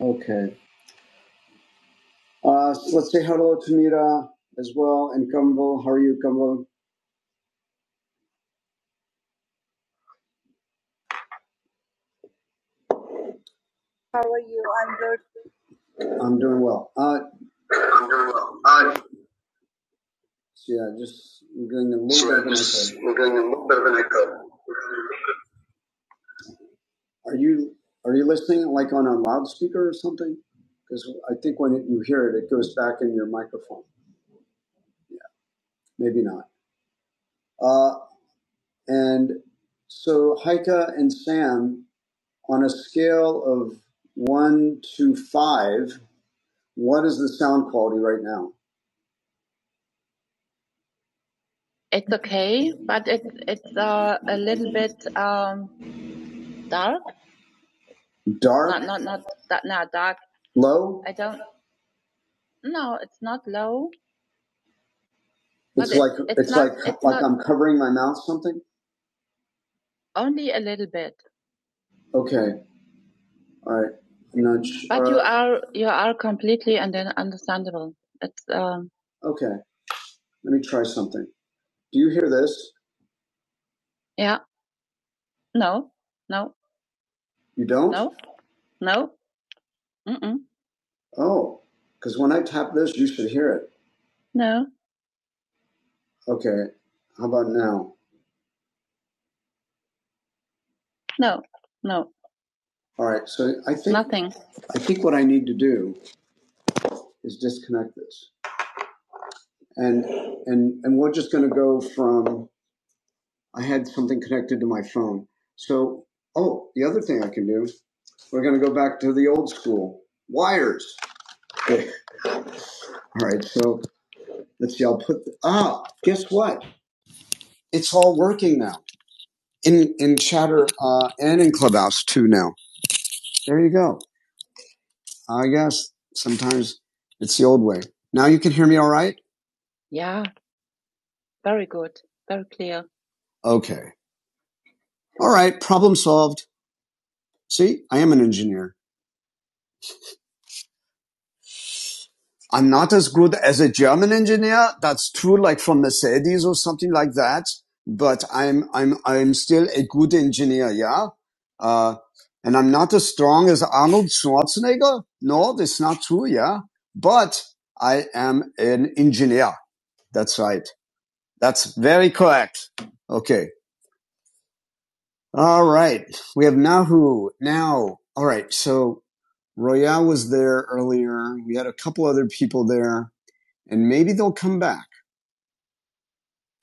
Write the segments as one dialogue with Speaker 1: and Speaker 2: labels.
Speaker 1: Okay. Uh, so let's say hello to Mira as well and Kumbo. How are you, Kumbo? I'm doing well. Uh, I'm doing well. Uh, so yeah, just I'm doing a little so bit of an echo. I'm doing a little bit of an echo. Are you are you listening like on a loudspeaker or something? Because I think when it, you hear it, it goes back in your microphone. Yeah, Maybe not. Uh, and so Heike and Sam, on a scale of one to five, What is the sound quality right now? Dark? Low? I'm covering my mouth something? Okay. All right. Nudge. Okay. Let me try something. Do you hear this? You don't? Oh, because when I tap this, you should hear it. Okay. How about now? All right. So I, th- I think what I need to do is disconnect this. And, and, and we're just going to go from, I had something connected to my phone. So, oh, the other thing I can do, we're going to go back to the old school wires. Okay. All right. So let's see. I'll put the, ah. Guess what? It's all working now in in Chatter uh, and in Clubhouse too. Now there you go. I guess sometimes it's the old way. Now you can hear me all right. Okay. All right. Problem solved. See, I am an engineer. I'm not as good as a German engineer. That's true, like from Mercedes or something like that. But I'm, I'm, I'm still a good engineer. Yeah. Uh, and I'm not as strong as Arnold Schwarzenegger. No, that's not true. Yeah. But I am an engineer. That's right. That's very correct. Okay. All right. We have Nahu now. All right. So Roya was there earlier. We had a couple other people there and maybe they'll come back.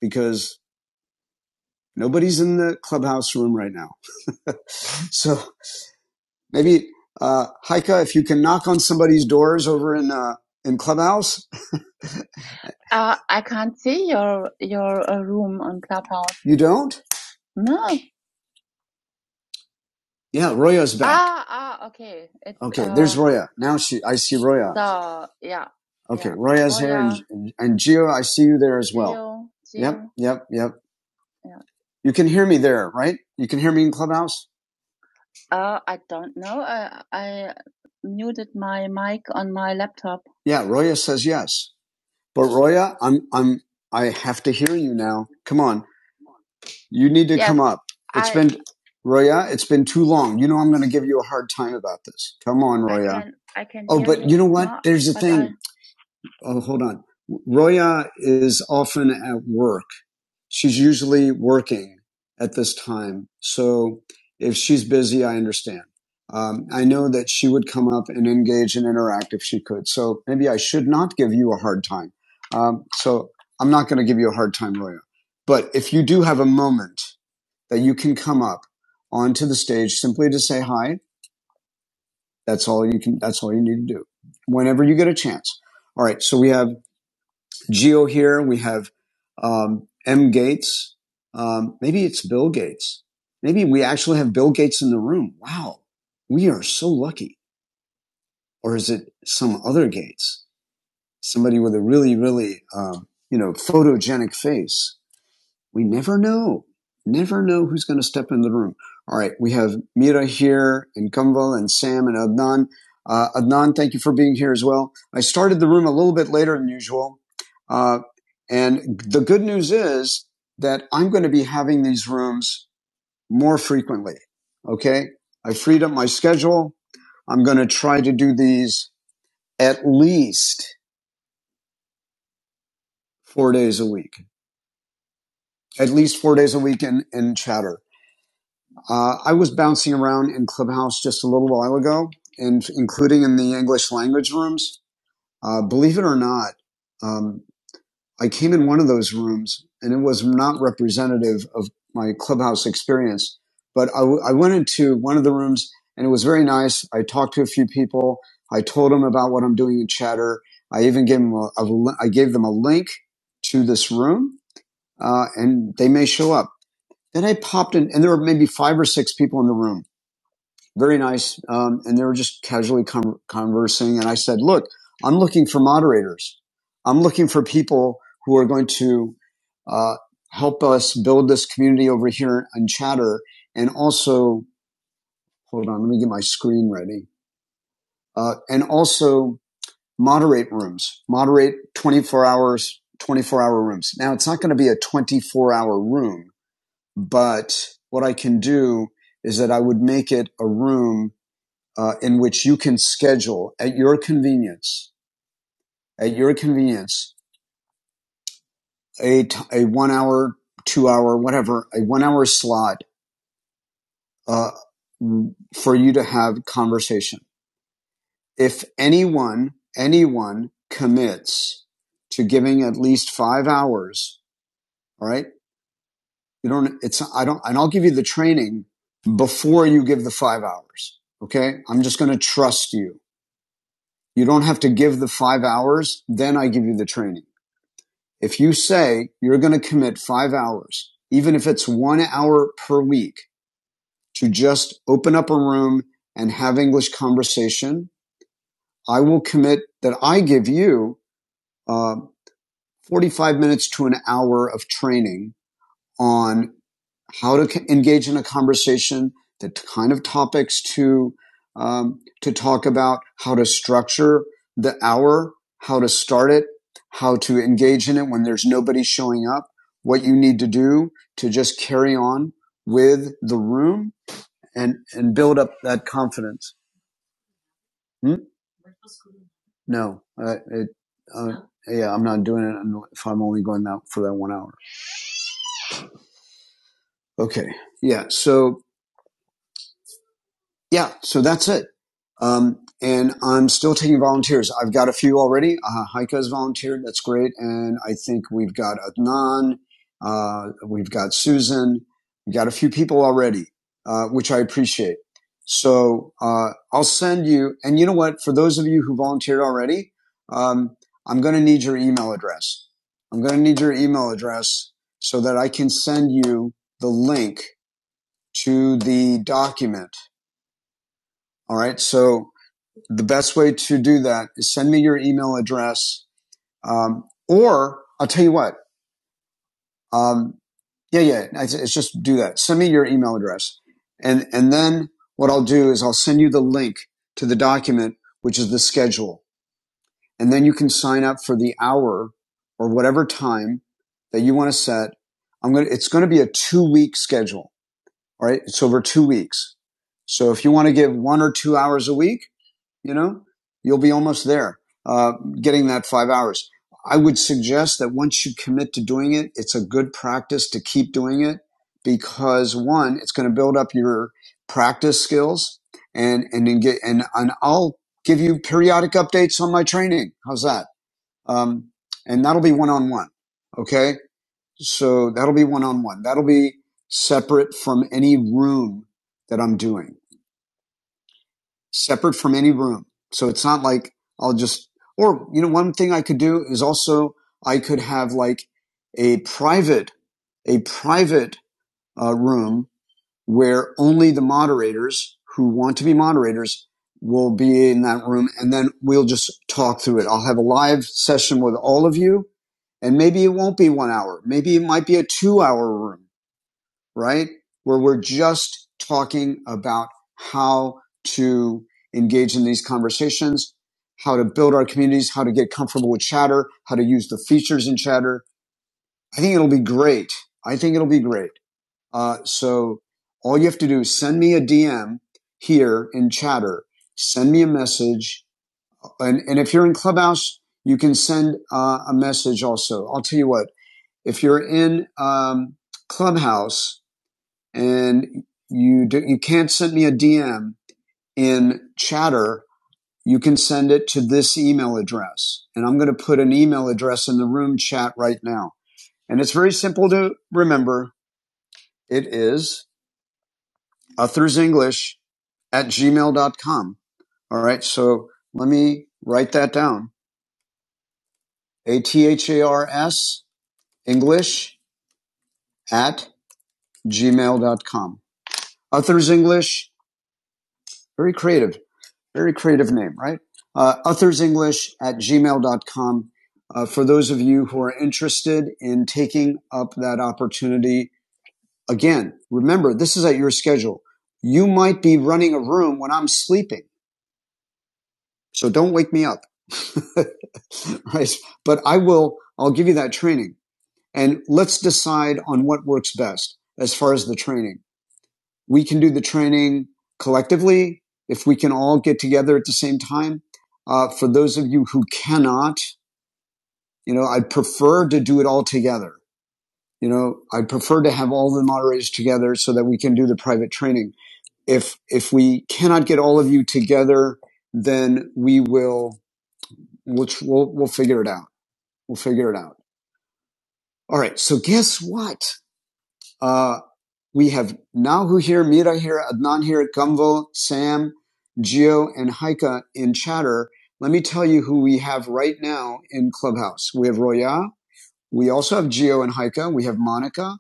Speaker 1: because nobody's in the clubhouse room right now. so maybe, uh, Heike, if you can knock on somebody's doors over in, uh, in clubhouse, you don't? Yeah, Roya's back. Roya. Now she, I see Roya. Roya and Gio, I see you there as well. Yep, yep. You can hear me there, right? You can hear me in clubhouse? Yeah, Roya says yes. But Roya, I'm, I'm, I have to hear you now. Come on. You need come up. Roya, it's been too long. You know I'm going to give you a hard time about this. Come on, There's oh, hold on. Roya is often at work. She's usually working at this time. So if she's busy, I understand. Um, I know that she would come up and engage and interact if she could. So maybe I should not give you a hard time. Um, so I'm not going to give you a hard time, Roya. But if you do have a moment that you can come up onto the stage simply to say hi, that's all you can, that's all you need to do whenever you get a chance. All right. So we have Geo here. We have um, M. Gates. Um, maybe it's Bill Gates. Maybe we actually have Bill Gates in the room. Wow, we are so lucky. Or is it some other Gates? Somebody with a really, really, um, you know, photogenic face we never know. Never know who's going to step in the room. All right, we have Mira here, and Kumval, and Sam, and Adnan. Uh, Adnan, thank you for being here as well. I started the room a little bit later than usual. Uh, and the good news is that I'm going to be having these rooms more frequently. Okay. I freed up my schedule. I'm going to try to do these at least four days a week, at least four days a week in, in chatter. Uh, I was bouncing around in Clubhouse just a little while ago, and including in the English language rooms. Uh, believe it or not, um, I came in one of those rooms, and it was not representative of my Clubhouse experience. But I, w- I went into one of the rooms, and it was very nice. I talked to a few people. I told them about what I'm doing in Chatter. I even gave them a, a li- I gave them a link to this room, uh, and they may show up. Then I popped in, and there were maybe five or six people in the room very nice. Um, and they were just casually con- conversing. And I said, look, I'm looking for moderators. I'm looking for people who are going to, uh, help us build this community over here on chatter. And also, hold on, let me get my screen ready. Uh, and also moderate rooms, moderate 24 hours, 24 hour rooms. Now it's not going to be a 24 hour room, but what I can do is that I would make it a room uh, in which you can schedule at your convenience, at your convenience, a, t- a one hour, two hour, whatever, a one hour slot uh, for you to have conversation. If anyone, anyone commits to giving at least five hours, all right, you don't, it's, I don't, and I'll give you the training before you give the five hours. Okay. I'm just going to trust you. You don't have to give the five hours. Then I give you the training If you say you're going to commit five hours, even if it's one hour per week to just open up a room and have English conversation, I will commit that I give you uh, 45 minutes to an hour of training on how to engage in a conversation, the kind of topics to um, to talk about, how to structure the hour, how to start it, how to engage in it when there's nobody showing up, what you need to do to just carry on with the room and and build up that confidence. Hmm? No, uh, it, uh, yeah, I'm not doing it if I'm only going out for that one hour. Okay, yeah, so. Yeah, so that's it. Um, and I'm still taking volunteers. I've got a few already. Uh, Heike has volunteered. That's great. And I think we've got Adnan. Uh, we've got Susan. We've got a few people already, uh, which I appreciate. So, uh, I'll send you, and you know what? For those of you who volunteered already, um, I'm going to need your email address. I'm going to need your email address so that I can send you the link to the document. All right. So the best way to do that is send me your email address. Um, or I'll tell you what. Um, yeah, yeah. It's, it's just do that. Send me your email address, and and then what I'll do is I'll send you the link to the document, which is the schedule, and then you can sign up for the hour or whatever time that you want to set. I'm gonna. It's going to be a two week schedule. All right. It's over two weeks. So if you want to give one or two hours a week, you know, you'll be almost there, uh, getting that five hours. I would suggest that once you commit to doing it, it's a good practice to keep doing it because one, it's going to build up your practice skills and, and then get, and, and I'll give you periodic updates on my training. How's that? Um, and that'll be one on one. Okay. So that'll be one on one. That'll be separate from any room that I'm doing separate from any room. So it's not like I'll just, or, you know, one thing I could do is also I could have like a private, a private uh, room where only the moderators who want to be moderators will be in that room. And then we'll just talk through it. I'll have a live session with all of you and maybe it won't be one hour. Maybe it might be a two hour room right? Where we're just talking about how to engage in these conversations, how to build our communities, how to get comfortable with chatter, how to use the features in chatter. I think it'll be great. I think it'll be great. Uh, so all you have to do is send me a DM here in chatter, send me a message. And, and if you're in Clubhouse, you can send uh, a message also. I'll tell you what, if you're in um, Clubhouse, and you do, you can't send me a DM in chatter. You can send it to this email address. And I'm going to put an email address in the room chat right now. And it's very simple to remember. It is Authors English at gmail.com. All right. So let me write that down. A T H A R S English at gmail.com. Authors English, very creative. Very creative name, right? Uh, authors English at gmail gmail.com. Uh, for those of you who are interested in taking up that opportunity, again, remember, this is at your schedule. You might be running a room when I'm sleeping, so don't wake me up. right? But I will, I'll give you that training and let's decide on what works best as far as the training we can do the training collectively if we can all get together at the same time. Uh, for those of you who cannot, you know, I'd prefer to do it all together. You know, I'd prefer to have all the moderators together so that we can do the private training. If, if we cannot get all of you together, then we will, we'll, we'll, we'll figure it out. We'll figure it out. All right. So guess what? Uh, we have Nahu here, Mira here, Adnan here, Gumvel, Sam, Geo, and Haika in chatter. Let me tell you who we have right now in Clubhouse. We have Roya. We also have Geo and Haika. We have Monica.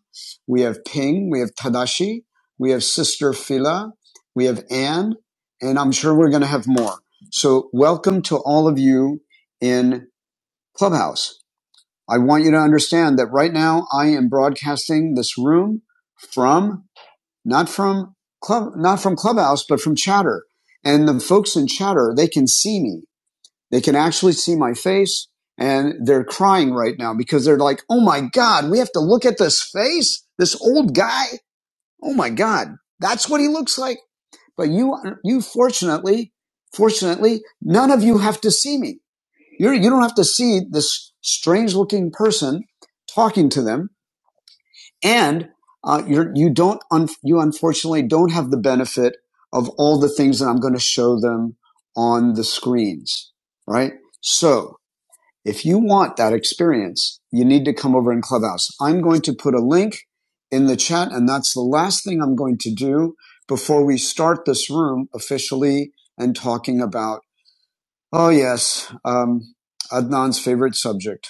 Speaker 1: We have Ping. We have Tadashi. We have Sister Phila. We have Anne. And I'm sure we're going to have more. So welcome to all of you in Clubhouse. I want you to understand that right now I am broadcasting this room from not from club, not from Clubhouse, but from Chatter. And the folks in Chatter, they can see me. They can actually see my face and they're crying right now because they're like, Oh my God, we have to look at this face, this old guy. Oh my God. That's what he looks like. But you, you fortunately, fortunately, none of you have to see me. You're, you don't have to see this strange looking person talking to them and uh, you're, you don't un- you unfortunately don't have the benefit of all the things that I'm going to show them on the screens, right? So if you want that experience, you need to come over in Clubhouse. I'm going to put a link in the chat, and that's the last thing I'm going to do before we start this room officially and talking about. Oh yes, um, Adnan's favorite subject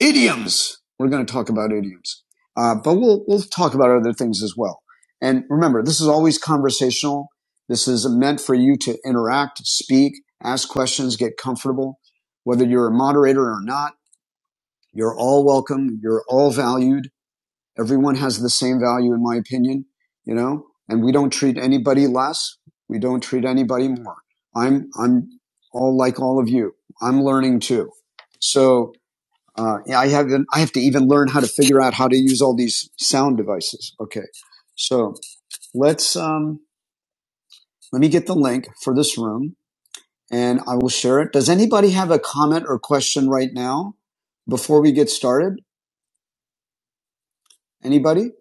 Speaker 1: idioms. We're going to talk about idioms, uh, but we'll we'll talk about other things as well. And remember, this is always conversational. This is meant for you to interact, speak, ask questions, get comfortable. Whether you're a moderator or not, you're all welcome. You're all valued. Everyone has the same value, in my opinion. You know, and we don't treat anybody less. We don't treat anybody more. I'm I'm all like all of you. I'm learning too. So uh, yeah, I have I have to even learn how to figure out how to use all these sound devices. Okay, so let's um, let me get the link for this room, and I will share it. Does anybody have a comment or question right now before we get started? Anybody?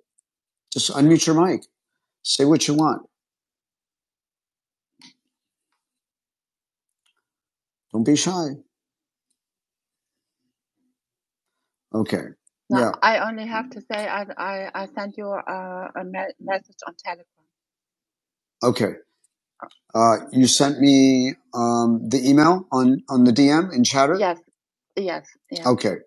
Speaker 1: Just unmute your mic. Say what you want. Don't be shy. Okay. Okay. Uh, you sent me um, the email on on the DM in chatter. Okay.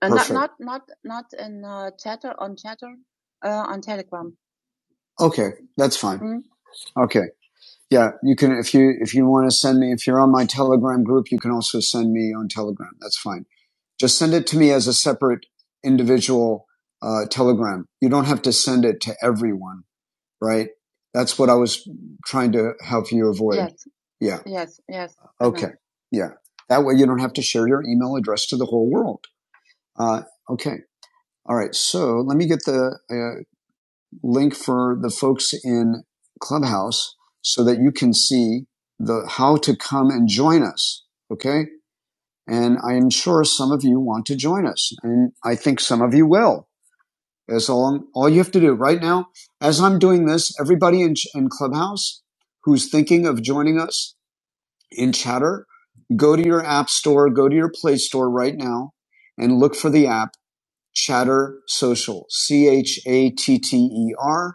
Speaker 1: Okay. That's fine. Okay. Yeah, you can if you if you want to send me if you're on my Telegram group, you can also send me on Telegram. That's fine. Just send it to me as a separate individual uh, Telegram. You don't have to send it to everyone, right? That's what I was trying to help you avoid. Yeah, Okay. yeah. That way you don't have to share your email address to the whole world. Uh, okay. All right. So let me get the uh, link for the folks in Clubhouse so that you can see the how to come and join us. Okay. And I am sure some of you want to join us. And I think some of you will. As long, all you have to do right now, as I'm doing this, everybody in, in Clubhouse who's thinking of joining us in chatter, go to your app store, go to your play store right now and look for the app chatter social, C H A T T E R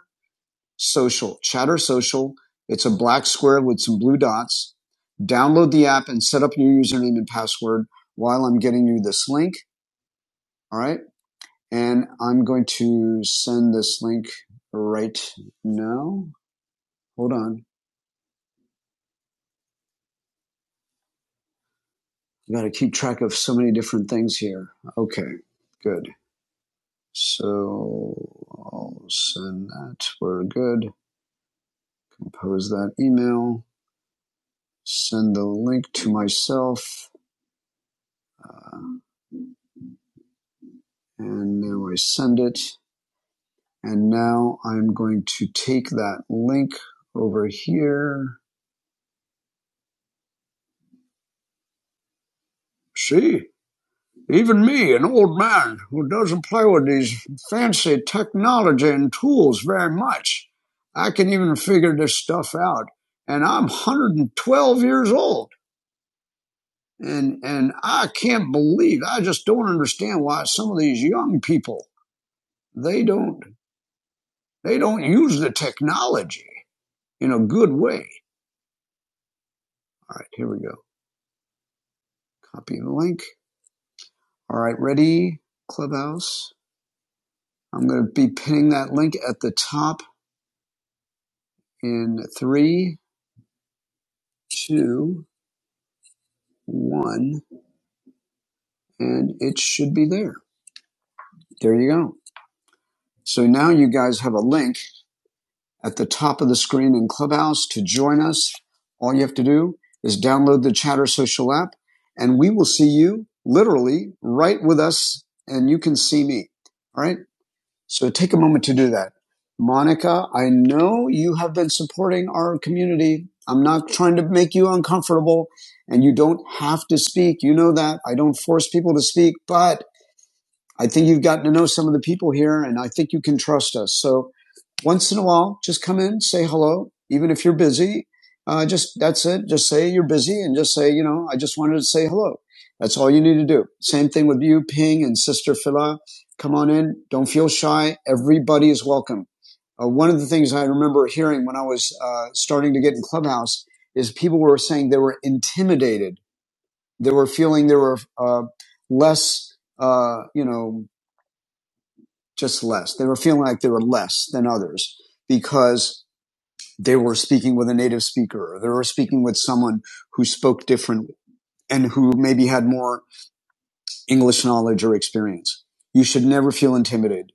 Speaker 1: Social, Chatter Social. It's a black square with some blue dots. Download the app and set up your username and password while I'm getting you this link. All right. And I'm going to send this link right now. Hold on. I got to keep track of so many different things here. Okay. Good. So I'll send that. We're good. Compose that email. Send the link to myself. Uh, and now I send it. And now I'm going to take that link over here. See, even me, an old man who doesn't play with these fancy technology and tools very much, I can even figure this stuff out. And I'm 112 years old. And, and I can't believe, I just don't understand why some of these young people, they don't, they don't use the technology in a good way. All right, here we go. Copying the link. All right, ready, Clubhouse? I'm going to be pinning that link at the top in three, two, one, and it should be there. There you go. So now you guys have a link at the top of the screen in Clubhouse to join us. All you have to do is download the Chatter Social app, and we will see you literally right with us, and you can see me. All right. So take a moment to do that. Monica, I know you have been supporting our community. I'm not trying to make you uncomfortable and you don't have to speak. You know that. I don't force people to speak, but I think you've gotten to know some of the people here and I think you can trust us. So once in a while, just come in, say hello, even if you're busy. Uh, just that's it. Just say you're busy, and just say, you know, I just wanted to say hello. That's all you need to do. Same thing with you, Ping and Sister Phila. Come on in. Don't feel shy. Everybody is welcome. Uh, one of the things I remember hearing when I was uh, starting to get in Clubhouse is people were saying they were intimidated. They were feeling they were uh, less, uh, you know, just less. They were feeling like they were less than others because they were speaking with a native speaker or they were speaking with someone who spoke different and who maybe had more English knowledge or experience. You should never feel intimidated.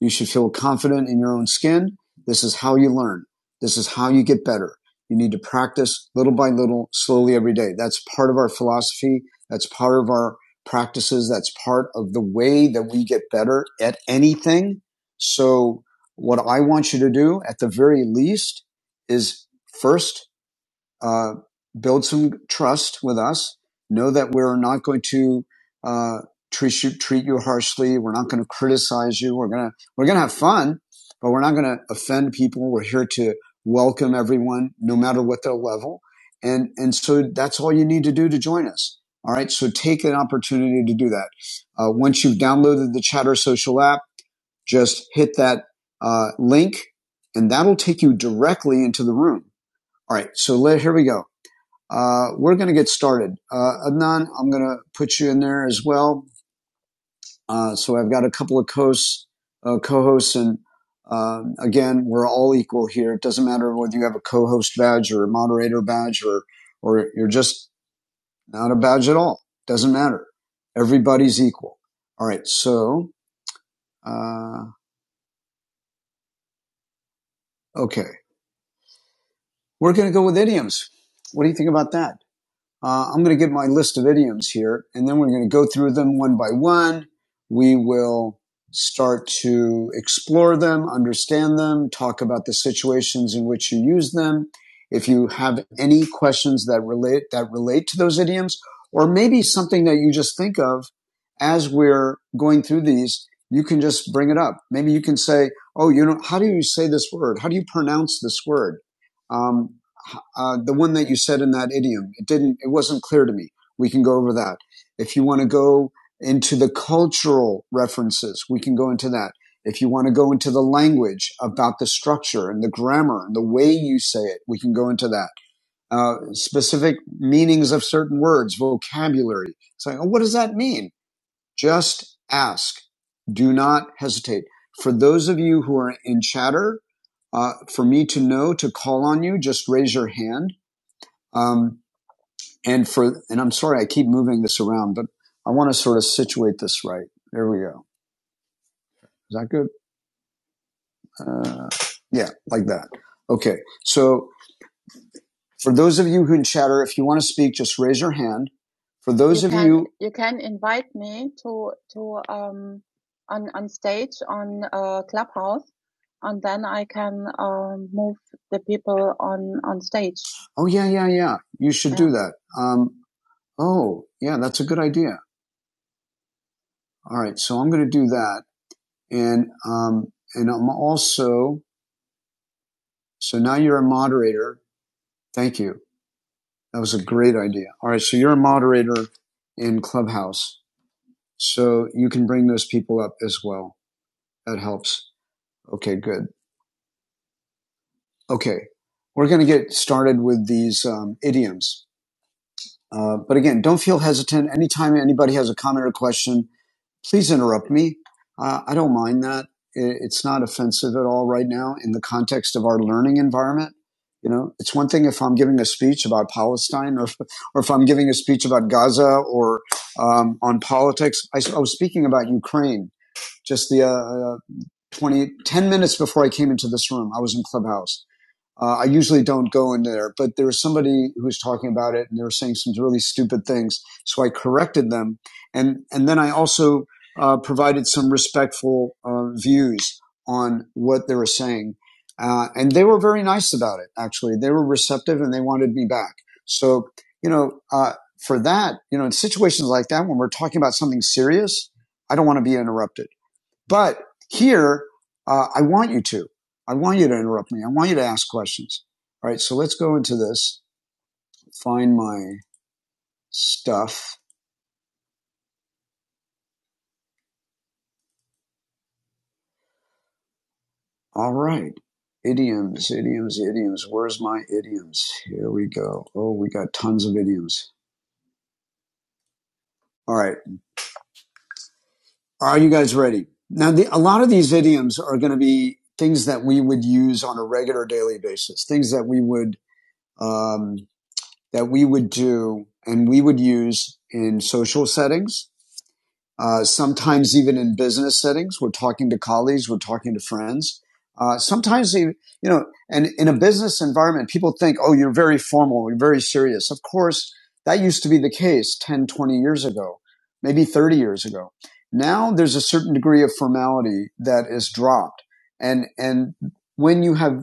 Speaker 1: You should feel confident in your own skin. This is how you learn. This is how you get better. You need to practice little by little, slowly every day. That's part of our philosophy. That's part of our practices. That's part of the way that we get better at anything. So what I want you to do at the very least is first uh, build some trust with us. Know that we're not going to uh, treat you treat you harshly. We're not going to criticize you. We're gonna we're gonna have fun, but we're not going to offend people. We're here to welcome everyone, no matter what their level. And and so that's all you need to do to join us. All right. So take an opportunity to do that. Uh, once you've downloaded the Chatter Social app, just hit that uh, link, and that'll take you directly into the room. All right. So let here we go. Uh, we're going to get started. Uh, Adnan, I'm going to put you in there as well. Uh, so I've got a couple of co-hosts, uh, co-hosts and um, again, we're all equal here. It doesn't matter whether you have a co-host badge or a moderator badge or, or you're just not a badge at all. Doesn't matter. Everybody's equal. All right. So, uh, okay. We're going to go with idioms. What do you think about that? Uh, I'm going to give my list of idioms here, and then we're going to go through them one by one. We will start to explore them, understand them, talk about the situations in which you use them. If you have any questions that relate that relate to those idioms, or maybe something that you just think of as we're going through these, you can just bring it up. Maybe you can say, "Oh, you know, how do you say this word? How do you pronounce this word?" Um, uh, the one that you said in that idiom. It didn't. It wasn't clear to me. We can go over that. If you want to go into the cultural references, we can go into that. If you want to go into the language about the structure and the grammar and the way you say it, we can go into that. Uh, specific meanings of certain words, vocabulary. It's like, oh, what does that mean? Just ask. Do not hesitate. For those of you who are in chatter, uh, for me to know to call on you, just raise your hand um, and for and I'm sorry I keep moving this around, but I want to sort of situate this right. There we go. Is that good? Uh, yeah, like that. Okay. So for those of you who in chatter, if you want to speak, just raise your hand. For those, oh yeah, yeah, yeah, you should that. Um, oh yeah, that's a good idea. All right, so I'm going to do that, and um, and I'm also so now you're a moderator. Thank you. That was a great idea. All right, so you're a moderator in Clubhouse. So you can bring those people up as well. That helps. Okay, good. Okay. We're going to get started with these um, idioms. Uh, but again, don't feel hesitant. Anytime anybody has a comment or question, please interrupt me. Uh, I don't mind that. It, it's not offensive at all right now in the context of our learning environment. You know, it's one thing if I'm giving a speech about Palestine or, if, or if I'm giving a speech about Gaza or um, on politics. I I was speaking about Ukraine just the uh, 20, 10 minutes before I came into this room, I was in Clubhouse. Uh, I usually don't go in there, but there was somebody who was talking about it and they were saying some really stupid things. So I corrected them. And, and then I also uh, provided some respectful uh, views on what they were saying. Uh, and they were very nice about it, actually. They were receptive and they wanted me back. So, you know, uh, for that, you know, in situations like that, when we're talking about something serious, I don't want to be interrupted. But here, uh, I want you to. I want you to interrupt me. I want you to ask questions. All right, so let's go into this. Find my stuff. All right. Idioms, idioms, idioms. Where's my idioms? Here we go. Oh, we got tons of idioms. All right. Are you guys ready? Now, the, a lot of these idioms are going to be things that we would use on a regular daily basis, things that we would, um, that we would do and we would use in social settings Uh, sometimes even in business settings, we're talking to colleagues, we're talking to friends. Uh, sometimes you, you know, and in a business environment, people think, oh, you're very formal, you're very serious. Of course, that used to be the case 10, 20 years ago, maybe 30 years ago. Now there's a certain degree of formality that is dropped. And, and when you have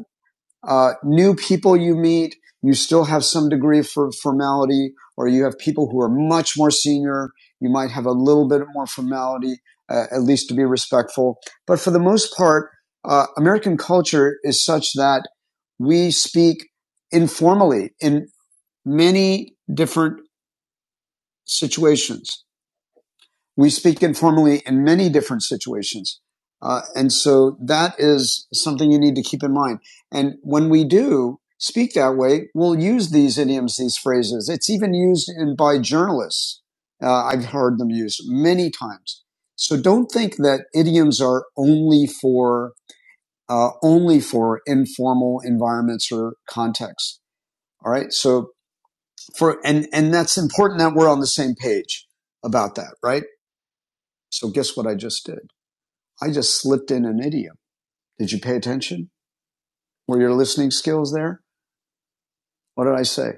Speaker 1: uh, new people you meet, you still have some degree of formality, or you have people who are much more senior. You might have a little bit more formality, uh, at least to be respectful. But for the most part, uh, American culture is such that we speak informally in many different situations we speak informally in many different situations. Uh, and so that is something you need to keep in mind. And when we do speak that way, we'll use these idioms, these phrases. It's even used in, by journalists. Uh, I've heard them used many times. So don't think that idioms are only for uh, only for informal environments or contexts. All right. So for and and that's important that we're on the same page about that, right? So guess what I just did? I just slipped in an idiom. Did you pay attention? Were your listening skills there? What did I say?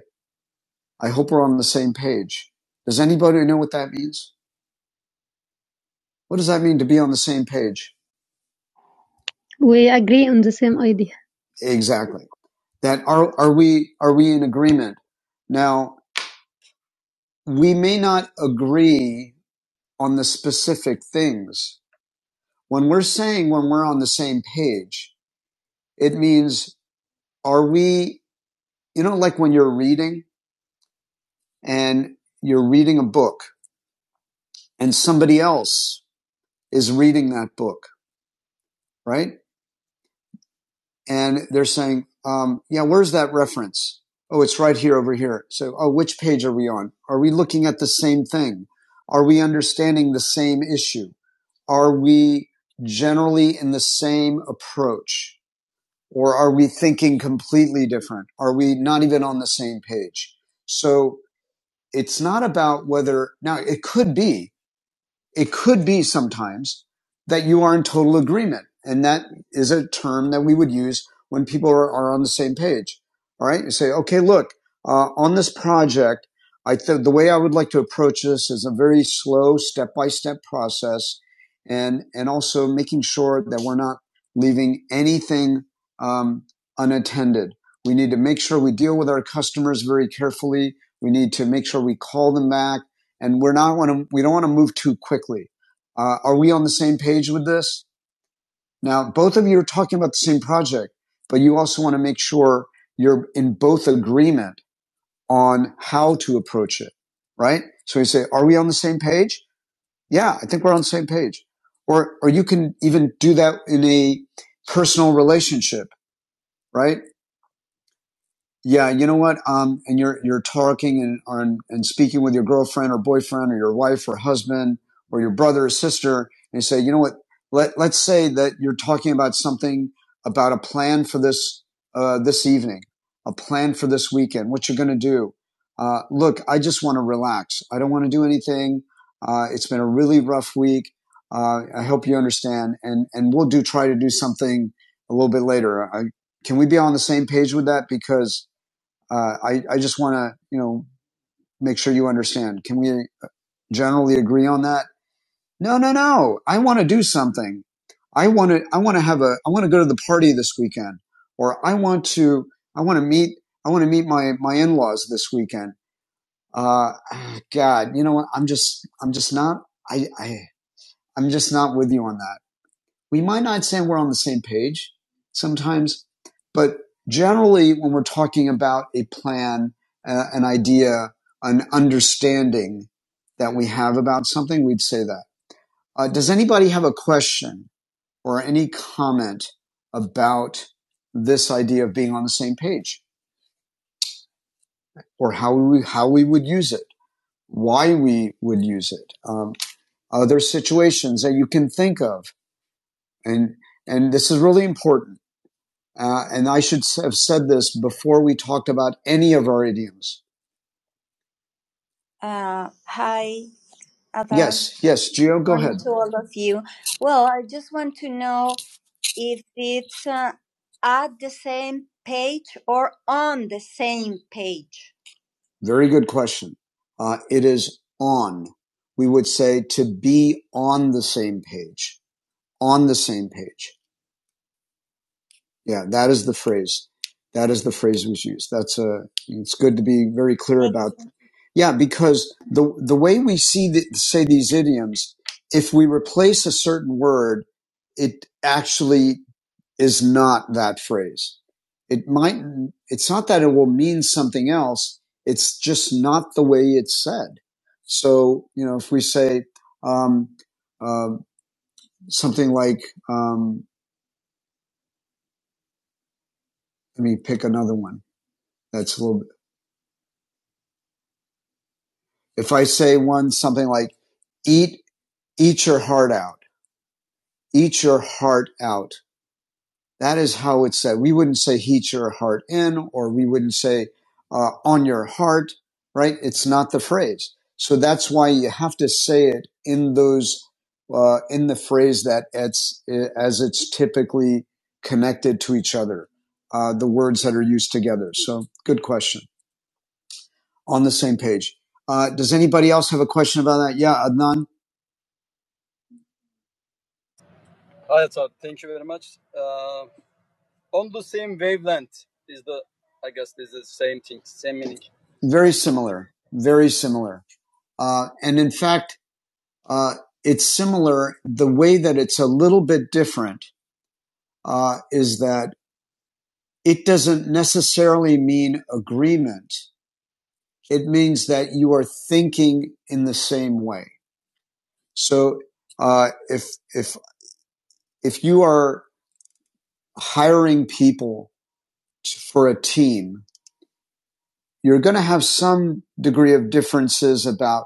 Speaker 1: I hope we're on the same page. Does anybody know what that means? What does that mean to be on the same page? We agree on the same idea. Exactly. That are are we are we in agreement? Now, we may not agree on the specific things. When we're saying when we're on the same page, it means are we you know like when you're reading and you're reading a book and somebody else is reading that book, right? And they're saying, um, yeah, where's that reference? Oh, it's right here over here. So, oh, which page are we on? Are we looking at the same thing? Are we understanding the same issue? Are we generally in the same approach? Or are we thinking completely different? Are we not even on the same page? So it's not about whether, now it could be it could be sometimes that you are in total agreement. And that is a term that we would use when people are, are on the same page. All right. You say, okay, look, uh, on this project, I th- the way I would like to approach this is a very slow step by step process and, and also making sure that we're not leaving anything, um, unattended. We need to make sure we deal with our customers very carefully. We need to make sure we call them back and we're not want to we don't want to move too quickly. Uh, are we on the same page with this? Now, both of you are talking about the same project, but you also want to make sure you're in both agreement on how to approach it, right? So you say, are we on the same page? Yeah, I think we're on the same page. Or, or you can even do that in a personal relationship, right? Yeah, you know what? Um, and you're you're talking and on and speaking with your girlfriend or boyfriend or your wife or husband or your brother or sister, and you say, you know what? Let let's say that you're talking about something about a plan for this uh, this evening, a plan for this weekend, what you're going to do. Uh, look, I just want to relax. I don't want to do anything. Uh, it's been a really rough week. Uh, I hope you understand, and and we'll do try to do something a little bit later. I, can we be on the same page with that? Because uh, I, I just want to, you know, make sure you understand. Can we generally agree on that? No, no, no. I want to do something. I want to, I want to have a, I want to go to the party this weekend or I want to, I want to meet, I want to meet my, my in-laws this weekend. Uh, ah, God, you know what? I'm just, I'm just not, I, I, I'm just not with you on that we might not say we're on the same page sometimes, but generally when we're talking about a plan, uh, an idea, an understanding that we have about something, we'd say that. Uh, does anybody have a question or any comment about this idea of being on the same page or how we, how we would use it, why we would use it, um, other situations that you can think of? And, and this is really important. Uh, and I should have said this before we talked about any of our idioms. Yes, Geo, very good question. Uh, it is on. We would say to be on the same page, on the same page. Yeah, that is the phrase. That is the phrase we use. That's a, it's good to be very clear. Yeah, because the the way we see the, say these idioms, if we replace a certain word, it actually is not that phrase. It might it's not that it will mean something else. It's just not the way it's said. So you know, if we say um, uh, something like, um, let me pick another one. That's a little. bit. If I say one something like, "Eat eat your heart out," eat your heart out That is how it's said. We wouldn't say heat your heart in, or we wouldn't say uh, on your heart, right? It's not the phrase. So that's why you have to say it in those, uh, in the phrase that it's, uh, as it's typically connected to each other, uh, the words that are used together. So good question. On the same page. Uh, does anybody else have a question about that? Yeah, Adnan? Very similar. Very similar. Uh, and in fact, uh, it's similar. The way that it's a little bit different uh, is that it doesn't necessarily mean agreement. It means that you are thinking in the same way. So uh, if if if you are hiring people for a team, you're going to have some degree of differences about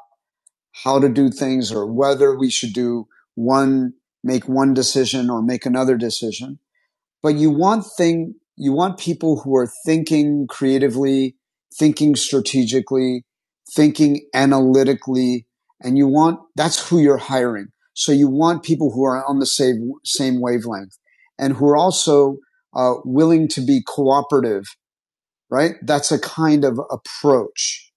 Speaker 1: how to do things or whether we should do one, make one decision or make another decision. but you want thing you want people who are thinking creatively, thinking strategically, thinking analytically, and you want that's who you're hiring. So you want people who are on the same same wavelength and who are also uh, willing to be cooperative. Right? That's a kind of approach.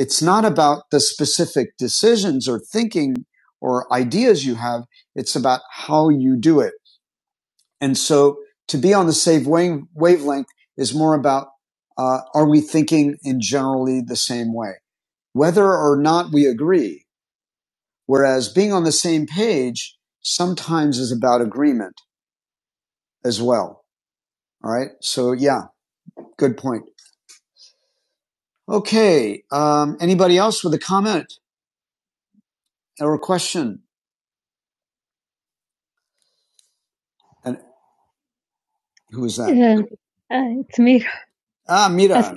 Speaker 1: It's not about the specific decisions or thinking or ideas you have. It's about how you do it and so to be on the same wave, wavelength is more about uh, are we thinking in generally the same way, whether or not we agree. Whereas being on the same page sometimes is about agreement as well. All right. So yeah, good point. Okay. Um, anybody else with a comment or a question? And who is that? Uh, uh, it's me. Ah, Mira.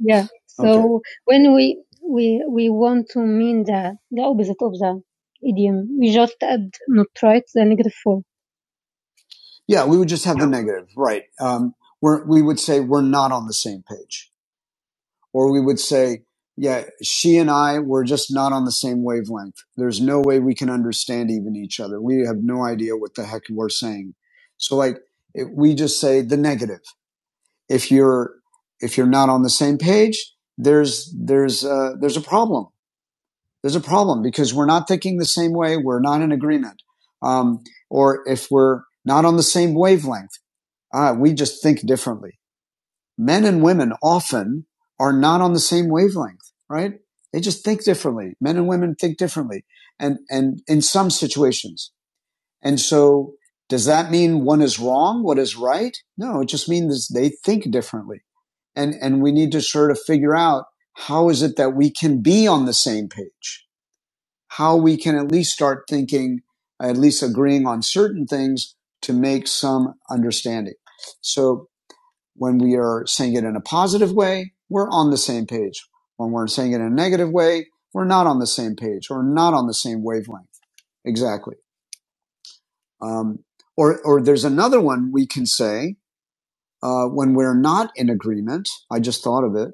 Speaker 1: yeah. Okay. So okay. when we we we want to mean the the opposite of the idiom, we just add not right the negative form. Yeah, we would just have the negative, right? Um, we're, we would say we're not on the same page, or we would say, yeah, she and I were just not on the same wavelength. There's no way we can understand even each other. We have no idea what the heck we're saying. So, like, it, we just say the negative if you're if you're not on the same page, there's there's uh, there's a problem. There's a problem because we're not thinking the same way. We're not in agreement, um, or if we're not on the same wavelength, uh, we just think differently. Men and women often are not on the same wavelength, right? They just think differently. Men and women think differently, and and in some situations. And so, does that mean one is wrong, what is right? No, it just means they think differently and and we need to sort of figure out how is it that we can be on the same page how we can at least start thinking at least agreeing on certain things to make some understanding so when we are saying it in a positive way we're on the same page when we're saying it in a negative way we're not on the same page or not on the same wavelength exactly um, or or there's another one we can say uh, when we're not in agreement i just thought of it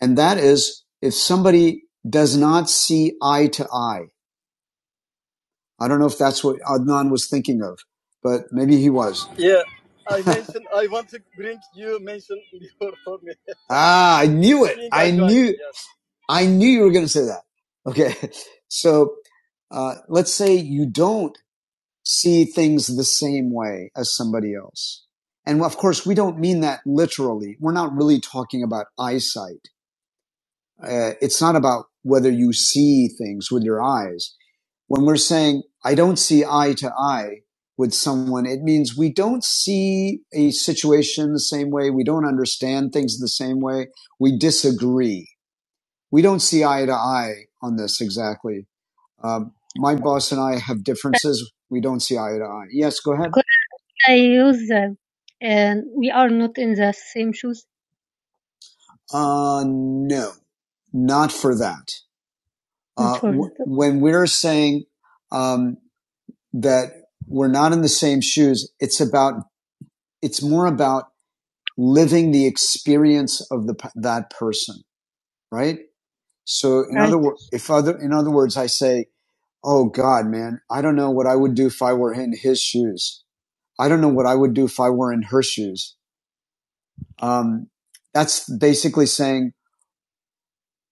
Speaker 1: And that is if somebody does not see eye to eye. I don't know if that's what Adnan was thinking of, but maybe he was. Ah, I knew, I knew you were going to say that. Okay. So, uh, let's say you don't see things the same way as somebody else. And of course, we don't mean that literally. We're not really talking about eyesight. Uh, it's not about whether you see things with your eyes. When we're saying, I don't see eye to eye with someone, it means we don't see a situation the same way. We don't understand things the same way. We disagree. We don't see eye to eye on this exactly. Um, my boss and I have differences. We don't see eye to eye. Yes, go ahead. Could I use uh, and we are not in the same shoes? Uh, no, not for that. Uh, w- when we're saying um, that we're not in the same shoes, it's about it's more about living the experience of the that person, right? So in Right. other words, if other in other words, I say, "Oh God, man, I don't know what I would do if I were in his shoes. I don't know what I would do if I were in her shoes." Um, that's basically saying,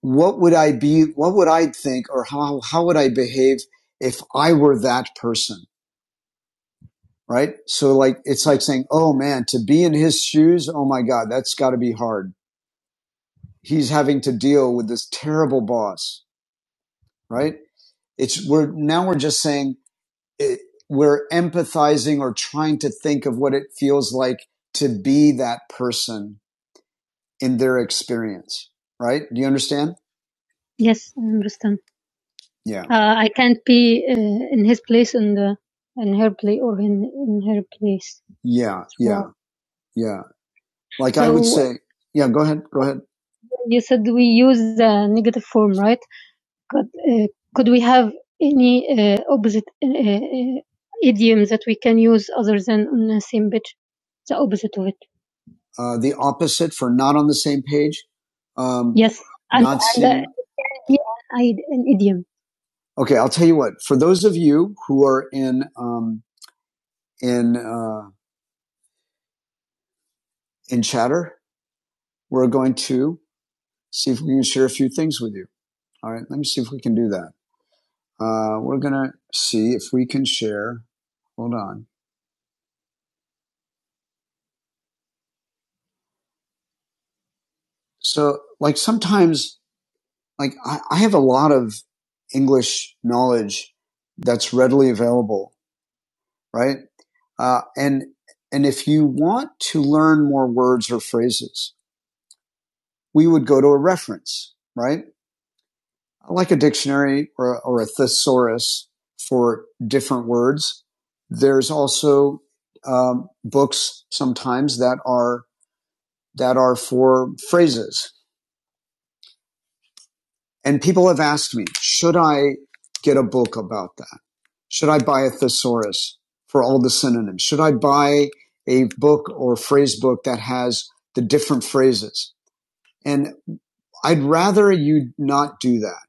Speaker 1: "What would I be? What would I think, or how how would I behave if I were that person?" right? So like it's like saying, "Oh man, to be in his shoes, oh my god, that's got to be hard." He's having to deal with this terrible boss, right? It's we're now we're just saying it, we're empathizing or trying to think of what it feels like to be that person in their experience, right? Do you understand? Yes, I understand. Yeah. Uh, I can't be uh, in his place and uh, in her place or in, in her place. Yeah, yeah, yeah. Like so, I would So- say, yeah, go ahead, go ahead. You said we use the negative form, right? Could, uh, could we have any uh, opposite uh, uh, idiom that we can use other than on the same page? The opposite of it. Uh, the opposite for not on the same page. Um, Yes. And, not and seeing- uh, yeah, I, an idiom. okay, I'll tell you what. For those of you who are in um, in uh, in chatter, we're going to see if we can share a few things with you. All right, let me see if we can do that. Uh, we're gonna see if we can share. Hold on. So, like sometimes, like I, I have a lot of English knowledge that's readily available, right? Uh, and and if you want to learn more words or phrases, we would go to a reference, right? I like a dictionary or a, or a thesaurus for different words. There's also um, books sometimes that are that are for phrases. And people have asked me, should I get a book about that? Should I buy a thesaurus for all the synonyms? Should I buy a book or phrase book that has the different phrases? And I'd rather you not do that.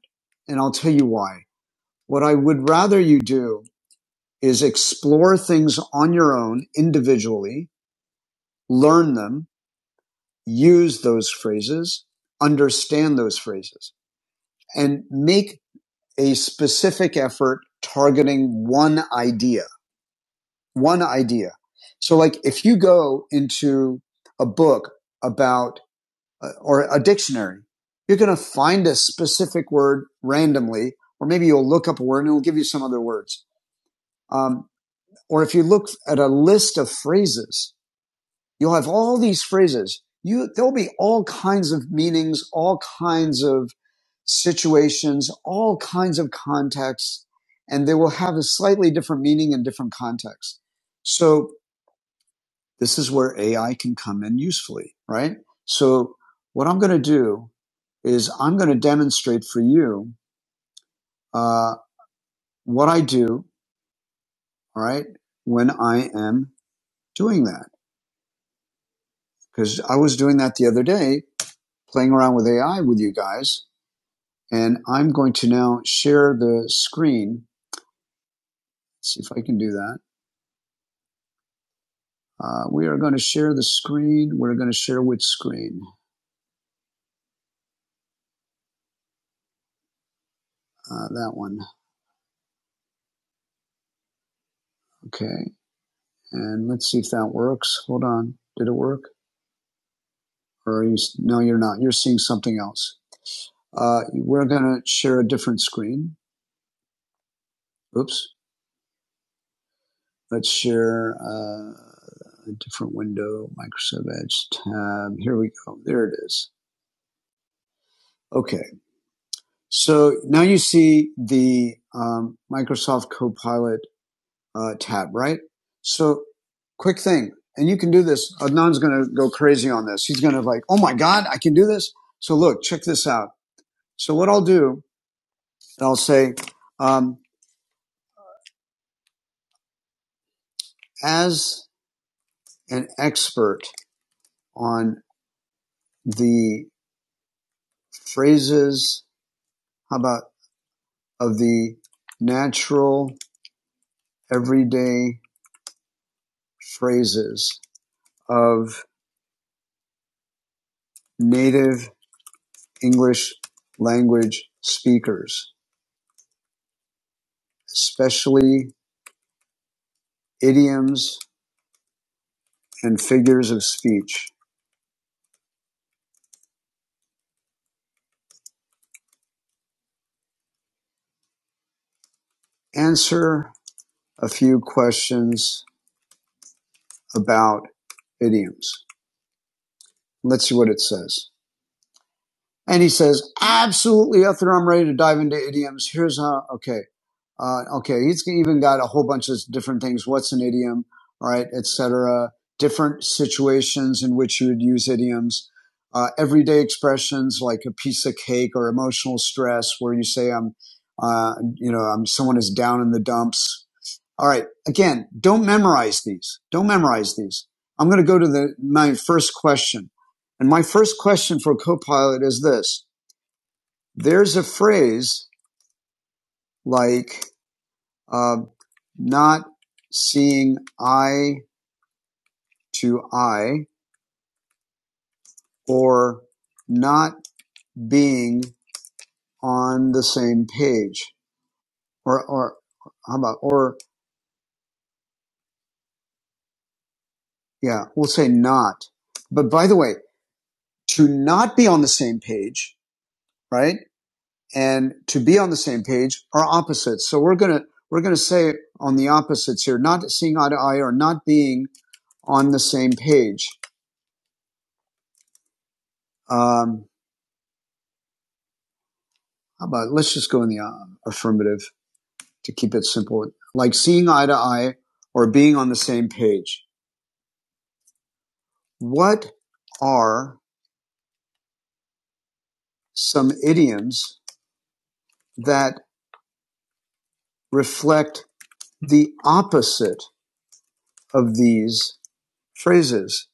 Speaker 1: And I'll tell you why. What I would rather you do is explore things on your own individually, learn them, use those phrases, understand those phrases, and make a specific effort targeting one idea, one idea. So like if you go into a book about uh, or a dictionary, you're going to find a specific word randomly, or maybe you'll look up a word and it'll give you some other words. Um, or if you look at a list of phrases, You'll have all these phrases. You, there'll be all kinds of meanings, all kinds of situations, all kinds of contexts, and they will have a slightly different meaning in different contexts. So this is where AI can come in usefully, right? So what I'm going to do is I'm going to demonstrate for you uh, what I do, all right, when I am doing that. Because I was doing that the other day, playing around with AI with you guys, And I'm going to now share the screen. Let's see if I can do that. Uh, we are going to share the screen. We're going to share which screen? Uh, that one. Okay. And let's see if that works. Hold on. Did it work? Or are you, no, you're not. You're seeing something else. Uh, we're going to share a different screen. Oops. Let's share uh, a different window, Microsoft Edge tab. Here we go. There it is. Okay. So now you see the um, Microsoft Copilot uh, tab, right? So quick thing, and you can do this. Adnan's going to go crazy on this. He's going to like, oh my god, I can do this. So look, check this out. So what I'll do, I'll say, um, as an expert on the phrases, how about of the natural everyday phrases of native English language speakers, especially idioms and figures of speech. Answer a few questions about idioms. Let's see what it says. And he says, absolutely, Ether, I'm ready to dive into idioms. Here's how, okay. Uh, okay, he's even got a whole bunch of different things. What's an idiom? All right, etc. Different situations in which you would use idioms. Uh, everyday expressions like a piece of cake or emotional stress, where you say I'm, uh, you know, I'm someone is down in the dumps. All right. Again, don't memorize these. Don't memorize these. I'm going to go to the, my first question. And my first question for Copilot is this. There's a phrase like uh, not seeing eye to eye or not being on the same page or, or how about, or yeah, we'll say not. But by the way, to not be on the same page, right? And to be on the same page are opposites. So we're going to, we're going to say on the opposites here, not seeing eye to eye or not being on the same page. Um, how about, let's just go in the uh, affirmative to keep it simple, like seeing eye to eye or being on the same page. What are some idioms that reflect the opposite of these phrases?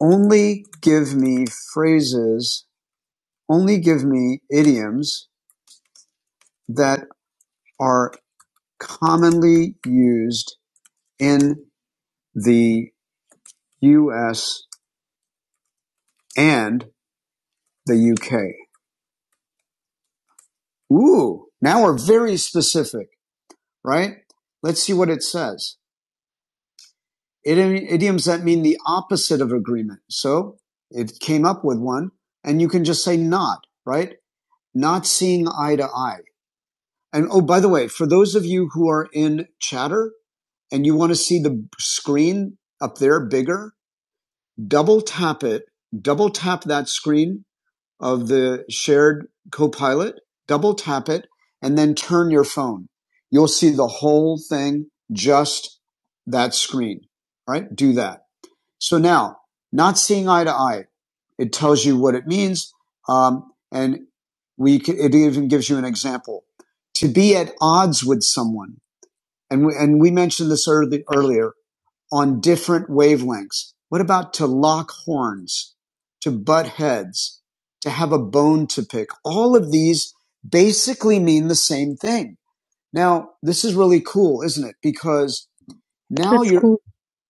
Speaker 1: Only give me phrases, only give me idioms that are commonly used in the US and the UK. Ooh, now we're very specific. right? Let's see what it says. Idioms that mean the opposite of agreement. So it came up with one, and you can just say not, right? Not seeing eye to eye. And oh, by the way, for those of you who are in chatter and you want to see the screen up there bigger, double tap it, double tap that screen of the shared copilot, double tap it, and then turn your phone. You'll see the whole thing, just that screen, right? Do that. So now, not seeing eye to eye, it tells you what it means. Um, and we, c- it even gives you an example to be at odds with someone. And we, and we mentioned this early, earlier on different wavelengths. What about to lock horns, to butt heads, to have a bone to pick? All of these basically mean the same thing. Now, this is really cool, isn't it? Because now That's you're, cool.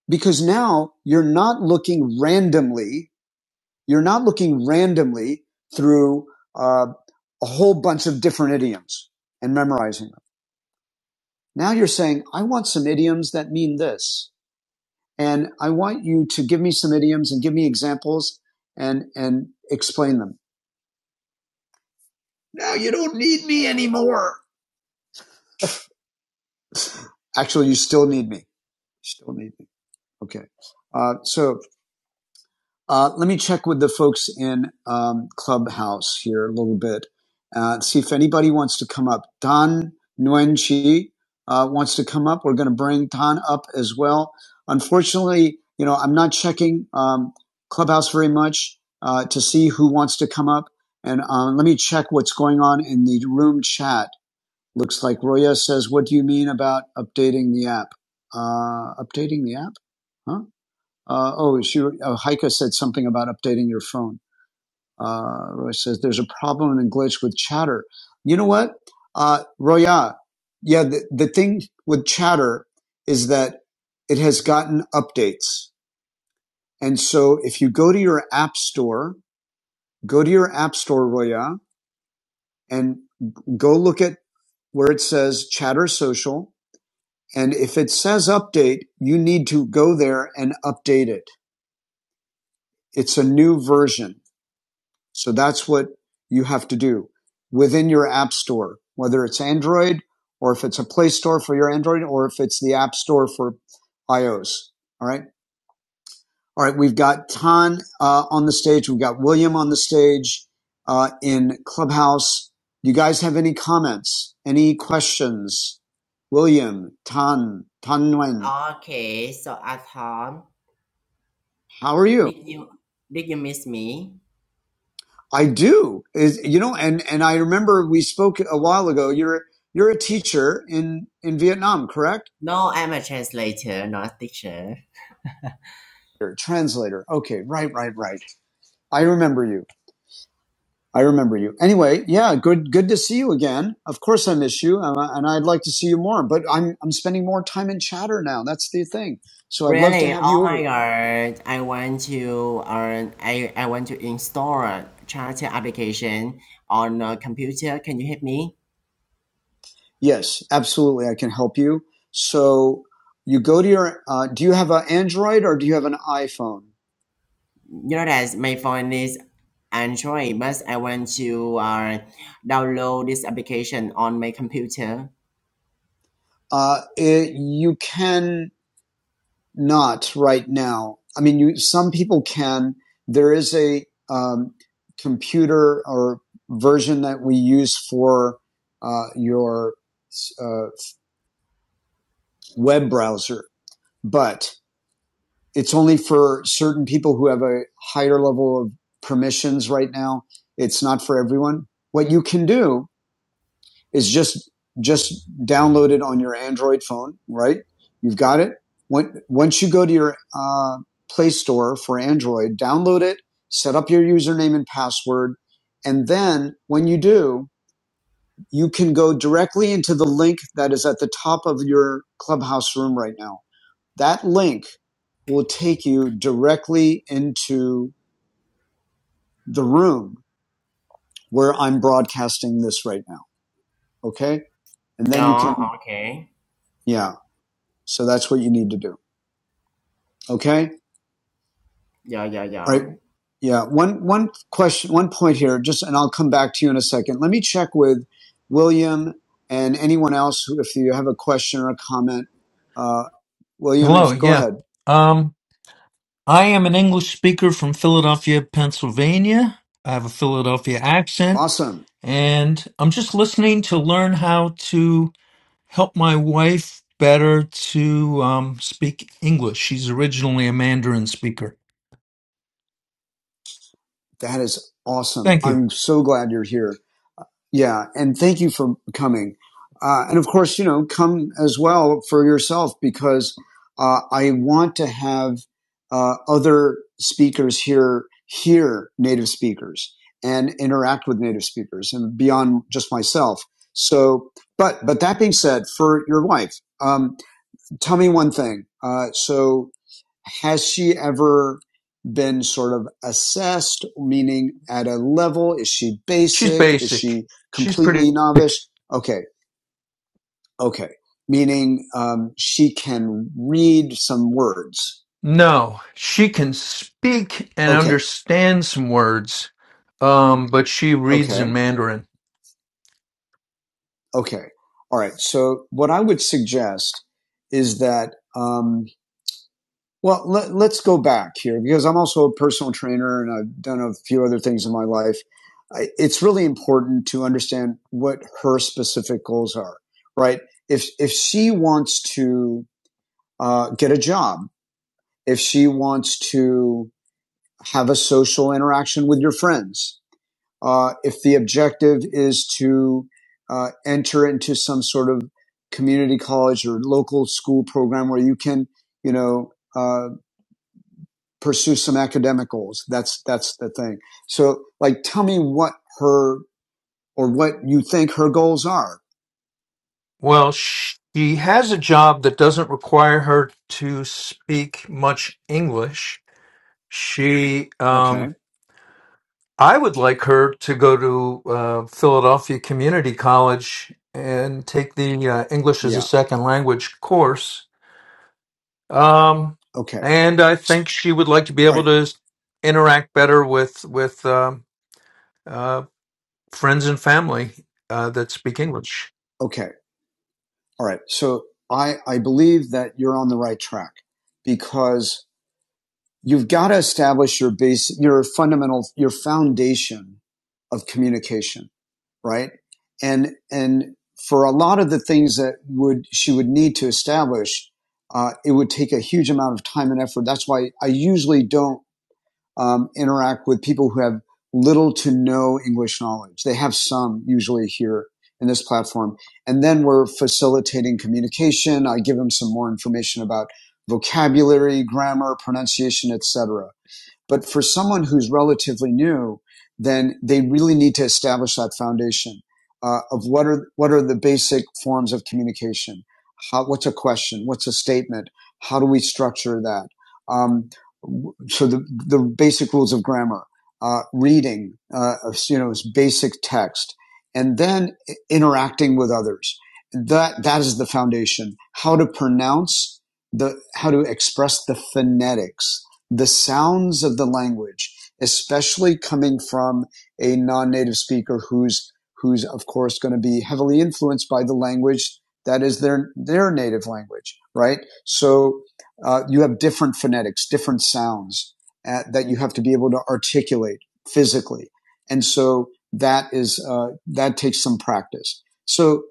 Speaker 1: because now you're not looking randomly, you're not looking randomly through uh, a whole bunch of different idioms and memorizing them. Now you're saying, I want some idioms that mean this. And I want you to give me some idioms and give me examples and, and explain them. Now you don't need me anymore. Actually, you still need me. You still need me. Okay. Uh, so Uh, let me check with the folks in um, Clubhouse here a little bit and uh, see if anybody wants to come up. Don Nguyen Chi uh, wants to come up. We're going to bring Don up as well. Unfortunately, you know, I'm not checking um, Clubhouse very much uh, to see who wants to come up. And um, let me check what's going on in the room chat. Looks like Roya says, "What do you mean about updating the app? Uh, updating the app? Huh? Uh, oh, she, uh, Heike said something about updating your phone. Uh, Roy says there's a problem and a glitch with chatter. You know what? Uh, Roya, yeah, Yeah, the, the thing with chatter is that it has gotten updates. And so if you go to your app store, go to your app store, Roya, and go look at where it says chatter social. And if it says update, you need to go there and update it. It's a new version So that's what you have to do within your app store, whether it's Android or if it's a Play Store for your Android or if it's the App Store for iOS. All right. All right. We've got Tan uh, on the stage. We've got William on the stage uh, in Clubhouse. Do you guys have any comments? Any questions? William, Tan, Tan Nguyen,
Speaker 2: Okay, so at home,
Speaker 1: how are you?
Speaker 2: did hmm you did you miss me?
Speaker 1: I do. Is you know, and and I remember we spoke a while ago. You're you're a teacher in in Vietnam, correct?
Speaker 2: No, I'm a translator, not a teacher.
Speaker 1: You're a translator. Okay, right, right, right. I remember you. I remember you. Anyway, yeah, good good to see you again. Of course, I miss you, uh, and I'd like to see you more. But I'm I'm spending more time in chatter now. That's the thing. So I'd love to
Speaker 2: Really?
Speaker 1: have
Speaker 2: Oh
Speaker 1: you
Speaker 2: my
Speaker 1: over.
Speaker 2: god! I want to earn. I I want to install a charter application on a computer. Can you help me?
Speaker 1: Yes, absolutely. I can help you. So you go to your. Uh, do you have an Android or do you have an iPhone?
Speaker 2: You know that my phone is Android, but I want to uh, download this application on my computer.
Speaker 1: Uh, it, you can not right now. I mean, you, some people can. There is a um, computer or version that we use for uh, your uh, web browser, but it's only for certain people who have a higher level of permissions right now. It's not for everyone. What you can do is just just download it on your Android phone, right? You've got it. When, once you go to your uh, Play Store for Android, download it, set up your username and password, and then when you do, you can go directly into the link that is at the top of your Clubhouse room right now. That link will take you directly into the room where I'm broadcasting this right now. Okay. And then you can,
Speaker 2: Yeah. Okay.
Speaker 1: yeah. So that's what you need to do. Okay.
Speaker 2: Yeah. Yeah.
Speaker 1: All
Speaker 2: Yeah.
Speaker 1: right. Yeah. One, one question, one point here, just, and I'll come back to you in a second. Let me check with William and anyone else who, if you have a question or a comment, uh, William,
Speaker 3: Hello,
Speaker 1: if go
Speaker 3: yeah.
Speaker 1: ahead.
Speaker 3: Um, I am an English speaker from Philadelphia, Pennsylvania. I have a Philadelphia accent,
Speaker 1: Awesome.
Speaker 3: and I'm just listening to learn how to help my wife better to um, speak English. She's originally a Mandarin speaker.
Speaker 1: That is awesome.
Speaker 3: Thank you.
Speaker 1: I'm so glad you're here. Uh, Yeah, and thank you for coming. Uh, and of course, you know, come as well for yourself because uh, I want to have uh, other speakers here hear native speakers and interact with native speakers and beyond just myself. So, but but that being said, for your wife, um, tell me one thing. Uh, so has she ever been sort of assessed, meaning at a level? Is she
Speaker 3: She's
Speaker 1: basic? Is
Speaker 3: basic.
Speaker 1: she
Speaker 3: She's pretty
Speaker 1: completely
Speaker 3: basic.
Speaker 1: novice? Okay, okay. Meaning um, she can read some words.
Speaker 3: No, she can speak and
Speaker 1: Okay,
Speaker 3: understand some words, um, but she reads
Speaker 1: okay,
Speaker 3: in Mandarin.
Speaker 1: okay. All right. So what I would suggest is that um, Well, let, let's go back here because I'm also a personal trainer and I've done a few other things in my life. I, it's really important to understand what her specific goals are, right? If, if she wants to uh, get a job, if she wants to have a social interaction with your friends, uh, if the objective is to uh, enter into some sort of community college or local school program where you can, you know, uh, pursue some academic goals. That's, that's the thing. So like, tell me what her or what you think her goals are.
Speaker 3: Well, she has a job that doesn't require her to speak much English. She,
Speaker 1: Okay.
Speaker 3: um, I would like her to go to uh, Philadelphia Community College and take the uh, English as a
Speaker 1: Yeah.
Speaker 3: Second Language course. Um,
Speaker 1: Okay.
Speaker 3: and I think she would like to be
Speaker 1: All
Speaker 3: able
Speaker 1: right.
Speaker 3: to interact better with with um uh, friends and family uh, that speak English.
Speaker 1: Okay. All right. So I, I believe that you're on the right track because you've got to establish your base, your fundamental, your foundation of communication. right? And and for a lot of the things that would she would need to establish, uh, it would take a huge amount of time and effort. That's why I usually don't um, interact with people who have little to no English knowledge. They have some usually here in this platform, and then we're facilitating communication. I give them some more information about vocabulary, grammar, pronunciation, etc. But for someone who's relatively new, then they really need to establish that foundation uh, of what are what are the basic forms of communication. How, what's a question? What's a statement? How do we structure that? Um, so the the basic rules of grammar, uh, reading, uh, you know, is basic text, and then interacting with others. That that is the foundation. How to pronounce the how to express the phonetics the sounds of the language, especially coming from a non-native speaker who's who's of course going to be heavily influenced by the language that is their their native language, right? So uh, you have different phonetics, different sounds uh, that you have to be able to articulate physically, and so that is uh, that takes some practice. So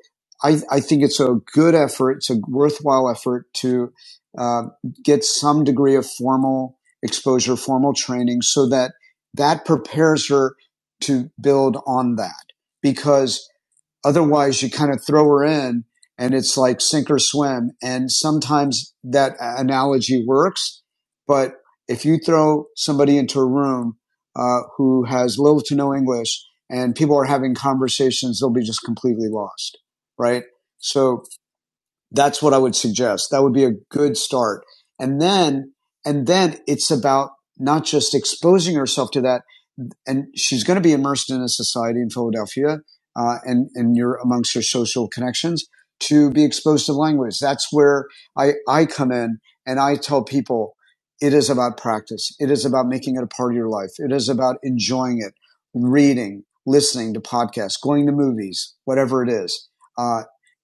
Speaker 1: I, I think it's a good effort, it's a worthwhile effort to uh, get some degree of formal exposure, formal training so that that prepares her to build on that because otherwise you kind of throw her in and it's like sink or swim. And sometimes that analogy works, but if you throw somebody into a room uh, who has little to no English and people are having conversations, they'll be just completely lost, right? So that's what I would suggest. That would be a good start. And then, and then it's about not just exposing herself to that. And she's going to be immersed in a society in Philadelphia, uh, and and you're amongst your social connections to be exposed to language. That's where I I come in and I tell people it is about practice. It is about making it a part of your life. It is about enjoying it, reading, listening to podcasts, going to movies, whatever it is. Uh,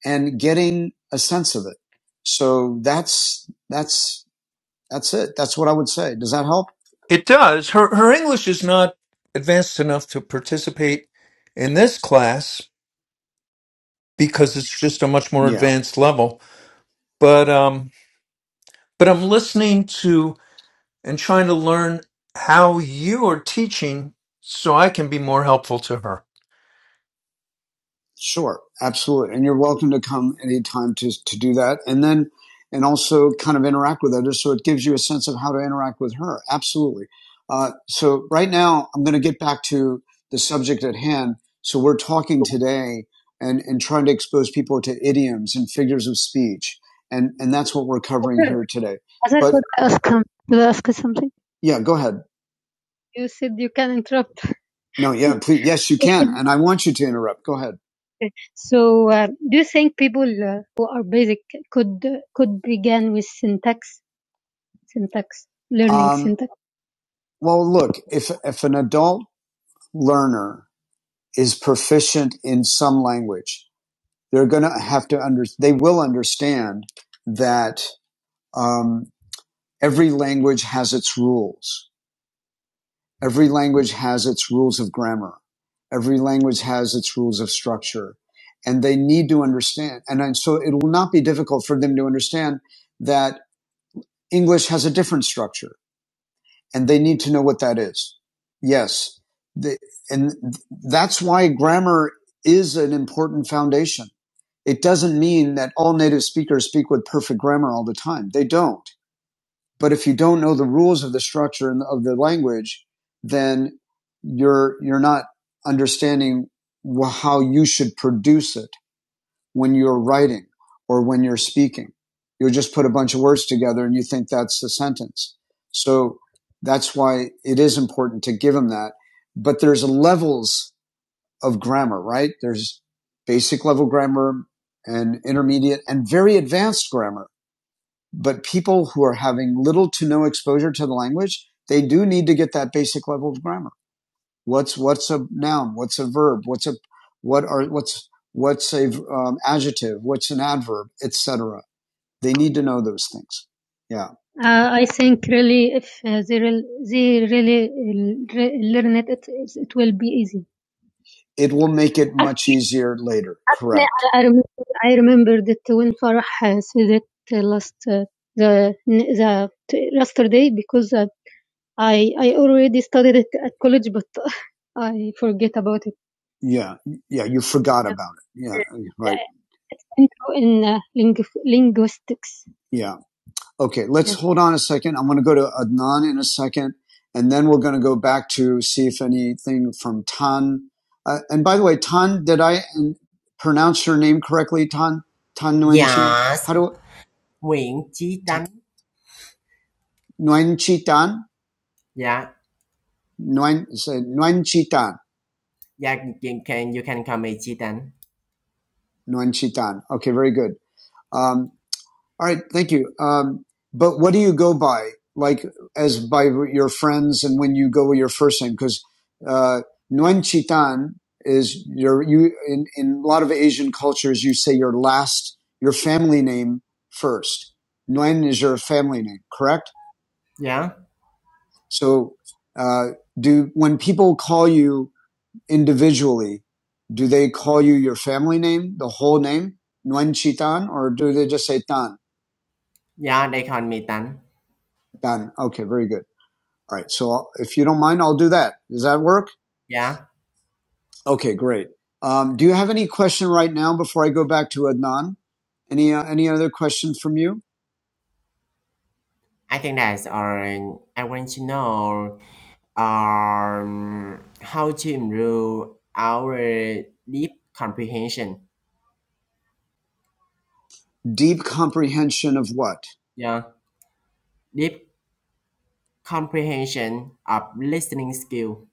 Speaker 1: and getting a sense of it. So that's, that's, that's it. That's what I would say. Does that help?
Speaker 3: It does. Her her English is not advanced enough to participate in this class because it's just a much more
Speaker 1: Yeah.
Speaker 3: advanced level. But um but I'm listening to and trying to learn how you are teaching so I can be more helpful to her.
Speaker 1: Sure, absolutely. And you're welcome to come anytime to, to do that. And then, and also kind of interact with others. So it gives you a sense of how to interact with her. Absolutely. Uh, so right now, I'm going to get back to the subject at hand. So we're talking today and, and trying to expose people to idioms and figures of speech. And, and that's what we're covering okay. here today. As But I could ask, him, could I ask something? yeah, go ahead. You said you can interrupt. No, yeah, please, yes, you can. And I want you to interrupt. Go ahead. So, uh, do you think people uh, who are basic could could begin with syntax, syntax learning Um, syntax? well, look, if, if an adult learner is proficient in some language, they're going to have to under, they will understand that, um, every language has its rules. Every language has its rules of grammar. Every language has its rules of structure and they need to understand. And so it will not be difficult for them to understand that English has a different structure and they need to know what that is. Yes. The, and that's why grammar is an important foundation. It doesn't mean that all native speakers speak with perfect grammar all the time. They don't but if you don't know the rules of the structure and of the language, then you're, you're not understanding how you should produce it when you're writing or when you're speaking. You'll just put a bunch of words together and you think that's the sentence. So that's why it is important to give them that. But there's levels of grammar, right? There's basic level grammar and intermediate and very advanced grammar but people who are having little to no exposure to the language, they do need to get that basic level of grammar. What's what's a noun? What's a verb? What's a what are what's what's a um, adjective? What's an adverb? Etc. They need to know those things. Yeah. Uh, I think really, if uh, they, re- they really uh, re- learn it, it, it will be easy it will make it much easier later. Correct. I remember, I remember that when Farah uh, said it uh, last uh, the the yesterday because uh, I I already studied it at college, but I forget about it. Yeah, yeah. You forgot about it. Yeah, right. Intro in uh, lingu- linguistics. Yeah, Okay, let's Yes. hold on a second. I'm going to go to Adnan in a second, and then we're going to go back to see if anything from Tan. Uh, and by the way, Tan, did I um, pronounce your name correctly? Tan Tan Nguyenchi.
Speaker 2: Yes,
Speaker 1: How do
Speaker 2: Nguyễn Chí Tánh.
Speaker 1: Ta- Nguyenchi Tan?
Speaker 2: Yeah.
Speaker 1: Nguyen is Nguyenchi Tan.
Speaker 2: Yeah, you can you can call me Chitan.
Speaker 1: Nguyenchi Tan. Okay, very good. Um, All right, thank you. Um, but what do you go by, like as by your friends and when you go with your first name? Because uh, Nguyen Chi Tan is your you in, in a lot of Asian cultures you say your last your family name first. Nguyen is your family name, correct?
Speaker 2: Yeah,
Speaker 1: So uh, do when people call you individually, do they call you your family name, the whole name, Nguyen Chi Tan, or do they just say Tan?
Speaker 2: yeah, they call me Tan.
Speaker 1: Tan. Okay, very good. All right. So if you don't mind, I'll do that. Does that work?
Speaker 2: Yeah,
Speaker 1: Okay, great. Um, do you have any question right now before I go back to Adnan? Any uh, any other question from you?
Speaker 2: I think that's all. I want to know um how to improve our deep comprehension.
Speaker 1: Deep comprehension of what?
Speaker 2: Yeah, deep comprehension of listening skill.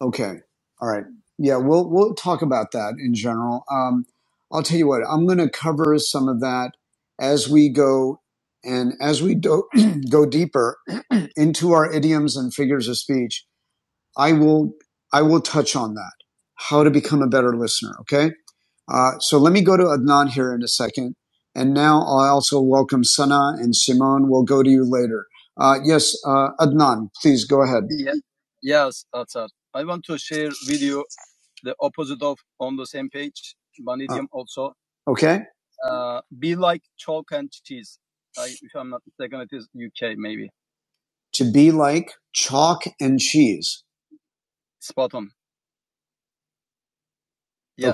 Speaker 1: Okay. All right. Yeah, we'll we'll talk about that in general. Um, I'll tell you what. I'm going to cover some of that as we go, and as we do, go deeper into our idioms and figures of speech, I will I will touch on that. How to become a better listener. Okay. Uh, so let me go to Adnan here in a second, and now I also welcome Sana and Simone. We'll go to you later. Uh, yes, uh, Adnan, please go ahead. Okay. to be like chalk and cheese.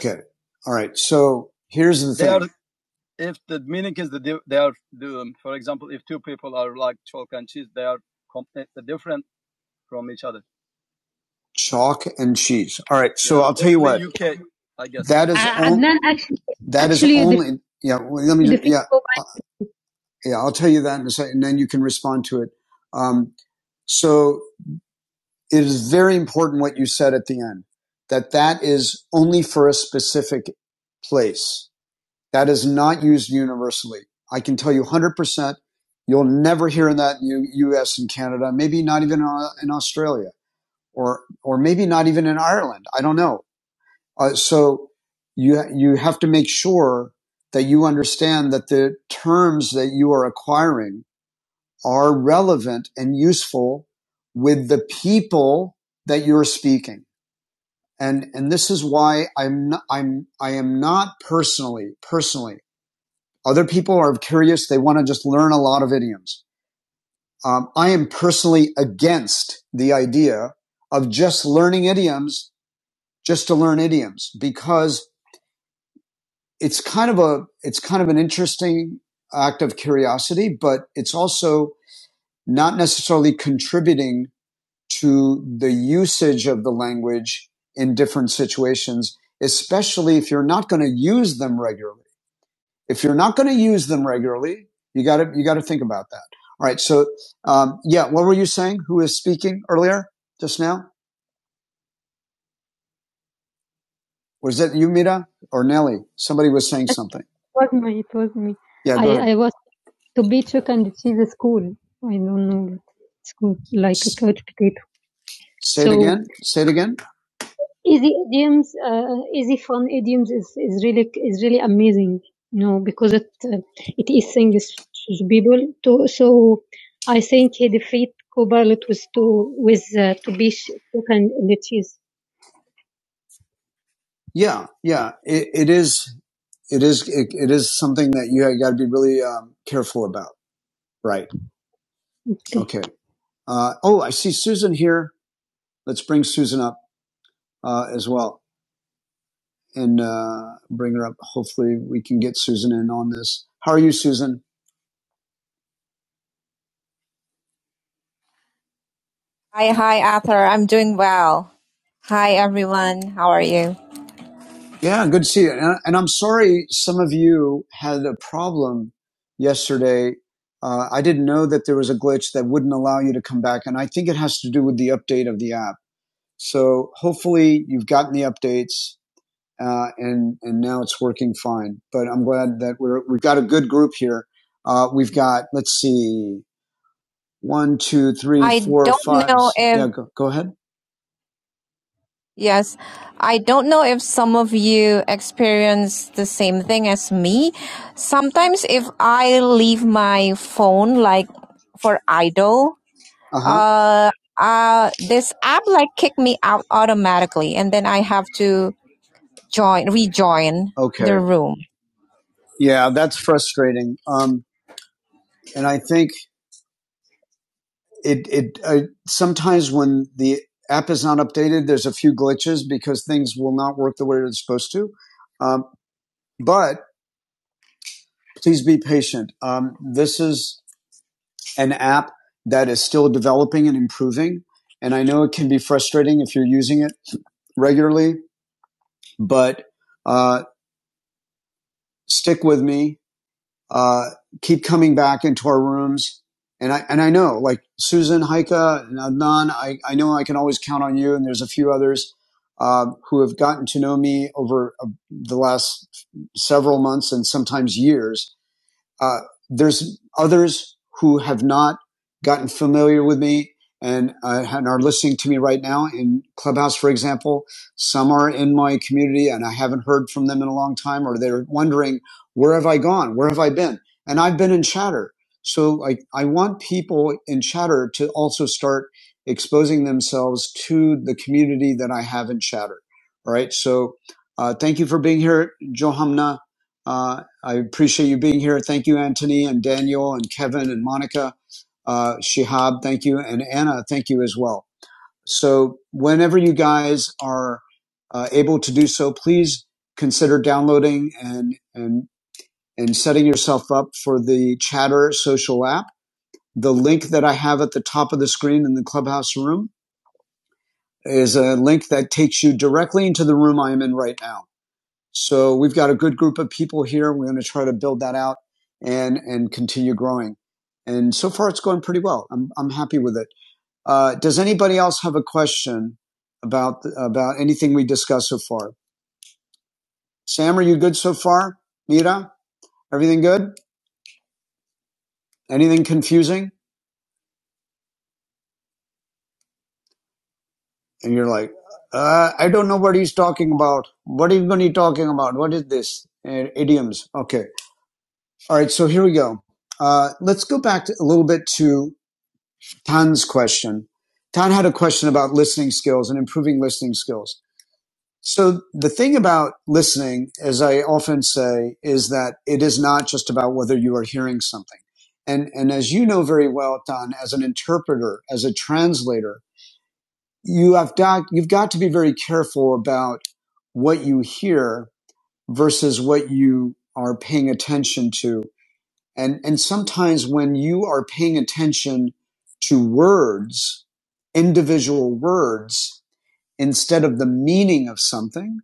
Speaker 1: Okay. All right. So here's the chalk and cheese. All right. So That is Uh, on, actually, that is actually the, only the, yeah. Well, let me just, yeah uh, yeah. I'll tell you that in a second, and then you can respond to it. Um, so it is very important what you said at the end that that is only for a specific place That is not used universally. I can tell you 100%, you'll never hear that in the US and Canada, maybe not even in Australia or, or maybe not even in Ireland. I don't know. Uh, so you, you have to make sure that you understand that the terms that you are acquiring are relevant and useful with the people that you're speaking. And, and this is why I'm, not, I'm, I am not personally, personally other people are curious. They want to just learn a lot of idioms. Um, I am personally against the idea of just learning idioms just to learn idioms because it's kind of a, it's kind of an interesting act of curiosity, but it's also not necessarily contributing to the usage of the language in different situations, especially if you're not going to use them regularly. If you're not going to use them regularly, you got to you got to think about that. All right. So, um, yeah, what were you saying? Who was speaking earlier? Just now? Was it you, Mira, or Nelly? Somebody was saying something. It was me. It was me. Yeah. Go I, ahead. I, was to be took and it is a school. I don't know. It's good, like a couch potato. Say so, it So again. Say it again. Easy idioms, uh, easy fun idioms is, is really is really amazing, you know, because it uh, it is things to the people. To, so I think he defeat Copilot with two with uh, to be bish two can cheese. Yeah, yeah, it, it is. It is. It, it is something that you got to be really um, careful about. Right. Okay. Okay. Uh, oh, I see Susan here. Let's bring Susan up uh, as well. and uh, bring her up. Hopefully, we can get Susan in on this. How are you, Susan? Hi, hi, Arthur. I'm doing well. Hi, everyone. How are you? Yeah, good to see you. And, and I'm sorry some of you had a problem yesterday. Uh, I didn't know that there was a glitch that wouldn't allow you to come back. And I think it has to do with the update of the app. So hopefully you've gotten the updates. uh, and and now it's working fine. But I'm glad that we're we've got a good group here. Uh, we've got let's see, one, two, three, I four, don't five. know Yeah, if, yeah, go, go ahead. yes, I don't know if some of you experience the same thing as me. Sometimes if I leave my phone like for idle, Uh huh. uh, uh, this app like kick me out automatically and then I have to join, rejoin okay. the Okay. room. Yeah, that's frustrating. Um, and I think it it I, sometimes when the app is not updated, there's a few glitches because things will not work the way they're supposed to. Um, but please be patient. Um, this is an app that is still developing and improving, and I know it can be frustrating if you're using it regularly, but uh, stick with me. uh, keep coming back into our rooms. And I, and I know like Susan, Haika, and Adnan, I, I know I can always count on you. And there's a few others, uh, who have gotten to know me over uh, the last several months and sometimes years uh, there's others who have not gotten familiar with me and, uh, and are listening to me right now in Clubhouse, for example. Some are in my community and I haven't heard from them in a long time, or they're wondering, where have I gone? Where have I been? And I've been in chatter. So I, I want people in chatter to also start exposing themselves to the community that I have in chatter. All right. So, uh, thank you for being here, Johamna. Uh, I appreciate you being here. Thank you, Anthony and Daniel and Kevin and Monica, uh, Shihab. Thank you, and Anna. Thank you as well. So, whenever you guys are uh, able to do so, please consider downloading and and and setting yourself up for the Chatter social app. The link that I have at the top of the screen in the clubhouse room is a link that takes you directly into the room I am in right now so we've got a good group of people here. We're going to try to build that out and and continue growing. And so far, it's going pretty well. I'm I'm happy with it. Uh, does anybody else have a question about about anything we discussed so far? Sam, are you good so far? Mira, everything good? Anything confusing? And you're like, uh, I don't know what he's talking about. What is are going to be talking about? What is this? Uh, idioms. Okay. All right. So here we go. Uh, let's go back to, a little bit to Tan's question. Tan had a question about listening skills and improving listening skills. So the thing about listening, as I often say, is that it is not just about whether you are hearing something. And, and as you know very well, Don, as an interpreter, as a translator, you have got, you've got to be very careful about what you hear versus what you are paying attention to and, and sometimes when you are paying attention to words, individual words, instead of the meaning of something,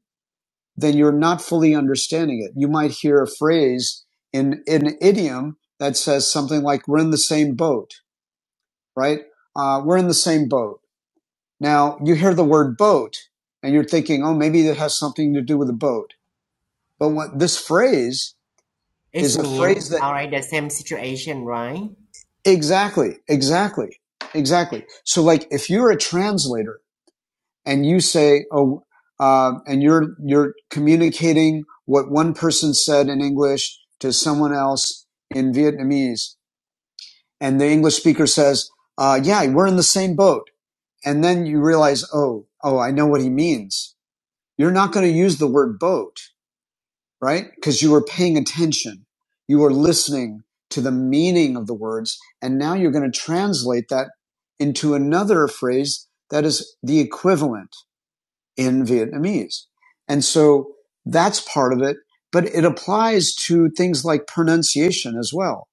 Speaker 1: then you're not fully understanding it. You might hear a phrase in, in an idiom that says something like, we're in the same boat, right? Uh, we're in the same boat. Now you hear the word boat and you're thinking, oh, maybe that has something to do with a boat. But what this phrase
Speaker 2: It
Speaker 1: is a
Speaker 2: means
Speaker 1: phrase that
Speaker 2: alright the same situation, right?
Speaker 1: Exactly, exactly, exactly. So, like, if you're a translator and you say, "Oh," um, and you're you're communicating what one person said in English to someone else in Vietnamese, and the English speaker says, uh, "Yeah, we're in the same boat," and then you realize, "Oh, oh, I know what he means." You're not going to use the word boat right? Because you were paying attention. You were listening to the meaning of the words. And now you're going to translate that into another phrase that is the equivalent in Vietnamese. And so that's part of it, but it applies to things like pronunciation as well,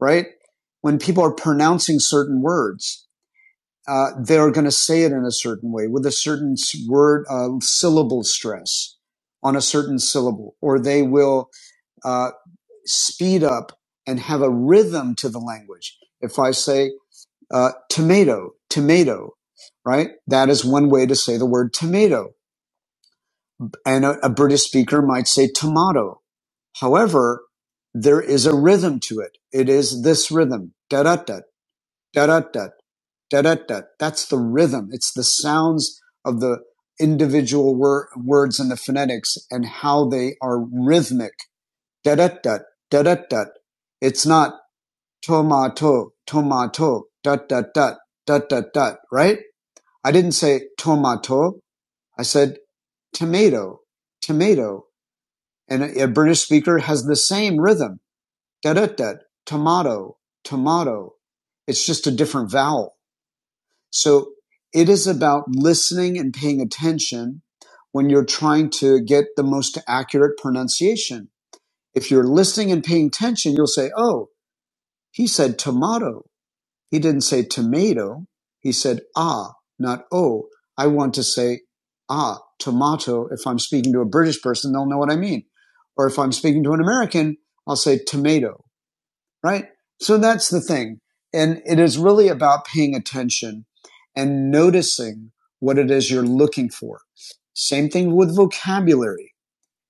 Speaker 1: right? When people are pronouncing certain words, uh, they're going to say it in a certain way with a certain word, uh, syllable stress on a certain syllable, or they will uh, speed up and have a rhythm to the language. If I say uh, tomato, tomato, right? That is one way to say the word tomato. And a, a British speaker might say tomato. However, there is a rhythm to it. It is this rhythm. Da da da da da da da da da. That's the rhythm. It's the sounds of the individual wor- words and the phonetics and how they are rhythmic. Da da da da da da. It's not tomato, tomato, dot dot dot, dot dot dot, right? I didn't say tomato. I said tomato, tomato. And a, a British speaker has the same rhythm. Da da da, tomato, tomato. It's just a different vowel. So it is about listening and paying attention when you're trying to get the most accurate pronunciation. If you're listening and paying attention, you'll say, Oh, he said tomato He didn't say tomato. He said ah, not oh. I want to say ah, tomato. If I'm speaking to a British person, they'll know what I mean. Or if I'm speaking to an American, I'll say tomato, right? So that's the thing. And it is really about paying attention and noticing what it is you're looking for. Same thing with vocabulary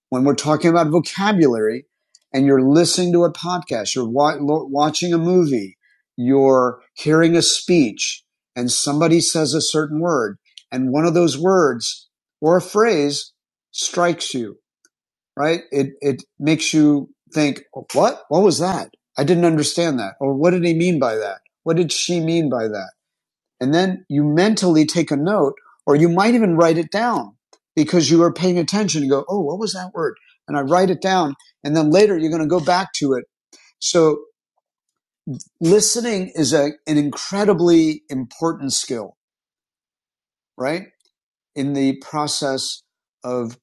Speaker 1: when we're talking about vocabulary and you're listening to a podcast, you're wa- watching a movie, you're hearing a speech, and somebody says a certain word, and one of those words or a phrase strikes you, right? It, it makes you think, what? What was that? I didn't understand that. Or what did he mean by that? What did she mean by that? And then you mentally take a note, or you might even write it down because you are paying attention You go, oh, what was that word? And I write it down. And then later you're going to go back to it. So listening is a, an incredibly important skill, right? In the process of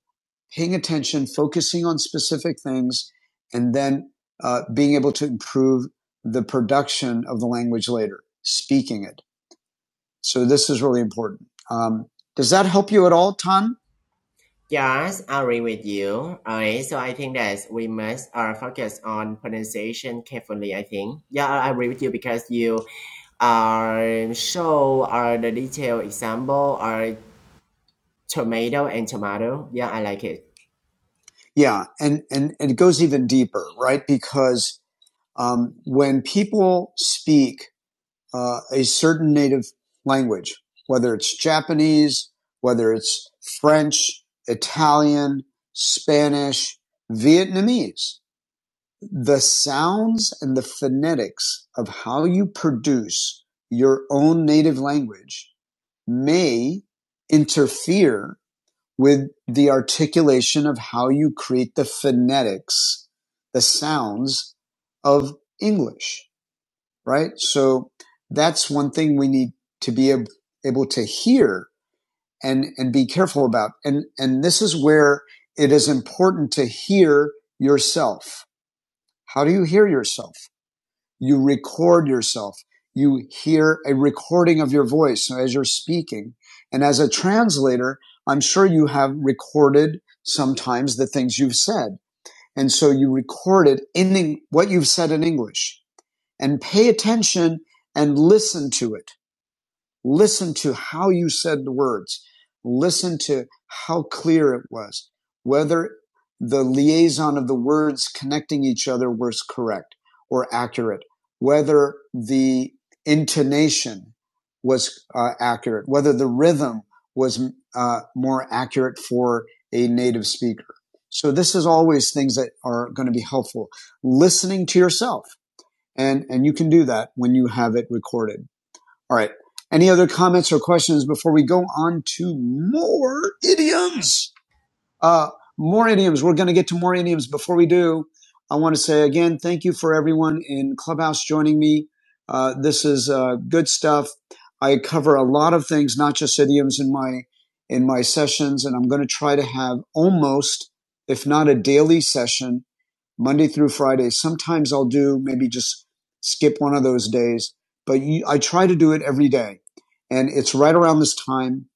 Speaker 1: paying attention, focusing on specific things, and then uh, being able to improve the production of the language later, speaking it. So this is really important. Um, does that help you at all, Tan?
Speaker 2: Yes, I agree with you. Alright, so I think that we must uh, focus on pronunciation carefully. I think. Yeah, I agree with you because you Um, so uh, the detailed example are tomato and tomato. Yeah, I like it.
Speaker 1: Yeah, and and, and it goes even deeper, right? Because um, when people speak uh, a certain native language, whether it's Japanese, whether it's French, Italian, Spanish, Vietnamese, the sounds and the phonetics of how you produce your own native language may interfere with the articulation of how you create the phonetics, the sounds of English, right? So that's one thing we need to be able to hear and, and be careful about. And, and this is where it is important to hear yourself. How do you hear yourself? You record yourself. You hear a recording of your voice as you're speaking. And as a translator, I'm sure you have recorded sometimes the things you've said. And so you record it in what you've said in English and pay attention and listen to it Listen to how you said the words. Listen to how clear it was, whether the liaison of the words connecting each other was correct or accurate, whether the intonation was uh, accurate, whether the rhythm was uh, more accurate for a native speaker. So this is always things that are going to be helpful. Listening to yourself. And, and you can do that when you have it recorded. All right. Any other comments or questions before we go on to more idioms? Uh, more idioms. We're going to get to more idioms. Before we do, I want to say again, thank you for everyone in Clubhouse joining me. Uh, this is uh, good stuff. I cover a lot of things, not just idioms, in my in my sessions, and I'm going to try to have almost, if not a daily session, Monday through Friday. Sometimes I'll do maybe just skip one of those days, but you, I try to do it every day. And it's right around this time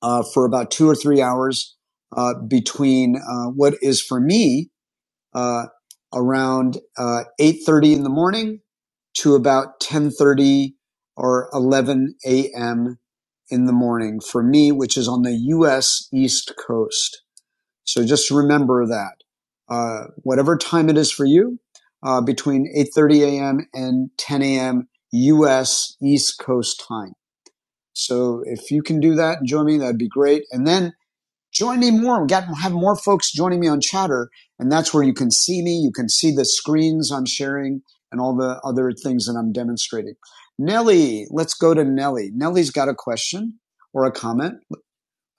Speaker 1: uh, for about two or three hours uh, between uh, what is for me uh, around uh, 8.30 in the morning to about 10.30 or 11 a.m. in the morning for me, which is on the U.S. East Coast. So just remember that. Uh, whatever time it is for you, uh, between 8.30 a.m. and 10 a.m. U.S. East Coast time. So if you can do that join me, that'd be great. And then join me more. We got have more folks joining me on Chatter, and that's where you can see me. You can see the screens I'm sharing and all the other things that I'm demonstrating. Nellie, let's go to Nellie. Nellie's got a question or a comment.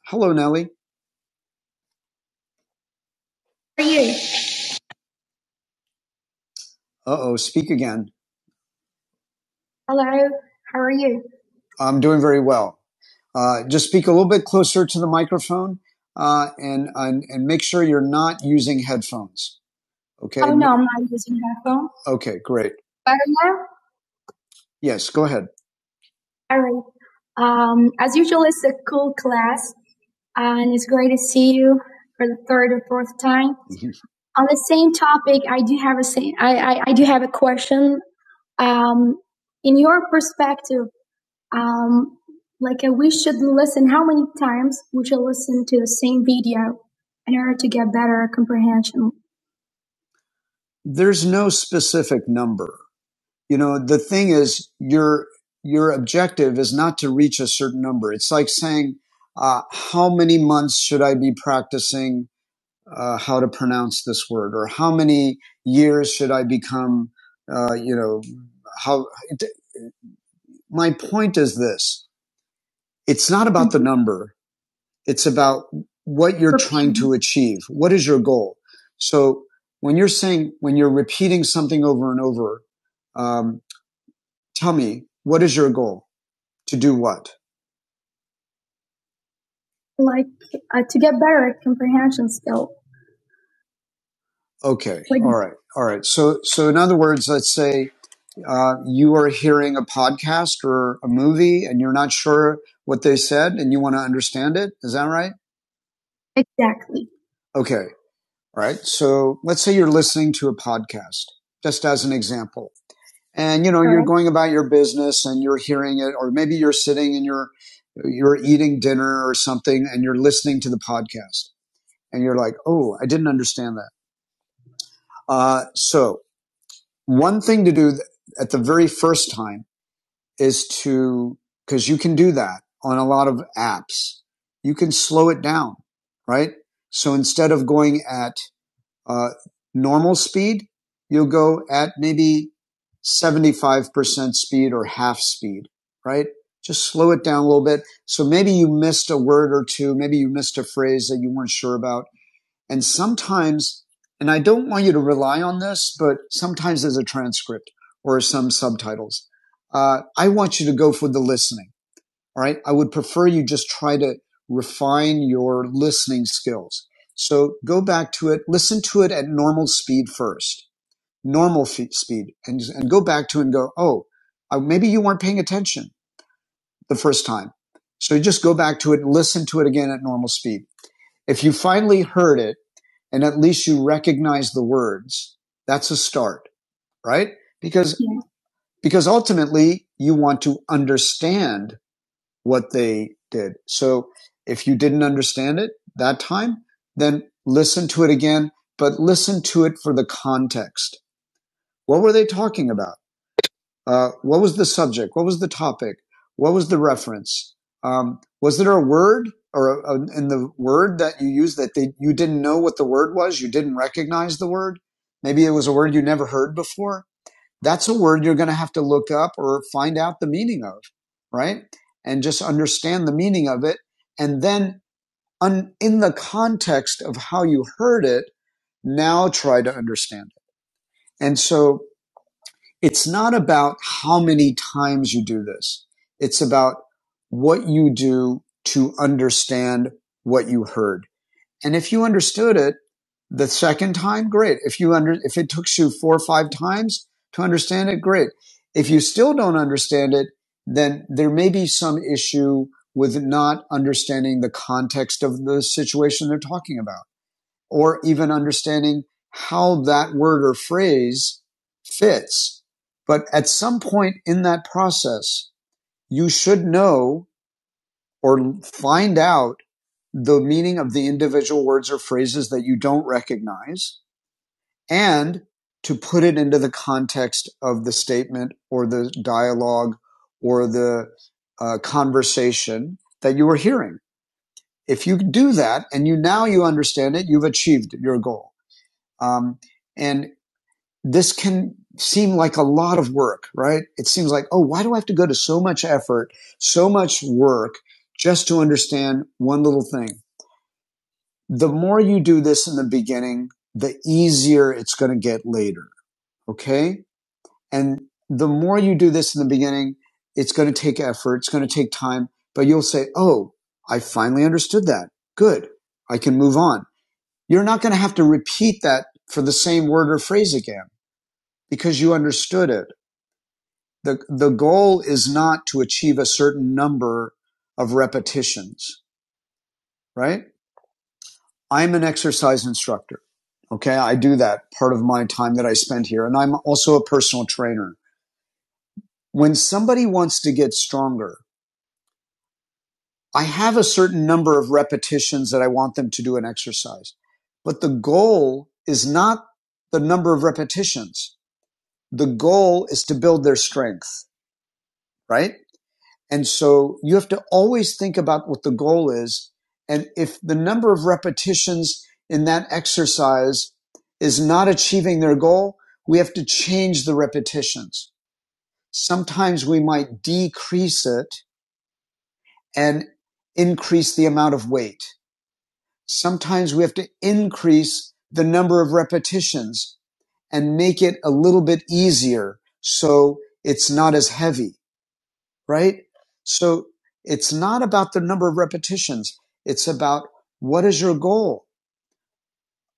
Speaker 1: Hello, Nellie. Uh oh, speak again. Hello, how are you? I'm doing very well. Uh, just speak a little bit closer to the microphone uh, and, and and make sure you're not using headphones. Okay. Oh no, I'm not using headphones. Okay, great. Better now? Yes, go ahead. All right. Um, as usual, it's a cool class, and it's great to see you for the third or fourth time. Mm-hmm. On the same topic, I do have a same, I, I do have a question. Um, in your perspective, um, like uh, we should listen how many times we should listen to the same video in order to get better comprehension. There's no specific number. You know, the thing is, your your objective is not to reach a certain number. It's like saying, uh, how many months should I be practicing uh, how to pronounce this word, or how many years should I become, uh, you know, how. My point is this: it's not about the number. It's about what you're trying to achieve. What is your goal? So when you're saying, when you're repeating something over and over, um, tell me, what is your goal? To do what? Like uh, to get better at comprehension skill. Okay. Like, All right. All right. So, so in other words, let's say uh, you are hearing a podcast or a movie, and you're not sure what they said, and you want to understand it. Is that right? Exactly. Okay. All right. So let's say you're listening to a podcast, just as an example. And you know, you're Right. going about your business and you're hearing it, or maybe you're sitting and you're you're eating dinner or something and you're listening to the podcast and you're like, oh, I didn't understand that. Uh, so one thing to do at the very first time is to because you can do that on a lot of apps. You can slow it down, right? So instead of going at uh, normal speed, you'll go at maybe 75% speed or half speed, right? Just slow it down a little bit. So maybe you missed a word or two. Maybe you missed a phrase that you weren't sure about. And sometimes, and I don't want you to rely on this, but sometimes there's a transcript or some subtitles. Uh, I want you to go for the listening. All right. I would prefer you just try to refine your listening skills. So go back to it, listen to it at normal speed first, normal fe- speed, and, and go back to it and go, oh, uh, maybe you weren't paying attention the first time. So you just go back to it and listen to it again at normal speed. If you finally heard it and at least you recognize the words, that's a start, right? Because, Yeah. because ultimately you want to understand what they did. So if you didn't understand it that time, then listen to it again, but listen to it for the context. What were they talking about? Uh, what was the subject? What was the topic? What was the reference? Um, was there a word or a, a- in the word that you used that they, you didn't know what the word was? You didn't recognize the word? Maybe it was a word you never heard before that's a word you're going to have to look up or find out the meaning of, right? And just understand the meaning of it. And then un- in the context of how you heard it, now try to understand it. And so it's not about how many times you do this. It's about what you do to understand what you heard and if you understood it the second time, great. If you under, if it took you four or five times to understand it, great. If you still don't understand it, then there may be some issue with not understanding the context of the situation they're talking about, or even understanding how that word or phrase fits. But at some point in that process, you should know or find out the meaning of the individual words or phrases that you don't recognize and to put it into the context of the statement or the dialogue or the uh, conversation that you were hearing. If you do that and you now you understand it, you've achieved your goal. Um, and this can seem like a lot of work, right? It seems like, oh, why do I have to go to so much effort, so much work just to understand one little thing? the more you do this in the beginning, the easier it's going to get later. Okay. And the more you do this in the beginning, it's going to take effort. It's going to take time, but you'll say, Oh, I finally understood that. Good. I can move on. You're not going to have to repeat that for the same word or phrase again because you understood it. The, the goal is not to achieve a certain number of repetitions, right? I'm an exercise instructor. Okay. I do that part of my time that I spend here. And I'm also a personal trainer. When somebody wants to get stronger, I have a certain number of repetitions that I want them to do an exercise. But the goal is not the number of repetitions. The goal is to build their strength, right? And so you have to always think about what the goal is. And if the number of repetitions in that exercise is not achieving their goal, we have to change the repetitions. Sometimes we might decrease it and increase the amount of weight. Sometimes we have to increase the number of repetitions and make it a little bit easier so it's not as heavy right? So it's not about the number of repetitions. It's about what is your goal?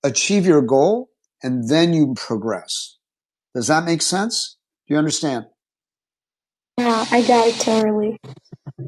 Speaker 1: Achieve your goal and then you progress. Does that make sense? Do you understand? Yeah, I got it totally.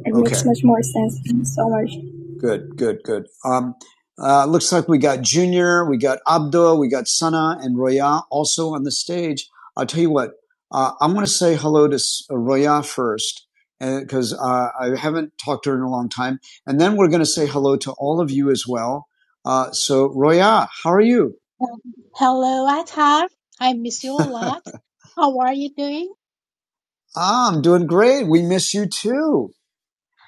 Speaker 1: It Okay. makes much more sense. Thank you so much. Good, good, good. Um, uh, looks like we got Junior, we got Abdul, we got Sana and Roya also on the stage. I'll tell you what, uh, I'm going to say hello to Roya first because uh, I haven't talked to her in a long time. And then we're going to say hello to all of you as well. Uh, so, Roya, how are you?
Speaker 4: Hello, Atar. I miss you a lot. How are you doing?
Speaker 1: Ah, I'm doing great. We miss you too.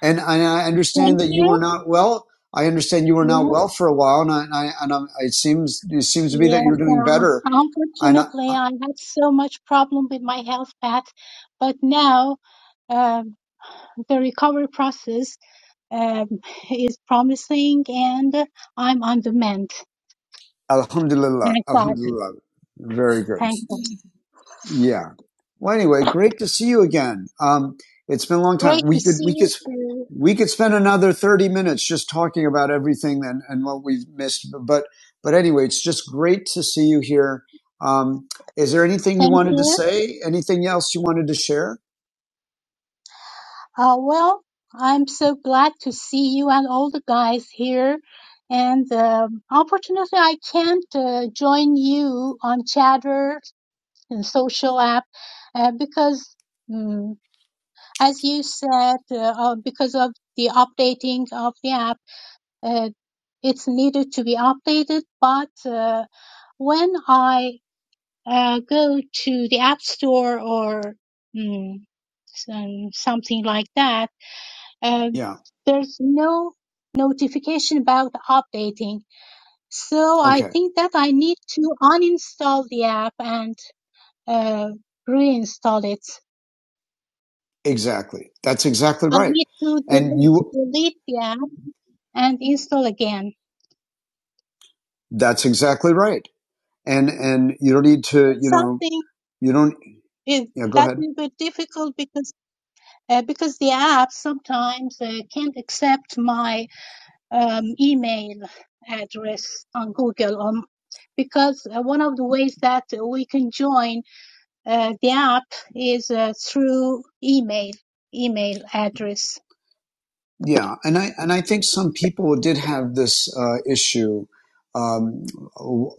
Speaker 1: and and I understand
Speaker 4: Thank
Speaker 1: that you were
Speaker 4: you.
Speaker 1: not well. I understand you were not well
Speaker 4: Yes.
Speaker 1: for a while, and I, I and i it seems it seems to be that
Speaker 4: Yes.
Speaker 1: you're doing
Speaker 4: Uh,
Speaker 1: better. And I,
Speaker 4: unfortunately, I had so much problem with my health path, but now um, the recovery process um, is promising, and I'm on the mend.
Speaker 1: Alhamdulillah,
Speaker 4: Thank God.
Speaker 1: Alhamdulillah, very good.
Speaker 4: Thank God.
Speaker 1: Yeah. Well, anyway, great to see you again. Um, it's been a long time.
Speaker 4: Great to
Speaker 1: We could
Speaker 4: see
Speaker 1: we could
Speaker 4: you too.
Speaker 1: we could spend another thirty minutes just talking about everything and, and what we've missed. But but anyway, it's just great to see you here. Um, is there anything you
Speaker 4: Thank
Speaker 1: wanted to
Speaker 4: you.
Speaker 1: say? Anything else you wanted to share?
Speaker 4: Uh, well, I'm so glad to see you and all the guys here. And um, unfortunately, I can't uh, join you on Chatter and social app uh, because, mm, as you said, uh, uh, because of the updating of the app, uh, it's needed to be updated. But uh, when I uh, go to the App Store or mm, some- something like that, and
Speaker 1: Yeah.
Speaker 4: there's no notification about updating. So I
Speaker 1: Okay,
Speaker 4: think that I need to uninstall the app and uh, reinstall it.
Speaker 1: exactly. That's exactly
Speaker 4: I
Speaker 1: right.
Speaker 4: need to
Speaker 1: And
Speaker 4: delete
Speaker 1: you,
Speaker 4: delete the app and install again.
Speaker 1: that's exactly right. And, and you don't need to,
Speaker 4: It's
Speaker 1: you know,
Speaker 4: something
Speaker 1: you don't,
Speaker 4: it,
Speaker 1: yeah, go
Speaker 4: that
Speaker 1: ahead.
Speaker 4: will be difficult because uh, because the app sometimes uh, can't accept my um, email address on Google Um, because uh, one of the ways that we can join Uh, the app is uh, through email, email address.
Speaker 1: Yeah. And I, and I think some people did have this, uh, issue, um,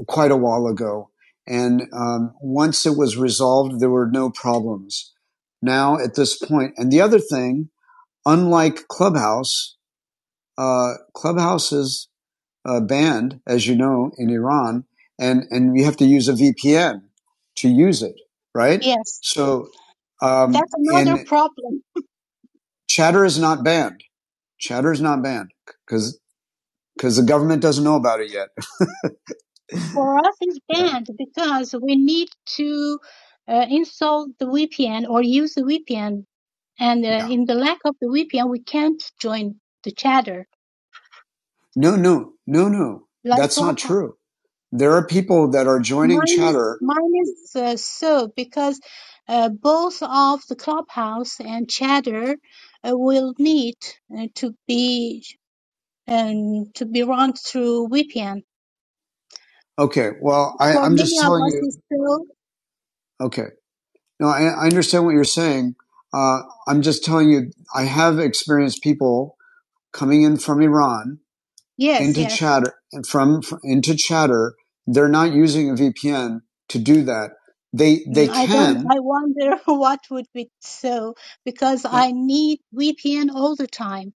Speaker 1: quite a while ago. And, um, once it was resolved, there were no problems now at this point. And the other thing, unlike Clubhouse, uh, Clubhouse is uh, banned, as you know, in Iran, and and you have to use a VPN to use it, right?
Speaker 4: Yes,
Speaker 1: So, um,
Speaker 4: that's another
Speaker 1: in
Speaker 4: problem
Speaker 1: Chatter is not banned. Chatter is not banned because because the government doesn't know about it yet.
Speaker 4: for us is
Speaker 1: yeah,
Speaker 4: banned because we need to uh, install the VPN or use the VPN, and uh,
Speaker 1: yeah.
Speaker 4: in the lack of the VPN, we can't join the chatter
Speaker 1: No, no, no, no.
Speaker 4: like
Speaker 1: That's not
Speaker 4: Clubhouse.
Speaker 1: true. There are people that are joining
Speaker 4: Mine is
Speaker 1: Chatter.
Speaker 4: mine is uh, so because uh, both of the Clubhouse and chatter uh, will need uh, to be and to be run through VPN.
Speaker 1: Okay, well, I,
Speaker 4: For
Speaker 1: I'm
Speaker 4: many
Speaker 1: just
Speaker 4: of
Speaker 1: telling
Speaker 4: us,
Speaker 1: you.
Speaker 4: it's still
Speaker 1: Okay, no, I, I understand what you're saying. Uh, I'm just telling you. I have experienced people coming in from Iran
Speaker 4: yes,
Speaker 1: into
Speaker 4: yes.
Speaker 1: chatter and from, from into chatter they're not using a vpn to do that they they
Speaker 4: Mm, I don't.
Speaker 1: can
Speaker 4: I wonder what would be so because I need VPN all the time.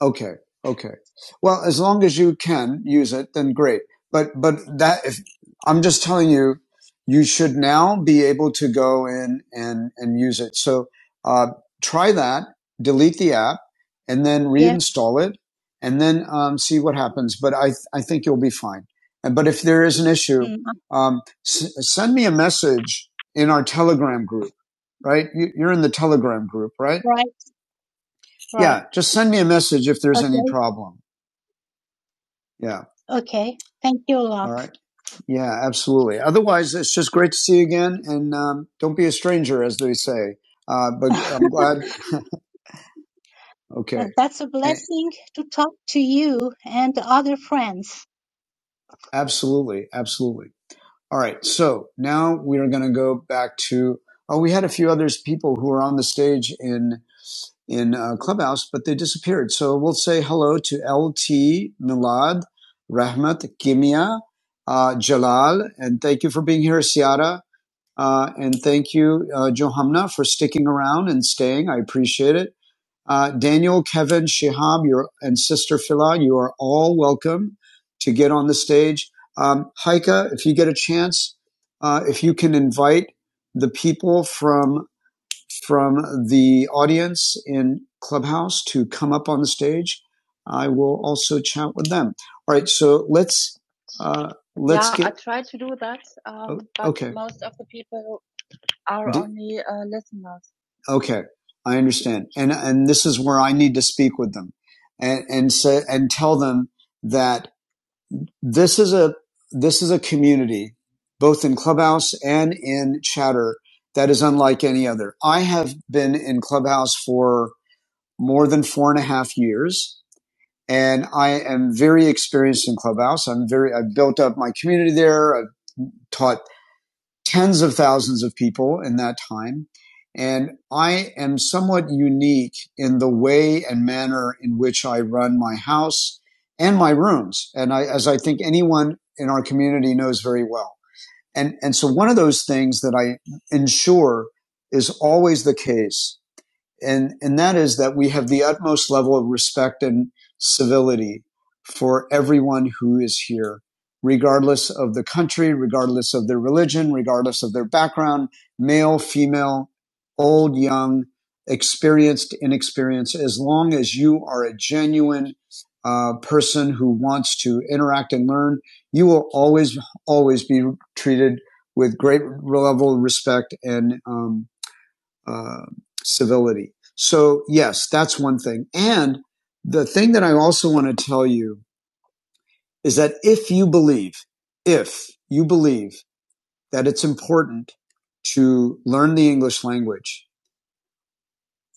Speaker 1: Okay. Okay. Well, as long as you can use it, then great. But, but that, if I'm just telling you, you should now be able to go in and, and use it. So, uh, try that, delete the app and then
Speaker 4: Yes.
Speaker 1: reinstall it and then, um, see what happens. But I, th I think you'll be fine. And, but if there is an issue,
Speaker 4: Mm, uh,
Speaker 1: um, s- send me a message in our telegram group, right? You, you're in the telegram group, right?
Speaker 4: right. Right.
Speaker 1: Yeah. Just send me a message if there's any
Speaker 4: Okay.
Speaker 1: problem yeah.
Speaker 4: Okay. Thank you a
Speaker 1: All
Speaker 4: lot.
Speaker 1: right. Yeah, absolutely. Otherwise, it's just great to see you again. And um, don't be a stranger, as they say. Uh, but I'm glad. Okay.
Speaker 4: And that's a
Speaker 1: Eh,
Speaker 4: blessing to talk to you and the other friends.
Speaker 1: Absolutely. Absolutely. All right. So now we are going to go back to. Oh, we had a few others people who were on the stage in in uh, Clubhouse, but they disappeared. So we'll say hello to LT, Milad, Rahmat, Kimia, uh, Jalal, and thank you for being here, Siara. Uh, and thank you, uh, Johamna, for sticking around and staying. I appreciate it. Uh, Daniel, Kevin, Shihab, your, and Sister Phila, you are all welcome to get on the stage. Um, Heike, if you get a chance, uh, if you can invite the people from from the audience in Clubhouse to come up on the stage, I will also chat with them. All right, so let's. Uh, Okay, I understand, and and this is where I need to speak with them, and and say and tell them that this is a this is a community, both in Clubhouse and in Chatter, that is unlike any other. I have been in Clubhouse for more than four and a half years, and I am very experienced in Clubhouse. I'm very I've built up my community there. I've taught tens of thousands of people in that time. And I am somewhat unique in the way and manner in which I run my house and my rooms. And I, as I think anyone in our community knows very well. And, and so one of those things that I ensure is always the case and and that is that we have the utmost level of respect and civility for everyone who is here, regardless of the country, regardless of their religion, regardless of their background, male, female, old, young, experienced, inexperienced, as long as you are a genuine uh, person who wants to interact and learn, you will always, always be treated with great level of respect and um, uh, civility. So yes, that's one thing. And the thing that I also want to tell you is that if you believe, if you believe that it's important to learn the English language,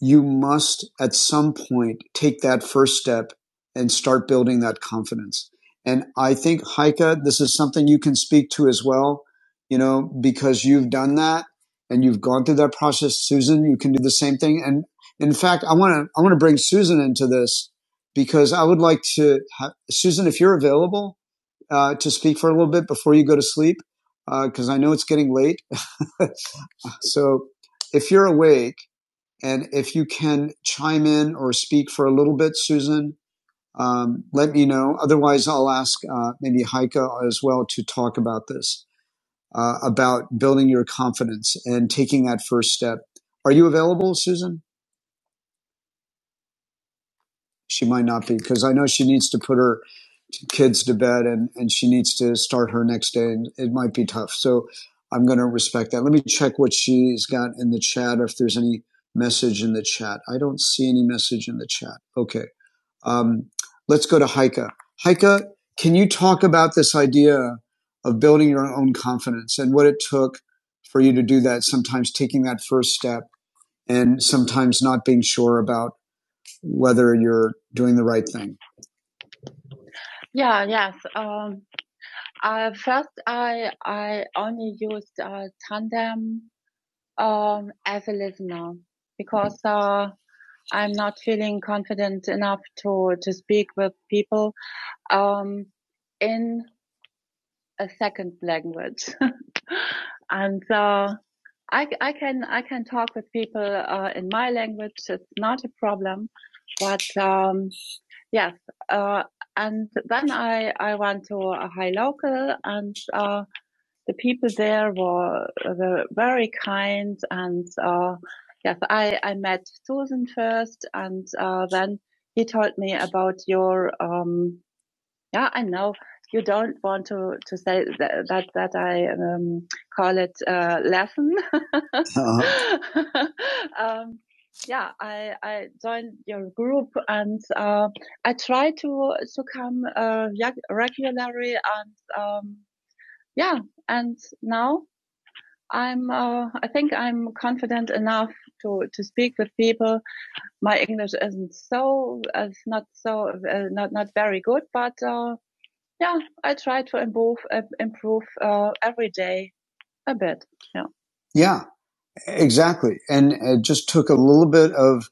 Speaker 1: you must at some point take that first step and start building that confidence. And I think Heike, this is something you can speak to as well, you know, because you've done that and you've gone through that process. Susan, you can do the same thing. And in fact, I want to, I want to bring Susan into this because I would like to have, Susan, if you're available, uh, to speak for a little bit before you go to sleep, uh, cause I know it's getting late. So if you're awake, and if you can chime in or speak for a little bit, Susan, um, let me know. Otherwise, I'll ask uh, maybe Heike as well to talk about this, uh, about building your confidence and taking that first step. Are you available, Susan? She might not be because I know she needs to put her kids to bed and, and she needs to start her next day and it might be tough. So I'm going to respect that. Let me check what she's got in the chat if there's any message in the chat. I don't see any message in the chat. Okay. Um, let's go to Heike. Heike, can you talk about this idea of building your own confidence and what it took for you to do that? Sometimes taking that first step and sometimes not being sure about whether you're doing the right thing. Uh, yeah, exactly. And it just took a little bit of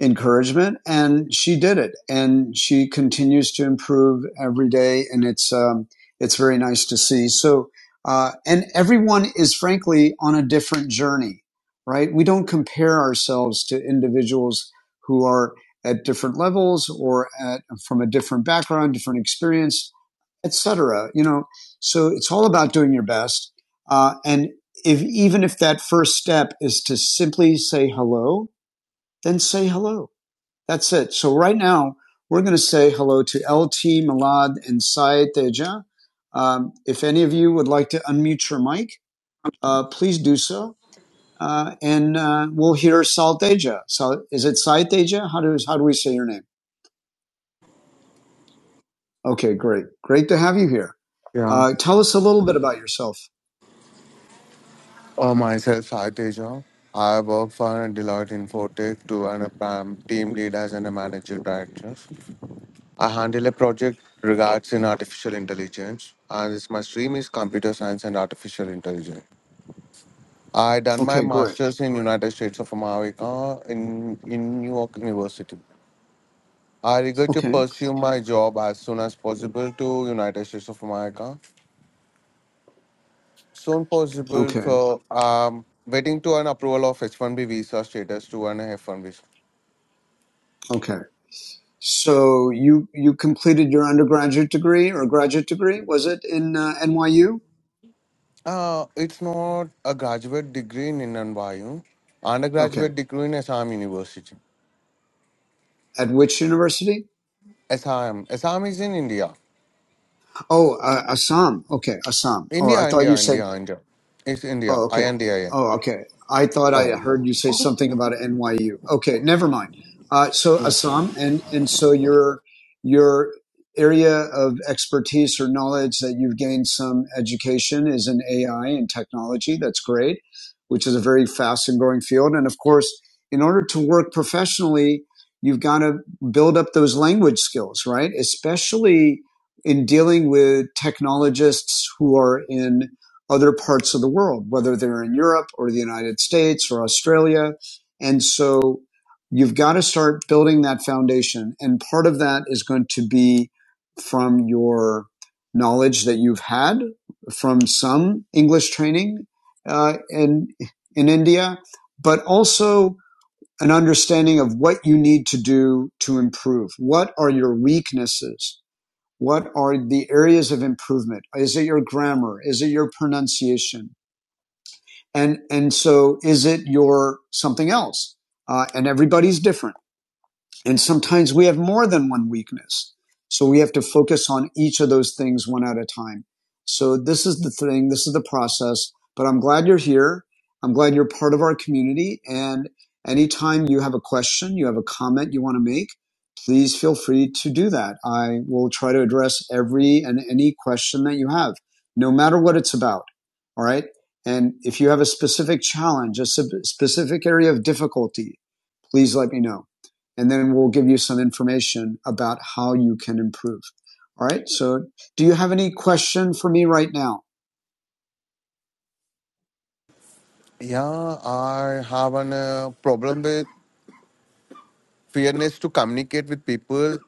Speaker 1: encouragement and she did it and she continues to improve every day and it's um, it's very nice to see so uh, and everyone is frankly on a different journey right we don't compare ourselves to individuals who are at different levels or at, from a different background different experience etc you know so it's all about doing your best uh, and if even if that first step is to simply say hello then say hello that's it. So right now, we're going to say hello to LT, Milad, and Syed Teja. Um, if any of you would like to unmute your mic, uh, please do so. Uh, and uh, we'll hear Sal Teja. So is it Syed Teja? How do, how do we say your name? Okay, great. Great to have you here.
Speaker 5: Yeah.
Speaker 1: Uh, tell us a little bit about yourself.
Speaker 5: Uh, myself, Saitesh. Jha. I work for Deloitte Infotech to an um, team lead as an- a manager director. I handle a project regards in artificial intelligence, and this my stream is computer science and artificial intelligence. I done my
Speaker 1: Okay, great.
Speaker 5: master's in United States of America in in New York University. I regret to
Speaker 1: Okay,
Speaker 5: pursue my job as soon as possible to United States of America soon possible.
Speaker 1: okay,
Speaker 5: So um, waiting to an approval of H-1B visa status to an F-1 visa.
Speaker 1: okay. So you you completed your undergraduate degree or graduate degree? Was it in uh, NYU?
Speaker 5: Uh, it's not a graduate degree in Indian Vayu,
Speaker 1: Okay.
Speaker 5: undergraduate degree in Assam University.
Speaker 1: At which university?
Speaker 5: Assam, Assam is in India.
Speaker 1: Oh, uh, Assam. Okay, Assam. Oh, I
Speaker 5: India,
Speaker 1: thought you
Speaker 5: India,
Speaker 1: said
Speaker 5: India, India. It's India.
Speaker 1: Oh,
Speaker 5: I
Speaker 1: okay.
Speaker 5: N D I N.
Speaker 1: Oh, okay. I thought I
Speaker 5: Okay.
Speaker 1: heard you say something about NYU. Okay, never mind. Uh, so
Speaker 5: Yeah,
Speaker 1: Assam, and and so your your area of expertise or knowledge that you've gained some education is in AI and technology. That's great, which is a very fast and growing field. And of course, in order to work professionally, you've got to build up those language skills, right? Especially in dealing with technologists who are in other parts of the world, whether they're in Europe or the United States or Australia. And so you've got to start building that foundation. And part of that is going to be from your knowledge that you've had from some English training uh, in, in India, but also an understanding of what you need to do to improve. What are your weaknesses? What are the areas of improvement? Is it your grammar? Is it your pronunciation? And, and so is it your something else? Uh, and everybody's different. And sometimes we have more than one weakness. So we have to focus on each of those things one at a time. So this is the thing. This is the process, but I'm glad you're here. I'm glad you're part of our community. And anytime you have a question, you have a comment you want to make, please feel free to do that. I will try to address every and any question that you have, no matter what it's about. All right. And if you have a specific challenge, a specific area of difficulty, please let me know and then we'll give you some information about how you can improve. All right. So do you have any question for me right now?
Speaker 5: Yeah, I have an uh, problem with fairness to communicate with people.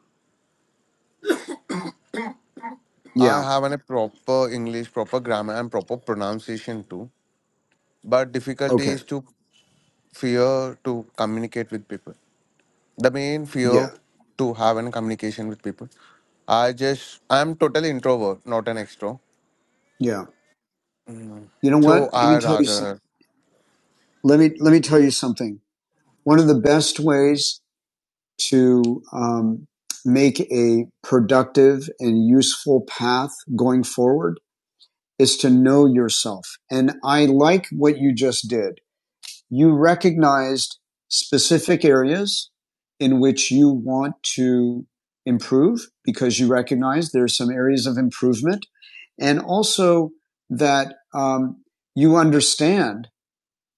Speaker 5: I
Speaker 1: Yeah.
Speaker 5: have an, a proper English, proper grammar, and proper pronunciation too. But difficulty
Speaker 1: Okay.
Speaker 5: is to fear to communicate with people. The main fear
Speaker 1: Yeah.
Speaker 5: to have in communication with people. I just I'm totally introvert, not an extro.
Speaker 1: Yeah. You know
Speaker 5: So
Speaker 1: what? Let me
Speaker 5: I
Speaker 1: tell you.
Speaker 5: rather
Speaker 1: Let me let me tell you something. One of the best ways to um, make a productive and useful path going forward is to know yourself. And I like what you just did you recognized specific areas in which you want to improve because you recognize there are some areas of improvement and also that um, you understand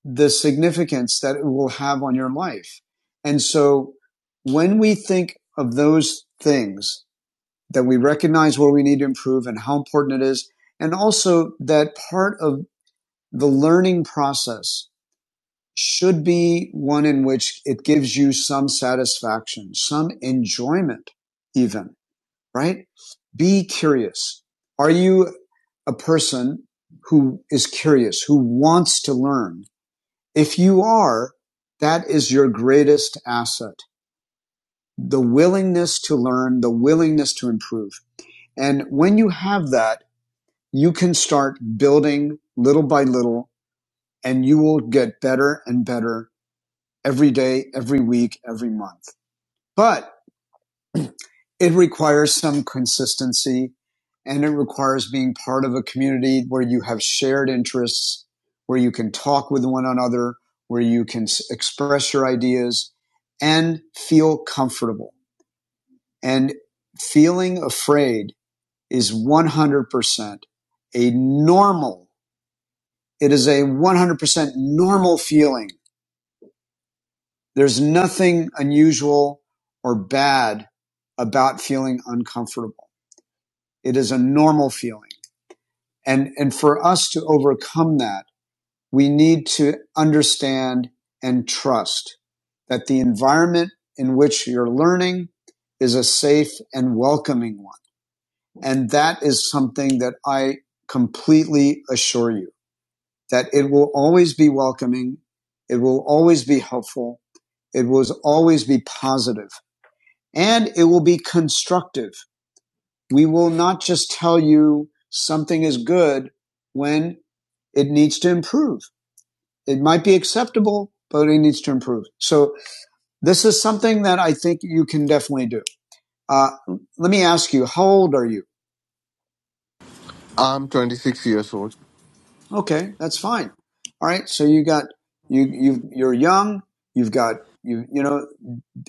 Speaker 1: the significance that it will have on your life. And so when we think of those things that we recognize where we need to improve and how important it is, and also that part of the learning process should be one in which it gives you some satisfaction, some enjoyment, even, right? Be curious. Are you a person who is curious, who wants to learn? If you are, that is your greatest asset. The willingness to learn, the willingness to improve. And when you have that, you can start building little by little and you will get better and better every day, every week, every month. But it requires some consistency and it requires being part of a community where you have shared interests, where you can talk with one another, where you can express your ideas and feel comfortable. And feeling afraid is 100% a normal, it is a 100% normal feeling There's nothing unusual or bad about feeling uncomfortable. It is a normal feeling. And, and for us to overcome that, we need to understand and trust that the environment in which you're learning is a safe and welcoming one. And that is something that I completely assure you that it will always be welcoming. It will always be helpful. It will always be positive and it will be constructive. We will not just tell you something is good when it needs to improve. It might be acceptable, but it needs to improve. So this is something that I think you can definitely do. Uh, let me ask you, how old are you?
Speaker 5: I'm 26 years old.
Speaker 1: Okay, that's fine. All right. So you got, you, you, you're young. You've got, you, you know,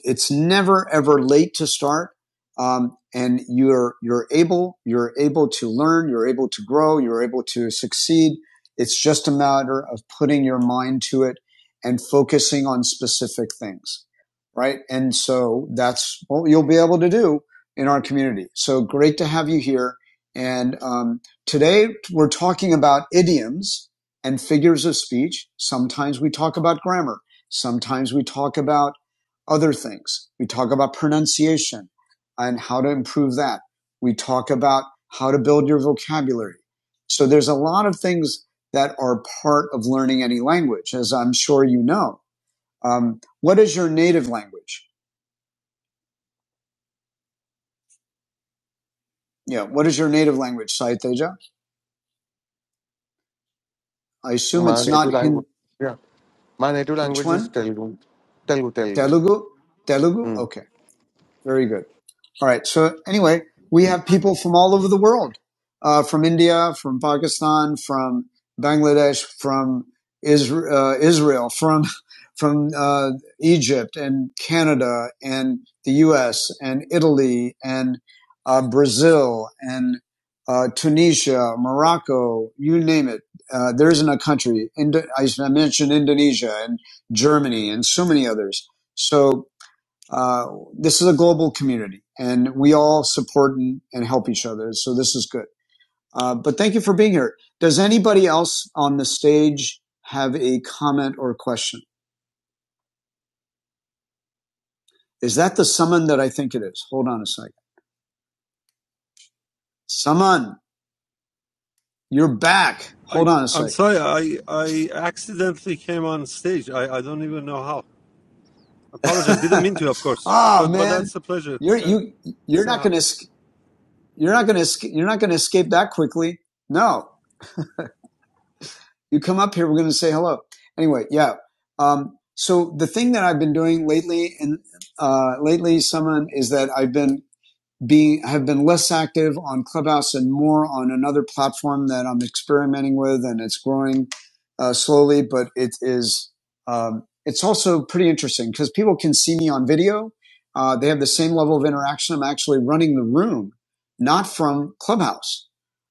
Speaker 1: it's never ever late to start. Um, and you're you're able you're able to learn you're able to grow you're able to succeed it's just a matter of putting your mind to it and focusing on specific things right and so that's what you'll be able to do in our community so great to have you here and um, today we're talking about idioms and figures of speech sometimes we talk about grammar sometimes we talk about other things. We talk about pronunciation and how to improve that. We talk about how to build your vocabulary. So there's a lot of things that are part of learning any language, as I'm sure you know. Um, what is your native language? Yeah, what is your native language, Saiteja? I assume
Speaker 5: My
Speaker 1: it's not
Speaker 5: native
Speaker 1: Hindi.
Speaker 5: language, yeah, my native
Speaker 1: Which
Speaker 5: language is
Speaker 1: one?
Speaker 5: Telugu, Telugu, Telugu.
Speaker 1: Telugu? Telugu?
Speaker 5: Hmm.
Speaker 1: Okay, very good. All right. So anyway, we have people from all over the world, uh, from India, from Pakistan, from Bangladesh, from Isra- uh, Israel, from from uh, Egypt and Canada and the U.S. and Italy and uh, Brazil and uh, Tunisia, Morocco, you name it. Uh, there isn't a country. Indo- I mentioned Indonesia and Germany and so many others. So uh, this is a global community and we all support and, and help each other. So this is good. Uh, but thank you for being here. Does anybody else on the stage have a comment or question? Is that the summon that I think it is? Hold on a second. Summon, you're back.
Speaker 6: I
Speaker 1: Hold on a
Speaker 6: I'm
Speaker 1: second.
Speaker 6: sorry. I I accidentally came on stage. I I don't even know how. Apologize. Didn't mean to, of course.
Speaker 1: Ah,
Speaker 6: But but
Speaker 1: man,
Speaker 6: that's a pleasure.
Speaker 1: you're,
Speaker 6: Say
Speaker 1: you,
Speaker 6: to
Speaker 1: you're
Speaker 6: say
Speaker 1: not
Speaker 6: hi.
Speaker 1: going to, you're not going to, you're not going to escape that quickly. No. You come up here, we're going to say hello. Anyway, yeah. Um, so the thing that I've been doing lately, and uh, lately, someone is that I've been being have been less active on Clubhouse and more on another platform that I'm experimenting with, and it's growing uh, slowly, but it is. Um, it's also pretty interesting because people can see me on video. Uh, they have the same level of interaction. I'm actually running the room, not from Clubhouse.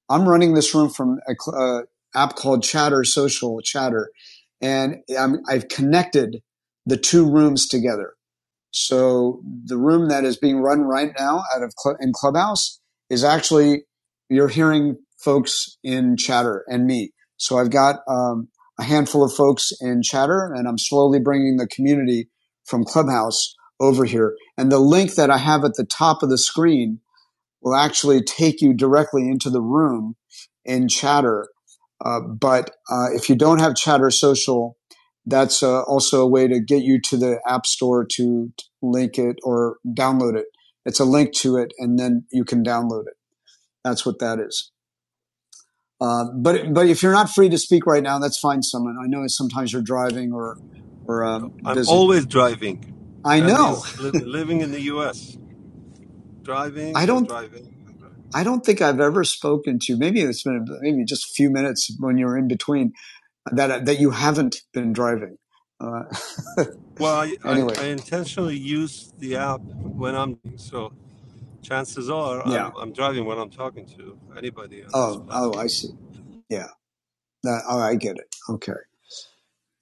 Speaker 1: I'm running this room from a uh, app called Chatter Social Chatter, and I'm, I've connected the two rooms together. So the room that is being run right now out of Cl- in Clubhouse is actually you're hearing folks in Chatter and me. So I've got um, a handful of folks in Chatter, and I'm slowly bringing the community from Clubhouse over here. And the link that I have at the top of the screen will actually take you directly into the room in Chatter. Uh, but uh, if you don't have Chatter Social, that's uh, also a way to get you to the App Store to link it or download it. It's a link to it, and then you can download it. That's what that is. Uh, but but if you're not free to speak right now, that's fine, someone. I know sometimes you're driving or or um,
Speaker 6: I'm
Speaker 1: busy.
Speaker 6: always driving.
Speaker 1: I
Speaker 6: That
Speaker 1: know.
Speaker 6: means li- living in the U.S.
Speaker 1: I
Speaker 6: Driving and
Speaker 1: don't.
Speaker 6: driving. and driving.
Speaker 1: I don't think I've ever spoken to. Maybe it's been maybe just a few minutes when you were in between that uh, that you haven't been driving. Uh,
Speaker 6: Well, I, I,
Speaker 1: anyway,
Speaker 6: I intentionally use the app when I'm so chances are
Speaker 1: yeah.
Speaker 6: I'm I'm driving when I'm talking to anybody on this
Speaker 1: Oh, oh, I
Speaker 6: platform.
Speaker 1: see. Yeah, that, oh, I get it. Okay.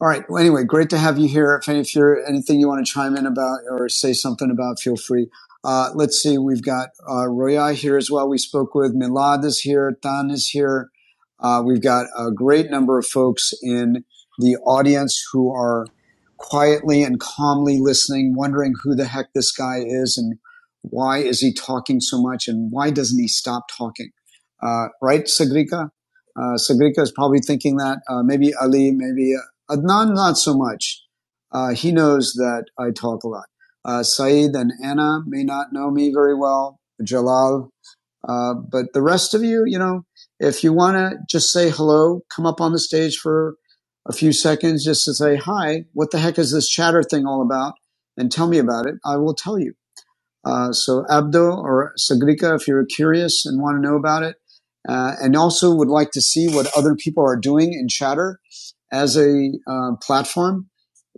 Speaker 1: All right. Well, anyway, great to have you here. If, if you're anything you want to chime in about or say something about, feel free. Uh, let's see. We've got uh, Roya here as well. We spoke with Milad is here. Tan is here. Uh, we've got a great number of folks in the audience who are quietly and calmly listening, wondering who the heck this guy is and why is he talking so much and why doesn't he stop talking? Uh, right, Sagrika? Uh, Sagrika is probably thinking that. Uh, maybe Ali, maybe Adnan, not so much. Uh, he knows that I talk a lot. Uh, Saeed and Anna may not know me very well, Jalal, uh, but the rest of you, you know, if you want to just say hello, come up on the stage for a few seconds just to say, hi, what the heck is this chatter thing all about? And tell me about it. I will tell you. Uh, so Abdo or Sagrika, if you're curious and want to know about it, uh, and also would like to see what other people are doing in Chatter as a uh, platform.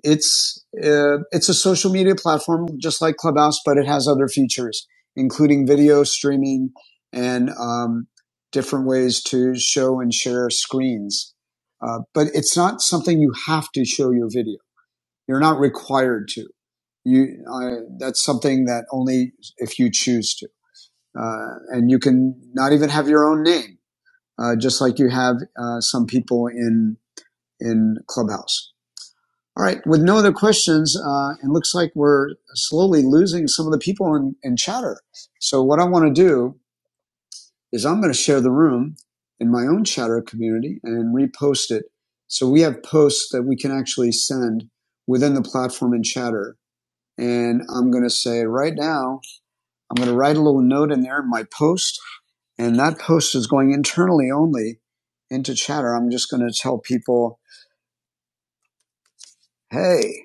Speaker 1: It's uh, it's a social media platform just like Clubhouse, but it has other features, including video streaming and um, different ways to show and share screens. Uh, but it's not something you have to show your video. You're not required to. You, I, that's something that only if you choose to, uh, and you can not even have your own name, uh, just like you have uh, some people in in Clubhouse. All right, with no other questions, uh, it looks like we're slowly losing some of the people in, in chatter. So what I want to do is I'm going to share the room in my own chatter community and repost it. So we have posts that we can actually send within the platform in chatter. And I'm going to say right now, I'm going to write a little note in there in my post, and that post is going internally only into chatter. I'm just going to tell people, hey,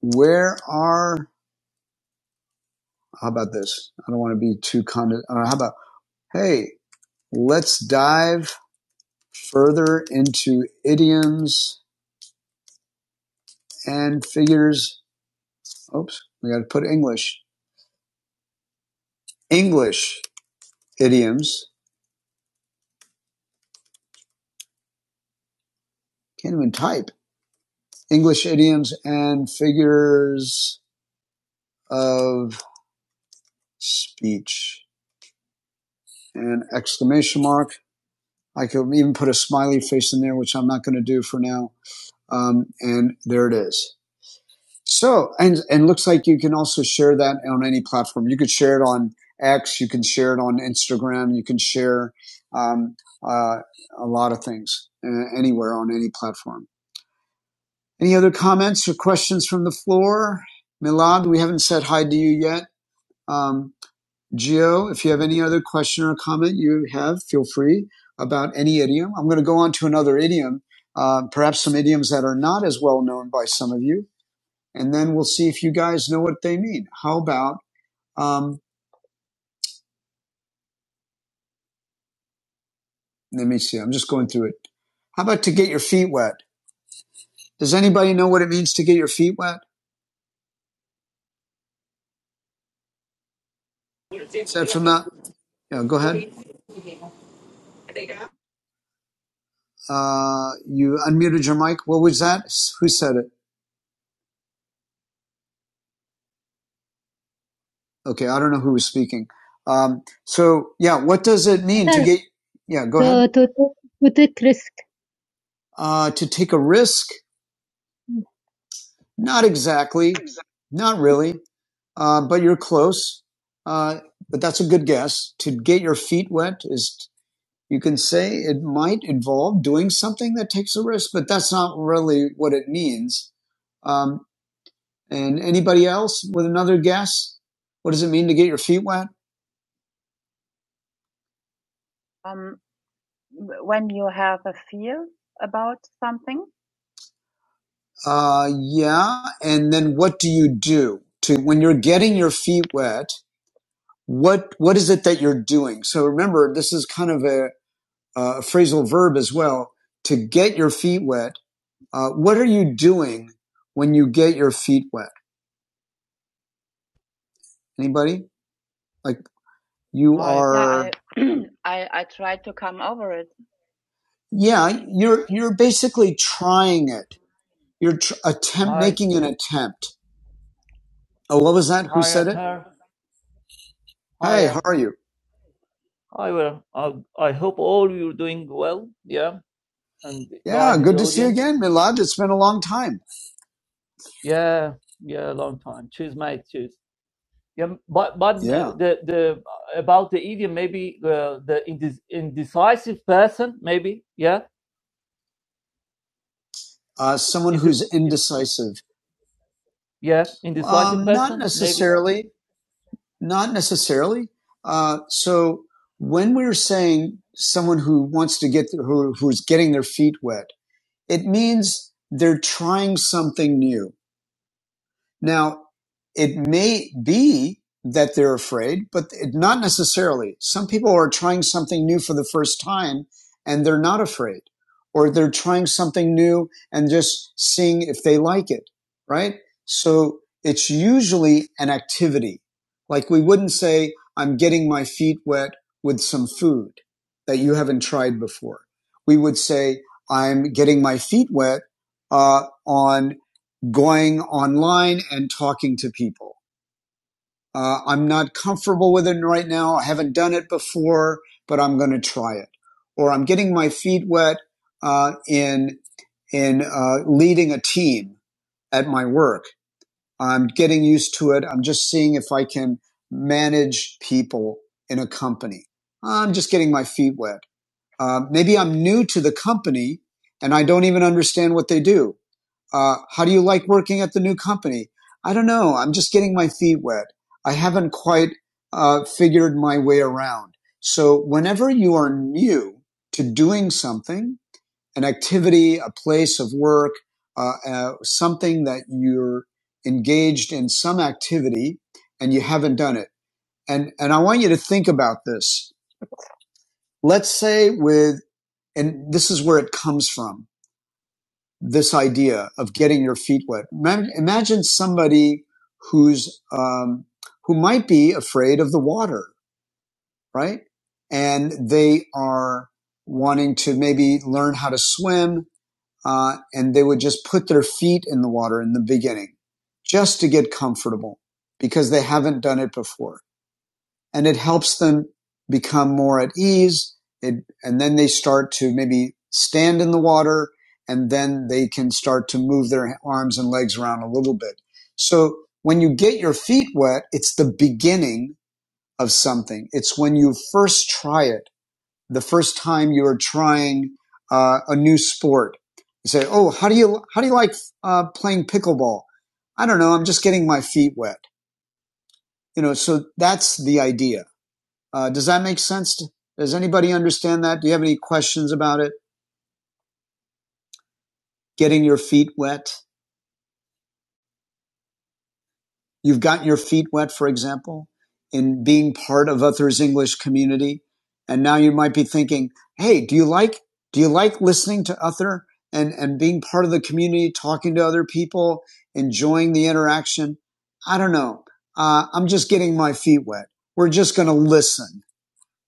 Speaker 1: where are, how about this? I don't want to be too condescending. How about, hey, let's dive further into idioms and figures. Oops, we got to put English. English idioms. Can't even type. English idioms and figures of speech and exclamation mark. I could even put a smiley face in there, which I'm not going to do for now. Um, and there it is. So, and and looks like you can also share that on any platform. You could share it on X, you can share it on Instagram, you can share um, uh, a lot of things uh, anywhere on any platform. Any other comments or questions from the floor? Milad, we haven't said hi to you yet. Um, Gio, if you have any other question or comment you have, feel free about any idiom. I'm going to go on to another idiom, uh, perhaps some idioms that are not as well known by some of you, and then we'll see if you guys know what they mean. How about, um, let me see, I'm just going through it. How about to get your feet wet? Does anybody know what it means to get your feet wet? Is that from that? Yeah, go ahead. Uh, you unmuted your mic. What was that? Who said it? Okay, I don't know who was speaking. Um, so yeah, what does it mean to get? Yeah, go ahead. to, to, to take risk. Uh, to take a risk? Not exactly, not really, uh, but you're close. Uh, but that's a good guess. To get your feet wet is, you can say it might involve doing something that takes a risk, but that's not really what it means. Um, and anybody else with another guess? What does it mean to get your feet wet? Uh, yeah. And then what do you do to when you're getting your feet wet? What what is it that you're doing? So remember, this is kind of a, a phrasal verb as well. To get your feet wet, uh, what are you doing when you get your feet wet? Anybody? Like you
Speaker 7: Hi,
Speaker 1: are? Yeah, you're you're basically trying it. You're tr- attempt
Speaker 7: hi,
Speaker 1: making an attempt. Oh, what was that? Who
Speaker 7: hi,
Speaker 1: said it?
Speaker 7: Atar. Hi,
Speaker 1: Hey, how
Speaker 7: uh,
Speaker 1: are you?
Speaker 7: hi. Well, I, I hope all you're doing well. Yeah, and the
Speaker 1: Yeah,
Speaker 7: guys in
Speaker 1: good
Speaker 7: the
Speaker 1: to see you
Speaker 7: audience.
Speaker 1: again, Milad. It's been a long time.
Speaker 7: Yeah, yeah, long time. Cheers, mate. Cheers. Yeah, but but
Speaker 1: Yeah.
Speaker 7: uh, the the about the idiom maybe uh, the indes indecisive person maybe yeah
Speaker 1: Uh, someone
Speaker 7: is it
Speaker 1: who's
Speaker 7: is,
Speaker 1: indecisive.
Speaker 7: yeah indecisive
Speaker 1: Um, not
Speaker 7: person maybe
Speaker 1: necessarily. Not necessarily. Uh, so when we're saying someone who wants to get who, who's getting their feet wet, it means they're trying something new. Now, it may be that they're afraid, but it, not necessarily. Some people are trying something new for the first time and they're not afraid, or they're trying something new and just seeing if they like it, right? So it's usually an activity. Like we wouldn't say, I'm getting my feet wet with some food that you haven't tried before. We would say, I'm getting my feet wet uh, on going online and talking to people. Uh, I'm not comfortable with it right now. I haven't done it before, but I'm going to try it. Or I'm getting my feet wet uh, in in uh, leading a team at my work. I'm getting used to it. I'm just seeing if I can manage people in a company. I'm just getting my feet wet. Uh, maybe I'm new to the company and I don't even understand what they do. Uh, how do you like working at the new company? I don't know. I'm just getting my feet wet. I haven't quite uh, figured my way around. So whenever you are new to doing something, an activity, a place of work, uh, uh, something that you're engaged in some activity and you haven't done it. And, and I want you to think about this. Let's say with, and this is where it comes from this idea of getting your feet wet. Imagine somebody who's um, who might be afraid of the water, right? And they are wanting to maybe learn how to swim, uh, and they would just put their feet in the water in the beginning, just to get comfortable because they haven't done it before and it helps them become more at ease. It, and then they start to maybe stand in the water and then they can start to move their arms and legs around a little bit. So when you get your feet wet, it's the beginning of something. It's when you first try it, the first time you are trying uh, a new sport. You say, "Oh, how do you how do you like uh, playing pickleball?" I don't know. I'm just getting my feet wet. You know, so that's the idea. Uh, does that make sense? to- Does anybody understand that? Do you have any questions about it? Getting your feet wet. You've gotten your feet wet, for example, in being part of others' English community. And now you might be thinking, Hey, do you like, do you like listening to other and, and being part of the community, talking to other people, enjoying the interaction? I don't know. Uh, I'm just getting my feet wet. We're just going to listen.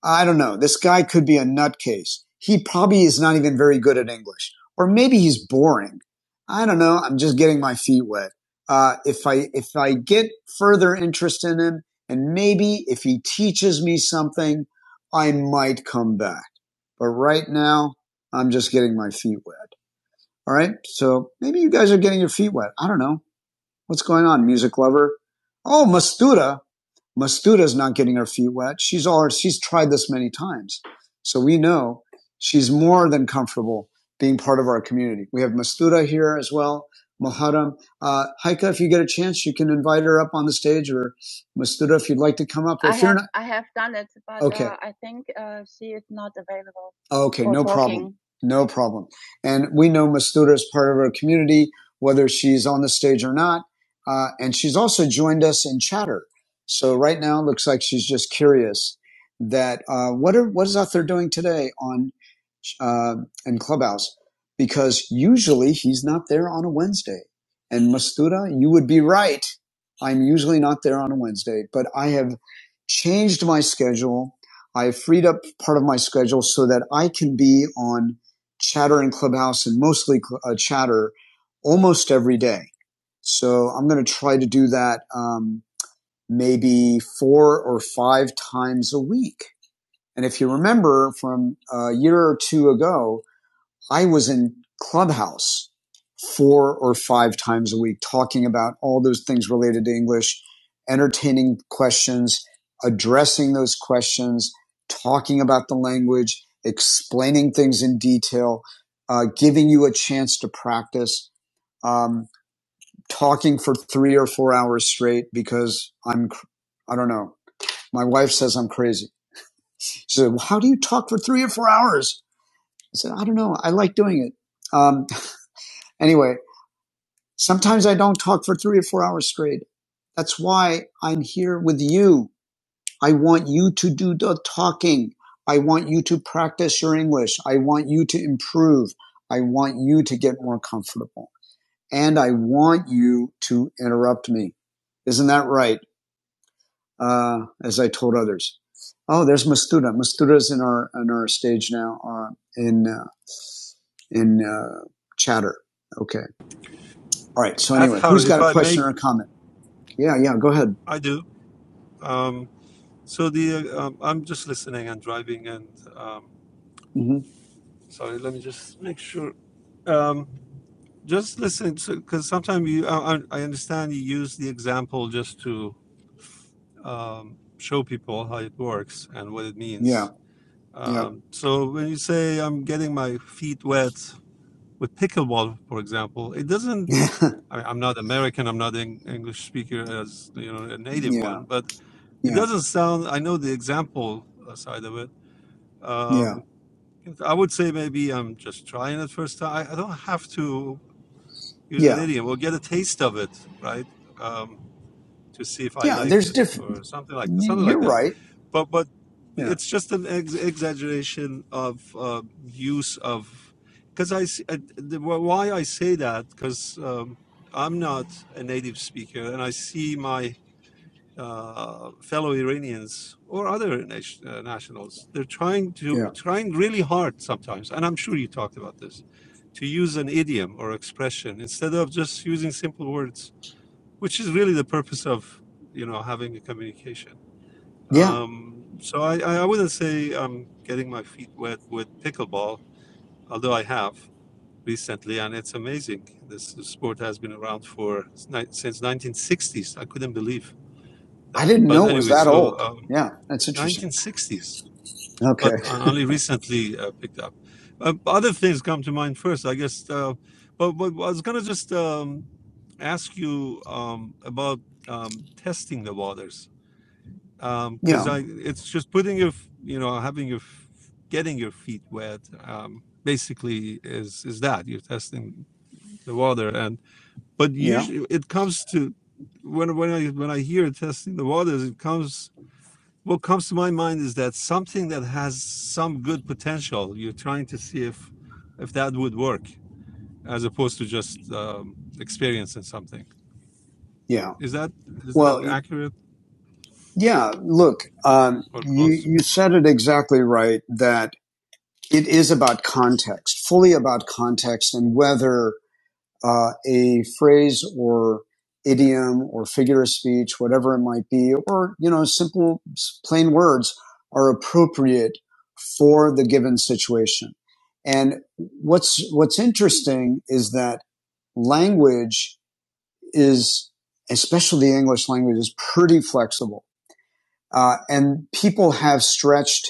Speaker 1: I don't know. This guy could be a nutcase. He probably is not even very good at English, or maybe he's boring. I don't know. I'm just getting my feet wet. Uh, if I if I get further interest in him, and maybe if he teaches me something, I might come back. But right now, I'm just getting my feet wet. All right. So maybe you guys are getting your feet wet. I don't know. What's going on, music lover? Oh, Mastuda. Mastuda's not getting her feet wet. She's all, she's tried this many times. So we know she's more than comfortable being part of our community. We have Mastuda here as well. Muharram. Uh, Haika, if you get a chance, you can invite her up on the stage or Mastuda, if you'd like to come up. Okay. No problem. And we know Mastuda is part of our community, whether she's on the stage or not. Uh, and she's also joined us in chatter. So right now, it looks like she's just curious that uh, what are what is out there doing today on uh, in Clubhouse because usually he's not there on a Wednesday. And Mastuda, you would be right. I'm usually not there on a Wednesday, but I have changed my schedule. I freed up part of my schedule so that I can be on chatter in Clubhouse and mostly uh, chatter almost every day. So I'm going to try to do that um, maybe four or five times a week. And if you remember from a year or two ago, I was in Clubhouse four or five times a week talking about all those things related to English, entertaining questions, addressing those questions, talking about the language, explaining things in detail, uh, giving you a chance to practice, um, talking for three or four hours straight because I'm, I don't know. My wife says I'm crazy. She said, well, how do you talk for three or four hours? I said, I don't know. I like doing it. Um, anyway, Sometimes I don't talk for three or four hours straight. That's why I'm here with you. I want you to do the talking. I want you to practice your English. I want you to improve. I want you to get more comfortable. And I want you to interrupt me. Isn't that right? Uh, as I told others. Oh, there's Mastuda. Mastuda's in our, in our stage now, uh, in, uh, in, uh, chatter. Okay. All right. So
Speaker 6: At
Speaker 1: anyway, who's
Speaker 6: Harry,
Speaker 1: got
Speaker 6: if
Speaker 1: a
Speaker 6: I may,
Speaker 1: question or a comment? Yeah, yeah, go ahead.
Speaker 6: I do. Um, So the uh, um, I'm just listening and driving and um,
Speaker 1: hmm
Speaker 6: sorry, let me just make sure. Um, just listen because sometimes you I, I I understand you use the example just to um, show people how it works and what it
Speaker 1: Yeah,
Speaker 6: means.
Speaker 1: yeah,
Speaker 6: Um, so when you say I'm getting my feet wet with pickleball, for example, it doesn't.
Speaker 1: yeah,
Speaker 6: I, I'm not American. I'm not an English speaker as you know a native
Speaker 1: yeah,
Speaker 6: one, but it
Speaker 1: yeah,
Speaker 6: doesn't sound. I know the example uh, side of it. Um,
Speaker 1: yeah,
Speaker 6: I would say maybe I'm just trying it first time. I, I don't have to use an
Speaker 1: yeah,
Speaker 6: idiom We'll get a taste of it, right? Um, to see if I
Speaker 1: yeah.
Speaker 6: like
Speaker 1: There's
Speaker 6: it
Speaker 1: different.
Speaker 6: or something like something like
Speaker 1: You're
Speaker 6: that.
Speaker 1: right.
Speaker 6: But but
Speaker 1: Yeah,
Speaker 6: it's just an ex- exaggeration of uh, use of because I s- uh, the, why I say that because um, I'm not a native speaker and I see my uh, fellow Iranians or other nation, uh, nationals. They're trying
Speaker 1: yeah,
Speaker 6: to trying really hard sometimes, and I'm sure you talked about this, to use an idiom or expression instead of just using simple words, which is really the purpose of you know having a communication.
Speaker 1: yeah.
Speaker 6: Um, so I, I wouldn't say I'm getting my feet wet with pickleball, although I have recently, and it's amazing. This sport has been around for since 1960s. I couldn't believe
Speaker 1: I
Speaker 6: that.
Speaker 1: didn't
Speaker 6: But
Speaker 1: know it was
Speaker 6: anyway,
Speaker 1: that
Speaker 6: so.
Speaker 1: old.
Speaker 6: Um,
Speaker 1: Yeah, that's interesting.
Speaker 6: 1960s, but
Speaker 1: Okay.
Speaker 6: only recently uh, picked up. Uh, other things come to mind first, I guess. Uh, but, but I was going to just um, ask you um, about um, testing the waters, because
Speaker 1: Yeah,
Speaker 6: I it's just putting your f- you know having your f- getting your feet wet. Um, basically is is that you're testing the water and but
Speaker 1: yeah,
Speaker 6: usually it comes to when when i when i hear testing the waters it comes what comes to my mind is that something that has some good potential you're trying to see if if that would work as opposed to just um, experiencing something
Speaker 1: yeah.
Speaker 6: is that is
Speaker 1: Well,
Speaker 6: that
Speaker 1: y-
Speaker 6: accurate
Speaker 1: yeah. Look, um,
Speaker 6: or
Speaker 1: you
Speaker 6: close
Speaker 1: you said it exactly right that it is about context, fully about context, and whether uh, a phrase or idiom or figure of speech, whatever it might be, or, you know, simple, plain words are appropriate for the given situation. And what's, what's interesting is that language is, especially the English language is pretty flexible. Uh, and people have stretched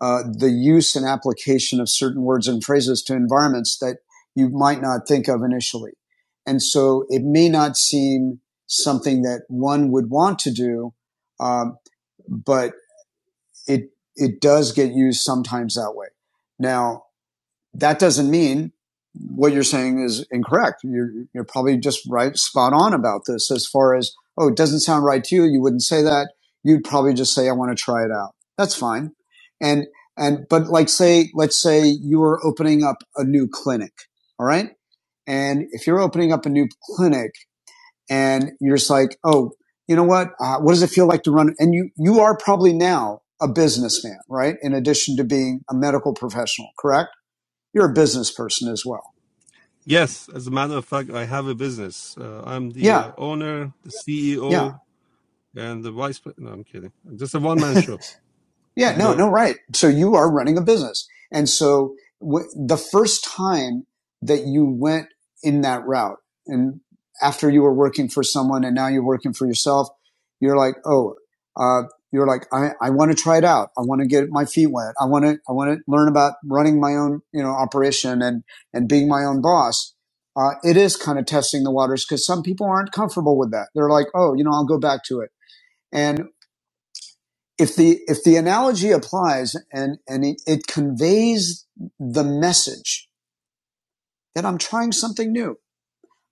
Speaker 1: uh, the use and application of certain words and phrases to environments that you might not think of initially. And so it may not seem something that one would want to do, um, but it it does get used sometimes that way. Now, that doesn't mean what you're saying is incorrect. You're, you're probably just right, spot on about this as far as, oh, it doesn't sound right to you. You wouldn't say that. You'd probably just say, I want to try it out. That's fine. And, and, but like say, let's say you are opening up a new clinic. All right. And if you're opening up a new clinic and you're just like, oh, you know what? Uh, what does it feel like to run? And you, you are probably now a businessman, right? In addition to being a medical professional, correct? You're a business person as well.
Speaker 6: yes as a matter of fact i have a business uh, i'm the
Speaker 1: Yeah.
Speaker 6: uh, owner the ceo
Speaker 1: Yeah.
Speaker 6: and the vice pre- no i'm kidding just a one-man show
Speaker 1: Yeah.
Speaker 6: but
Speaker 1: No,
Speaker 6: go
Speaker 1: no, right. So you are running a business. And so w- the first time that you went in that route and after you were working for someone and now you're working for yourself, you're like, Oh, uh, you're like, I, I want to try it out. I want to get my feet wet. I want to, I want to learn about running my own, you know, operation and, and being my own boss. Uh, it is kind of testing the waters because some people aren't comfortable with that. They're like, Oh, you know, I'll go back to it. And if the if the analogy applies and and it, it conveys the message that I'm trying something new.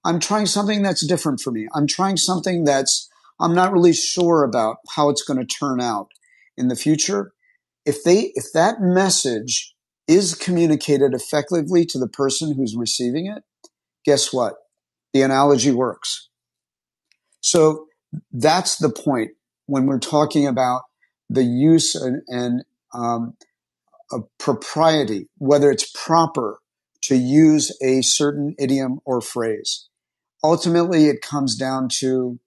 Speaker 1: I'm trying something that's different for me. I'm trying something that's I'm not really sure about how it's going to turn out in the future. If they if that message is communicated effectively to the person who's receiving it, guess what? The analogy works. So that's the point when we're talking about the use and, and um, A propriety, whether it's proper to use a certain idiom or phrase. Ultimately, it comes down to,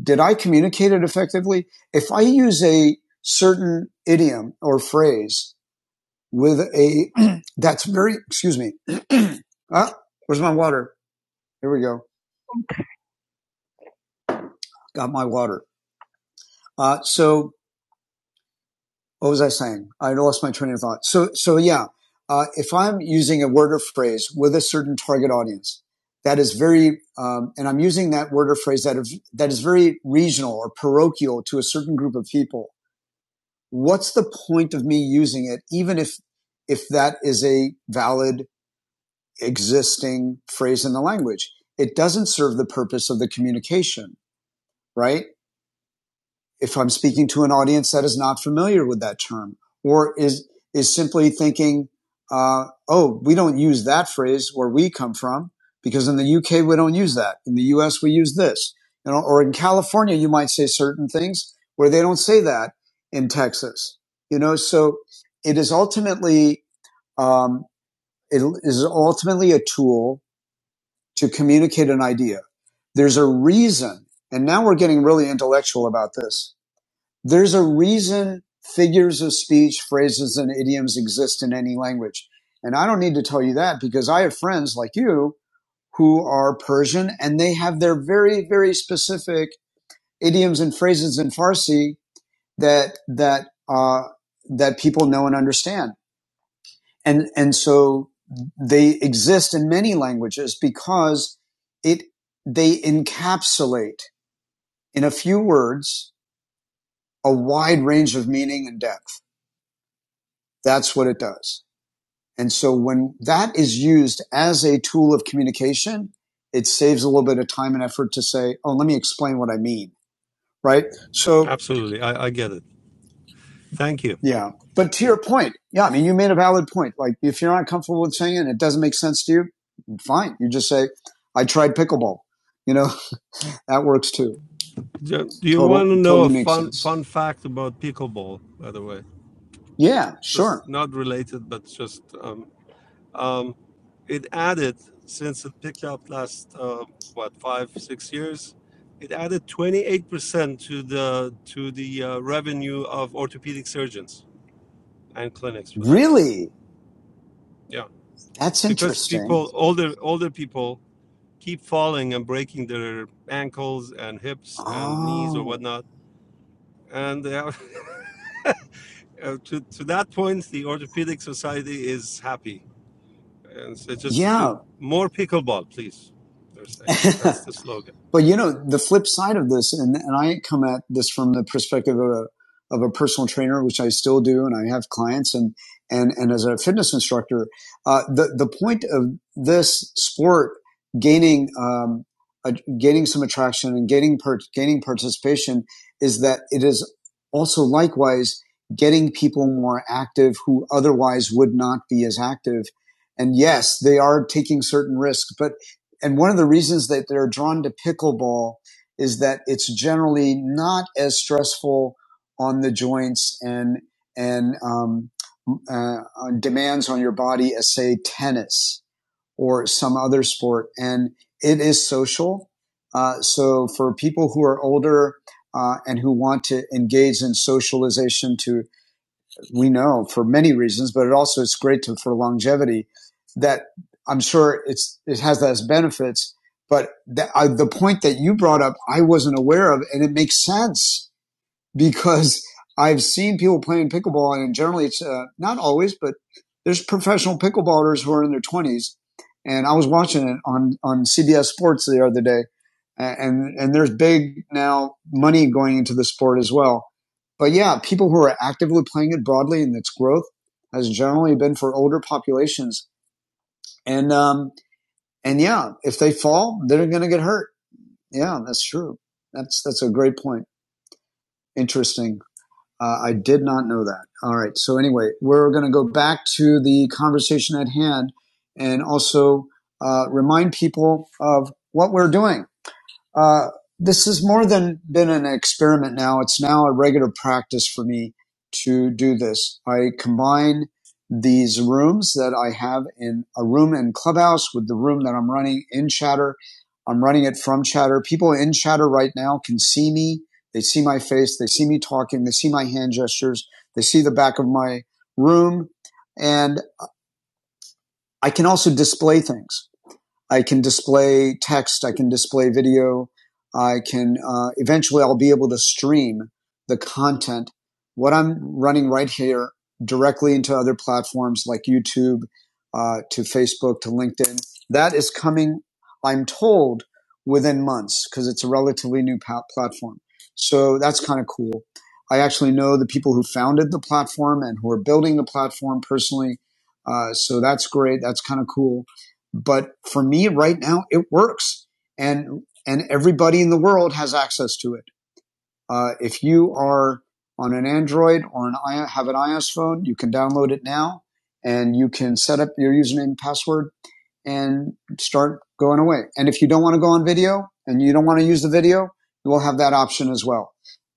Speaker 1: did I communicate it effectively? If I use a certain idiom or phrase with a, that's very, excuse me. ah, where's my water? Here we go. Got my water. Uh, so what was I saying? I lost my train of thought. So, so yeah, uh, if I'm using a word or phrase with a certain target audience, that is very, um, and I'm using that word or phrase that is, that is very regional or parochial to a certain group of people. What's the point of me using it, even if if that is a valid existing phrase in the language? It doesn't serve the purpose of the communication, right? if I'm speaking to an audience that is not familiar with that term or is, is simply thinking, uh, oh, we don't use that phrase where we come from because in the UK, we don't use that. In the US, we use this. You know, or in California, you might say certain things where they don't say that in Texas. You know, so it is ultimately, um, it is ultimately a tool to communicate an idea. There's a reason. And now we're getting really intellectual about this there's a reason figures of speech, phrases, and idioms exist in any language. And I don't need to tell you that because I have friends like you who are Persian and they have their very, very specific idioms and phrases in Farsi that, that, uh, that people know and understand. And, and so they exist in many languages because it, they encapsulate in a few words a wide range of meaning and depth. That's what it does. And so when that is used as a tool of communication, it saves a little bit of time and effort to say, oh, let me explain what I mean. Right. So
Speaker 6: absolutely i, I get it thank you
Speaker 1: yeah. But to your point, yeah, I mean, you made a valid point. Like if you're not comfortable with saying it, and it doesn't make sense to you, fine. You just say, I tried pickleball. You know, that works too.
Speaker 6: do do you want to
Speaker 1: Total,
Speaker 6: know
Speaker 1: totally
Speaker 6: a
Speaker 1: makes
Speaker 6: fun
Speaker 1: sense.
Speaker 6: fun fact about pickleball by the way
Speaker 1: Yeah, sure.
Speaker 6: just not related, but just um, um, it added since it picked up last uh, what five six years. It added 28% to the to the uh, revenue of orthopedic surgeons and clinics, for that matter.
Speaker 1: Really?
Speaker 6: Yeah,
Speaker 1: That's
Speaker 6: because
Speaker 1: interesting.
Speaker 6: people older older people keep falling and breaking their ankles and hips and knees or
Speaker 1: Oh,
Speaker 6: whatnot, and they have, to to that point, the orthopedic society is happy And so just
Speaker 1: yeah.
Speaker 6: do more pickleball, please. They're saying that's the slogan.
Speaker 1: But you know, the flip side of this, and, and I come at this from the perspective of a, of a personal trainer, which I still do, and I have clients, and and and as a fitness instructor, uh, the the point of this sport gaining um, a, gaining some attraction and gaining part gaining participation is that it is also likewise getting people more active who otherwise would not be as active. And yes, they are taking certain risks, but and one of the reasons that they're drawn to pickleball is that it's generally not as stressful on the joints and and um, uh, on demands on your body as say tennis or some other sport. And it is social. Uh, so for people who are older uh, and who want to engage in socialization to we know for many reasons, but it also it's great to, for longevity. That I'm sure it's it has those benefits. But the, uh, the point that you brought up, I wasn't aware of, and it makes sense because I've seen people playing pickleball, and generally it's uh, not always, but there's professional pickleballers who are in their 20s. And I was watching it on, on CBS Sports the other day, and, and there's big now money going into the sport as well. But yeah, people who are actively playing it broadly and its growth has generally been for older populations. And, um, and yeah, if they fall, they're going to get hurt. Yeah, that's true. That's, that's a great point. Interesting. Uh, I did not know that. All right. So anyway, we're going to go back to the conversation at hand and also uh, remind people of what we're doing. Uh, this has more than been an experiment now. It's now a regular practice for me to do this. I combine these rooms that I have in a room in Clubhouse with the room that I'm running in Chatter. I'm running it from Chatter. People in Chatter right now can see me. They see my face. They see me talking. They see my hand gestures. They see the back of my room. And I can also display things. I can display text. I can display video. I can uh, eventually I'll be able to stream the content, what I'm running right here directly into other platforms like YouTube, uh, to Facebook, to LinkedIn. That is coming, I'm told, within months because it's a relatively new platform. So that's kind of cool. I actually know the people who founded the platform and who are building the platform personally. Uh, so that's great. That's kind of cool but for me right now, it works. And, and everybody in the world has access to it. Uh, if you are on an Android or an have an iOS phone, you can download it now and you can set up your username and password and start going away. And if you don't want to go on video and you don't want to use the video, you will have that option as well.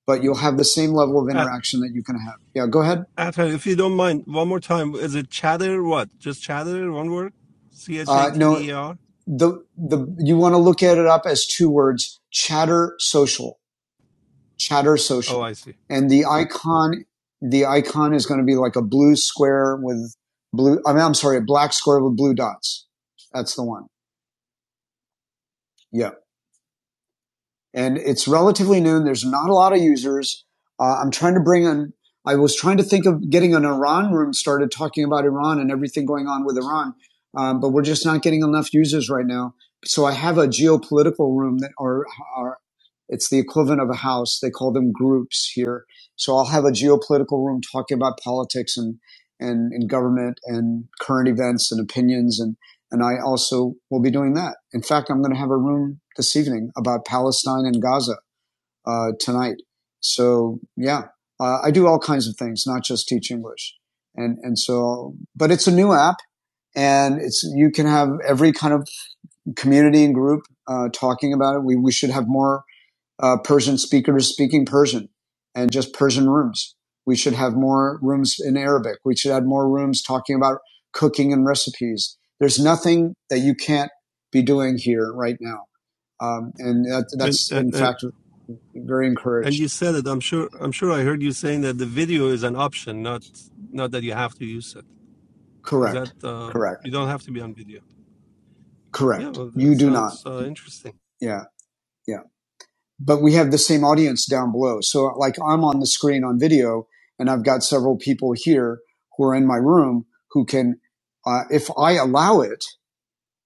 Speaker 1: But you'll have the same level of
Speaker 6: At,
Speaker 1: interaction that you can have. Yeah, go ahead.
Speaker 6: at if you don't mind, one more time. Is it chatter? What? Just chatter? One word? C H A
Speaker 1: Uh,
Speaker 6: T
Speaker 1: no,
Speaker 6: D E R.
Speaker 1: the the you want to look at it up as two words: chatter social Chatter
Speaker 6: Oh,
Speaker 1: Social,
Speaker 6: I see.
Speaker 1: and the icon the icon is going to be like a blue square with blue. I mean, I'm sorry, a black square with blue dots. That's the one. Yeah. and it's relatively new. there's not a lot of users. Uh, I'm trying to bring in. I was trying to think of getting an Iran room started talking about Iran and everything going on with Iran, um, but we're just not getting enough users right now. So I have a geopolitical room that are, are it's the equivalent of a house. They call them groups here. So I'll have a geopolitical room talking about politics and and, and government and current events and opinions and. And I also will be doing that. In fact, I'm going to have a room this evening about Palestine and Gaza uh, tonight. So yeah, uh, I do all kinds of things, not just teach English. And and so, but it's a new app, and it's you can have every kind of community and group uh, talking about it. We we should have more uh, Persian speakers speaking Persian and just Persian rooms. We should have more rooms in Arabic. We should have more rooms talking about cooking and recipes. There's nothing that you can't be doing here right now. Um, and that,
Speaker 6: And,
Speaker 1: that's
Speaker 6: and
Speaker 1: in
Speaker 6: and
Speaker 1: fact very
Speaker 6: and
Speaker 1: encouraged.
Speaker 6: you said it. I'm sure. I'm sure. I heard you saying that the video is an option, not not that you have to use it. Is that
Speaker 1: Correct.
Speaker 6: um,
Speaker 1: Correct.
Speaker 6: you don't have to be on video? Yeah.
Speaker 1: Correct.
Speaker 6: Well, that
Speaker 1: You do not.
Speaker 6: sounds uh, interesting.
Speaker 1: Yeah. Yeah. But we have the same audience down below. So like I'm on the screen on video and I've got several people here who are in my room who can, uh, if I allow it,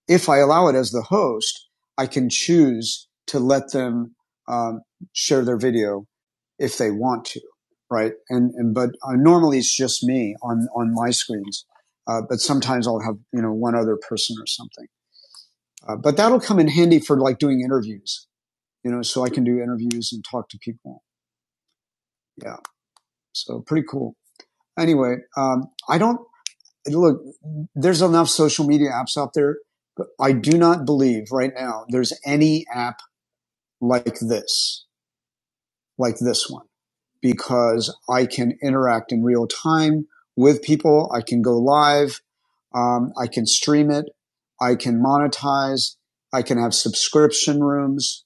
Speaker 1: if I allow it as the host, I can choose to let them um, share their video if they want to, right? And and but uh, normally it's just me on on my screens, uh, but sometimes I'll have you know one other person or something. Uh, but that'll come in handy for like doing interviews, you know, so I can do interviews and talk to people. Yeah, so pretty cool. Anyway, um, I don't look. There's enough social media apps out there. But I do not believe right now there's any app like this, like this one, because I can interact in real time with people. I can go live. Um, I can stream it. I can monetize. I can have subscription rooms.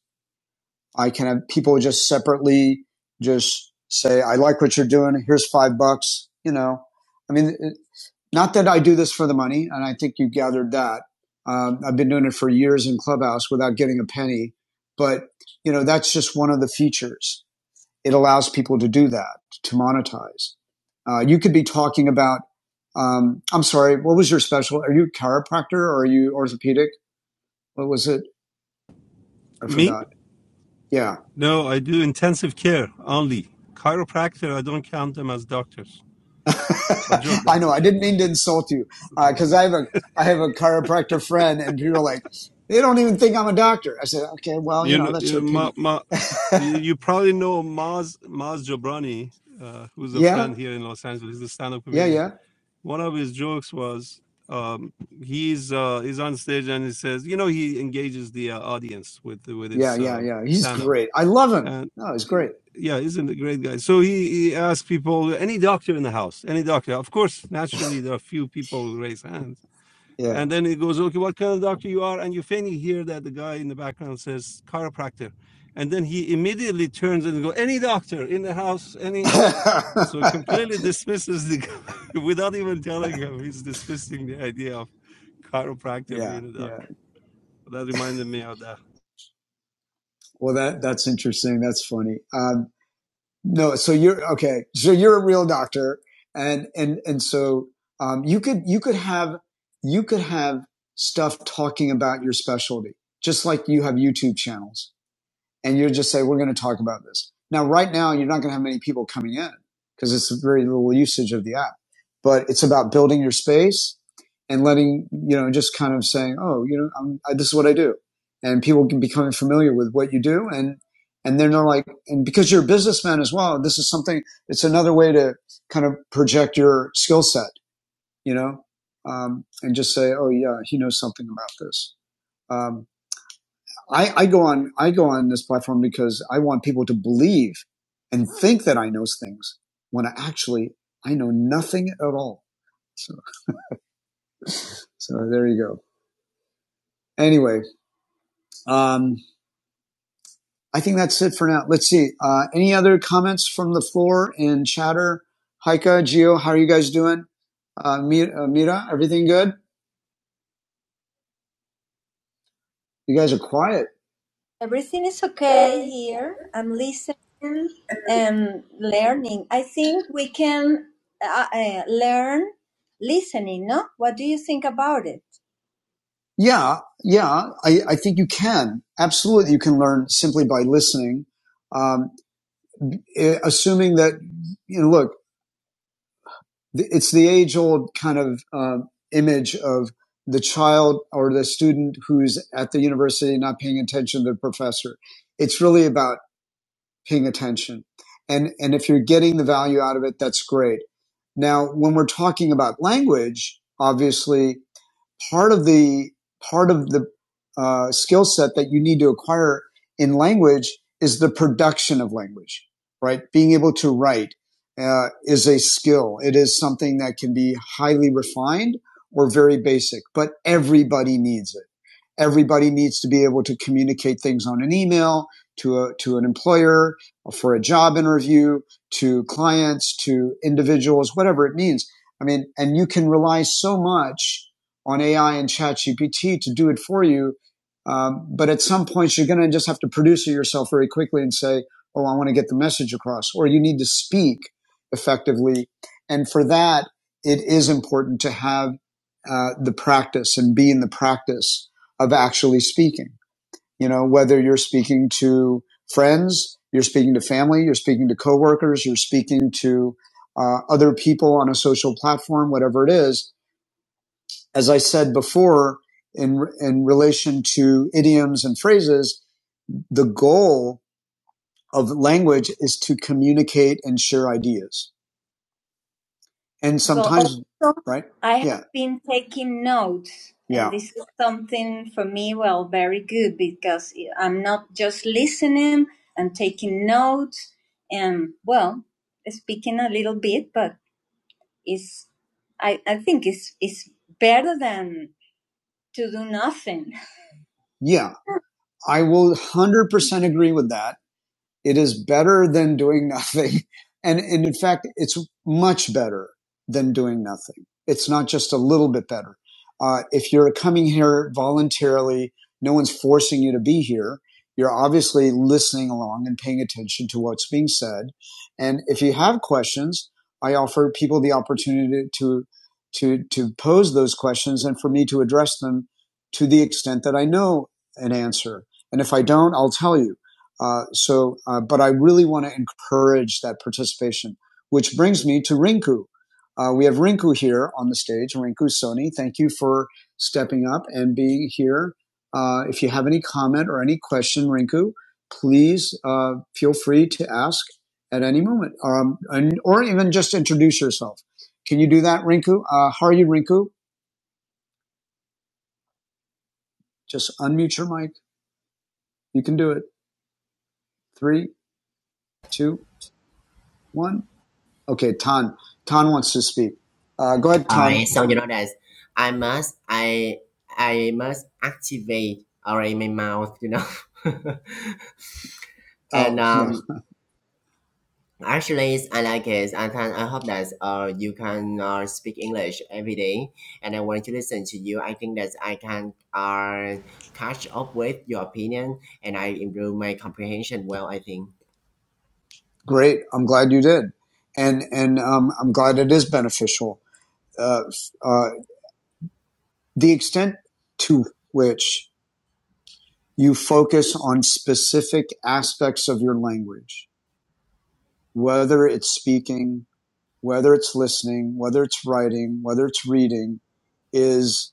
Speaker 1: I can have people just separately just say, I like what you're doing. Here's five bucks. You know, I mean, it, not that I do this for the money. And I think you gathered that. Um, I've been doing it for years in Clubhouse without getting a penny. But, you know, that's just one of the features. It allows people to do that, to monetize. Uh, you could be talking about, um, I'm sorry, what was your special? Are you a chiropractor or are you orthopedic? What was it? I
Speaker 6: Me?
Speaker 1: forgot. Yeah
Speaker 6: No, I do intensive care only. Chiropractor. I don't count them as doctors. A joke.
Speaker 1: I
Speaker 6: That's
Speaker 1: know.
Speaker 6: a
Speaker 1: I
Speaker 6: joke.
Speaker 1: didn't mean to insult you because uh, I have a I have a chiropractor friend, and people are like, they don't even think I'm a doctor. I said, okay, well, you
Speaker 6: You
Speaker 1: know,
Speaker 6: know,
Speaker 1: that's
Speaker 6: you
Speaker 1: your
Speaker 6: know, Ma,
Speaker 1: opinion.
Speaker 6: Ma, you, you probably know Maz Maz Jobrani, uh, who's a
Speaker 1: yeah,
Speaker 6: friend here in Los Angeles. He's a stand-up
Speaker 1: yeah,
Speaker 6: comedian.
Speaker 1: yeah,
Speaker 6: One of his jokes was um, he's uh, he's on stage and he says, you know, he engages the uh, audience with with
Speaker 1: yeah,
Speaker 6: his
Speaker 1: yeah,
Speaker 6: uh,
Speaker 1: yeah. He's
Speaker 6: stand-up.
Speaker 1: great. I love him.
Speaker 6: And
Speaker 1: No, he's great.
Speaker 6: yeah, isn't a great guy. So he, he asks people, any doctor in the house, any doctor. Of course, naturally, there are few people who raise hands
Speaker 1: Yeah.
Speaker 6: And then it goes, okay, what kind of doctor you are? And you finally hear that the guy in the background says chiropractor. And then he immediately turns and go, any doctor in the house, any. So completely dismisses the guy without even telling him. He's dismissing the idea of chiropractor
Speaker 1: yeah,
Speaker 6: being a doctor.
Speaker 1: yeah.
Speaker 6: That reminded me of that.
Speaker 1: Well, that that's interesting. That's funny. Um, No, so you're okay. So you're a real doctor, and and and so um, you could you could have you could have stuff talking about your specialty, just like you have YouTube channels and you just say, we're going to talk about this. Now, right now, you're not going to have many people coming in because it's very little usage of the app, but it's about building your space and letting, you know, just kind of saying, oh, you know, I'm, I, this is what I do. And people can become familiar with what you do. And, and then they're like, and because you're a businessman as well, this is something, it's another way to kind of project your skill set, you know, um, and just say, oh, yeah, he knows something about this. Um, I, I go on I go on this platform because I want people to believe and think that I know things when I actually I know nothing at all. So so there you go. Anyway, um, I think that's it for now. Let's see. Uh, any other comments from the floor and chatter? Heike, Gio, how are you guys doing? Uh, uh, Mira, everything good? You guys are quiet. Yeah, yeah. I, I think you can absolutely. You can learn simply by listening. Um, eh, assuming that you know, look, it's the age old kind of uh, image of the child or the student who's at the university not paying attention to the professor. It's really about paying attention. And, and if you're getting the value out of it, that's great. Now, when we're talking about language, obviously part of the part of the uh, skill set that you need to acquire in language is the production of language, right? Being able to write uh, is a skill. It is something that can be highly refined or very basic, but everybody needs it everybody needs to be able to communicate things on an email to a, to an employer for a job interview to clients to individuals whatever it means i mean and you can rely so much on ai and ChatGPT to do it for you um, but at some point you're going to just have to produce it yourself very quickly and say oh i want to get the message across or you need to speak effectively and for that it is important to have uh, the practice and be in the practice of actually speaking. You know, whether you're speaking to friends, you're speaking to family, you're speaking to coworkers, you're speaking to uh, other people on a social platform, whatever it is. As I said before, in in relation to idioms and phrases, the goal of language is to communicate and share ideas. And so, right, yeah, I will one hundred percent agree with that. It is better than doing nothing. And, and in fact, it's much better than doing nothing. It's not just a little bit better. Uh, if you're coming here voluntarily, no one's forcing you to be here. You're obviously listening along and paying attention to what's being said. And if you have questions, I offer people the opportunity to, to, to pose those questions and for me to address them to the extent that I know an answer. And if I don't, I'll tell you uh, so, uh, but I really want to encourage that participation, which brings me to Rinku. Uh, we have Rinku here on the stage. Rinku Sony, thank you for stepping up and being here. Uh, if you have any comment or any question, Rinku, please uh, feel free to ask at any moment, um, and, or even just introduce yourself. Can you do that, Rinku? Uh, how are you, Rinku? Just unmute your mic. You can do it. Three, two, one. Okay, Tan. Tan wants to speak. Uh, go ahead,
Speaker 2: All
Speaker 1: Tan.
Speaker 2: right, so you know that I must I I must activate all right my mouth, you know. and
Speaker 1: Oh, yeah,
Speaker 2: um actually I like it. I can I hope that uh you can uh, speak English every day and I want to listen to you. I think that I can uh catch up with your opinion and I improve my comprehension well I think.
Speaker 1: great. I'm glad you did, and and um, I'm glad it is beneficial. Uh, uh, the extent to which you focus on specific aspects of your language, whether it's speaking, whether it's listening, whether it's writing, whether it's reading, is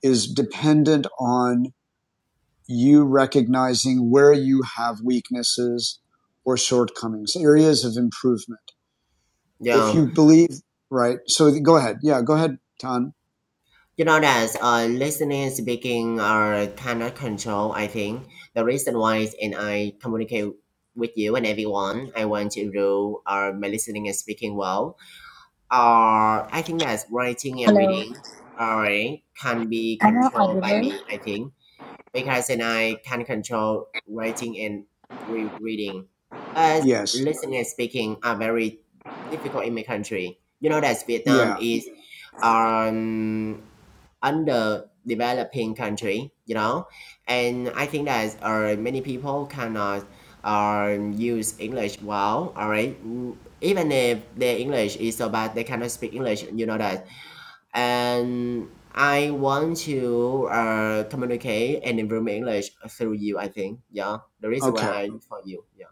Speaker 1: is dependent on you recognizing where you have weaknesses or shortcomings, areas of improvement. If
Speaker 2: Yeah.
Speaker 1: you believe, right? So go ahead. Yeah, go ahead, Tan.
Speaker 2: You know that uh, listening and speaking are cannot control. I think the reason why is and I communicate with you and everyone. I want to do uh, my listening and speaking well. Or I think that writing and
Speaker 8: Hello,
Speaker 2: reading alright, can be
Speaker 8: am I
Speaker 2: controlled by
Speaker 8: audible?
Speaker 2: me. I think because and I can control writing and re- reading. As
Speaker 1: Yes.
Speaker 2: listening and speaking are very difficult in my country. You know that Vietnam
Speaker 1: Yeah.
Speaker 2: is um underdeveloping country, you know, and I think that uh, many people cannot uh, use English well. All right, Mm, even if their English is so bad, they cannot speak English. You know that, and I want to uh, communicate and improve my English through you. I think, yeah, the reason why
Speaker 1: Okay.
Speaker 2: I look for you, yeah.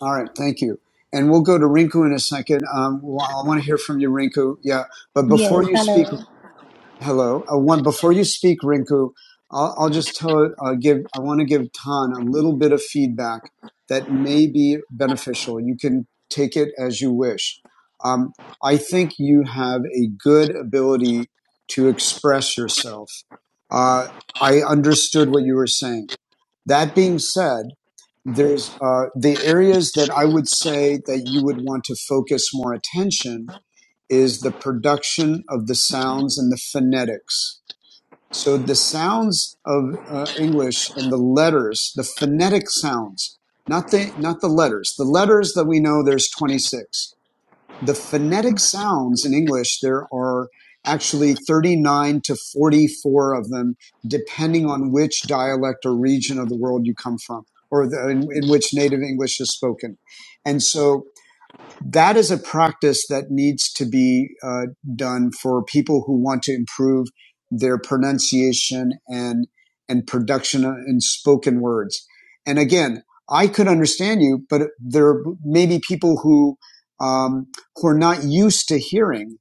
Speaker 1: All right. Thank you. And we'll go to Rinku in a second. Um, well, I want to hear from you, Rinku. Yeah. But before
Speaker 8: Yes,
Speaker 1: you speak,
Speaker 8: hello.
Speaker 1: Hello. Uh, one before you speak, Rinku, I'll, I'll just tell. Uh, give. I want to give Tan a little bit of feedback that may be beneficial. You can take it as you wish. Um, I think you have a good ability to express yourself. Uh, I understood what you were saying. That being said, there's uh, the areas that I would say that you would want to focus more attention is the production of the sounds and the phonetics so the sounds of uh, English and the letters, the phonetic sounds, not the not the letters. The letters that we know there's 26. The phonetic sounds in English there are actually 39 to 44 of them, depending on which dialect or region of the world you come from, or the, in, in which native English is spoken. And so that is a practice that needs to be uh, done for people who want to improve their pronunciation and and production in spoken words. And again, I could understand you, but there may be people who um, who are not used to hearing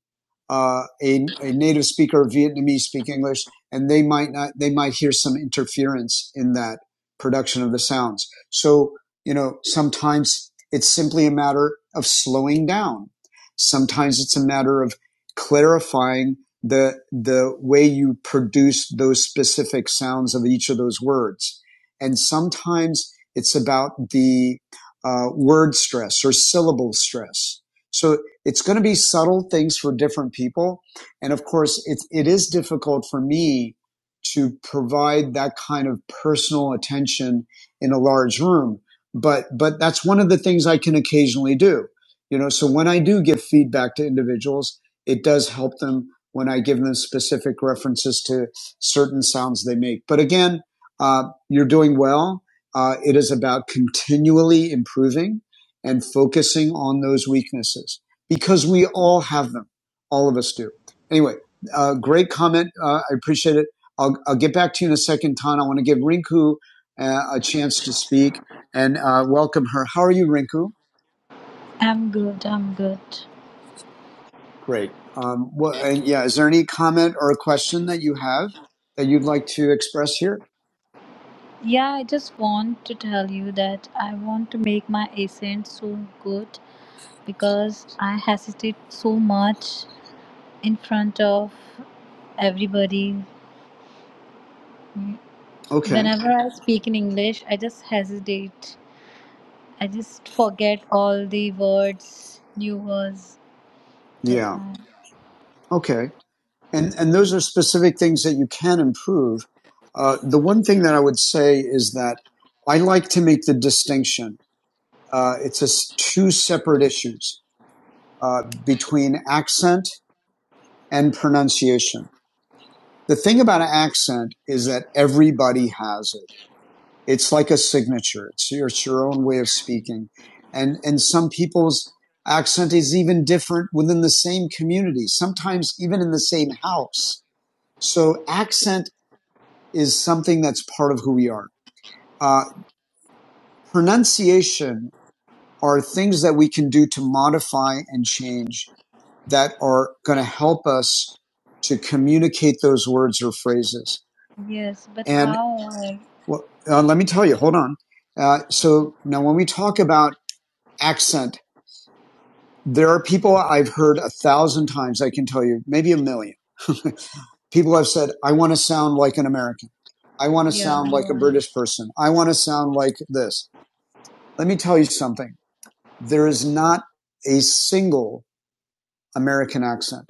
Speaker 1: uh, a, a native speaker of Vietnamese speak English, and they might not, they might hear some interference in that production of the sounds. So, you know, sometimes it's simply a matter of slowing down. Sometimes it's a matter of clarifying the, the way you produce those specific sounds of each of those words. And sometimes it's about the uh, word stress or syllable stress. So it's going to be subtle things for different people. And of course, it's, it is difficult for me to provide that kind of personal attention in a large room. But, but that's one of the things I can occasionally do. You know, so when I do give feedback to individuals, it does help them when I give them specific references to certain sounds they make. But again, uh, you're doing well. Uh, it is about continually improving and focusing on those weaknesses because we all have them. All of us do. Anyway, uh, great comment. Uh, I appreciate it. I'll, I'll get back to you in a second, Tan. I want to give Rinku uh, a chance to speak and uh, welcome her. How are you, Rinku?
Speaker 8: I'm good, I'm good.
Speaker 1: Great. Um, wha- and yeah, is there any comment or a question that you have that you'd like to express here?
Speaker 8: Yeah, I just want to tell you that I want to make my accent so good because I hesitate so much in front of everybody.
Speaker 1: Okay.
Speaker 8: Whenever I speak in English, I just hesitate. I just forget all the words, new words. That's
Speaker 1: Yeah.
Speaker 8: why.
Speaker 1: Okay. And and those are specific things that you can improve. Uh, the one thing that I would say is that I like to make the distinction Uh, it's just two separate issues uh, between accent and pronunciation. The thing about an accent is that everybody has it. It's like a signature. It's your, it's your own way of speaking, and and some people's accent is even different within the same community. Sometimes even in the same house. So accent is something that's part of who we are. Uh, pronunciation are things that we can do to modify and change that are going to help us to communicate those words or phrases.
Speaker 8: Yes, but
Speaker 1: And
Speaker 8: how? I-
Speaker 1: well, uh, let me tell you, hold on. Uh, so now when we talk about accent, there are people I've heard a thousand times, I can tell you, maybe a million. people have said, I want to sound like an American. I want to
Speaker 8: Yeah,
Speaker 1: sound
Speaker 8: you
Speaker 1: like a
Speaker 8: are.
Speaker 1: British person. I want to sound like this. Let me tell you something. There is not a single American accent.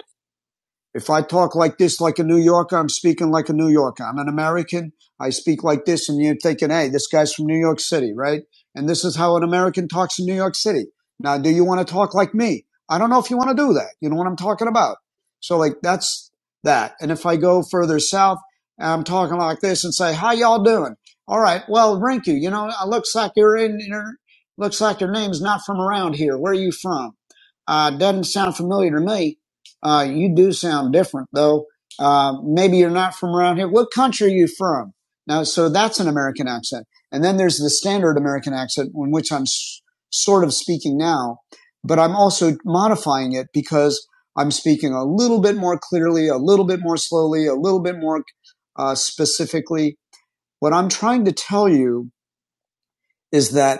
Speaker 1: If I talk like this like a New Yorker, I'm speaking like a New Yorker. I'm an American. I speak like this and you're thinking, hey, this guy's from New York City, right? And this is how an American talks in New York City. Now, do you want to talk like me? I don't know if you want to do that. You know what I'm talking about? So like that's that. And if I go further south and I'm talking like this and say, how y'all doing? All right. Well, Rinku, you know, it looks like you're in, you're- looks like your name's not from around here. Where are you from? Uh, doesn't sound familiar to me uh, you do sound different, though. Uh, maybe you're not from around here. What country are you from? Now, so that's an American accent. And then there's the standard American accent, in which I'm s- sort of speaking now, but I'm also modifying it because I'm speaking a little bit more clearly, a little bit more slowly, a little bit more uh, specifically. What I'm trying to tell you is that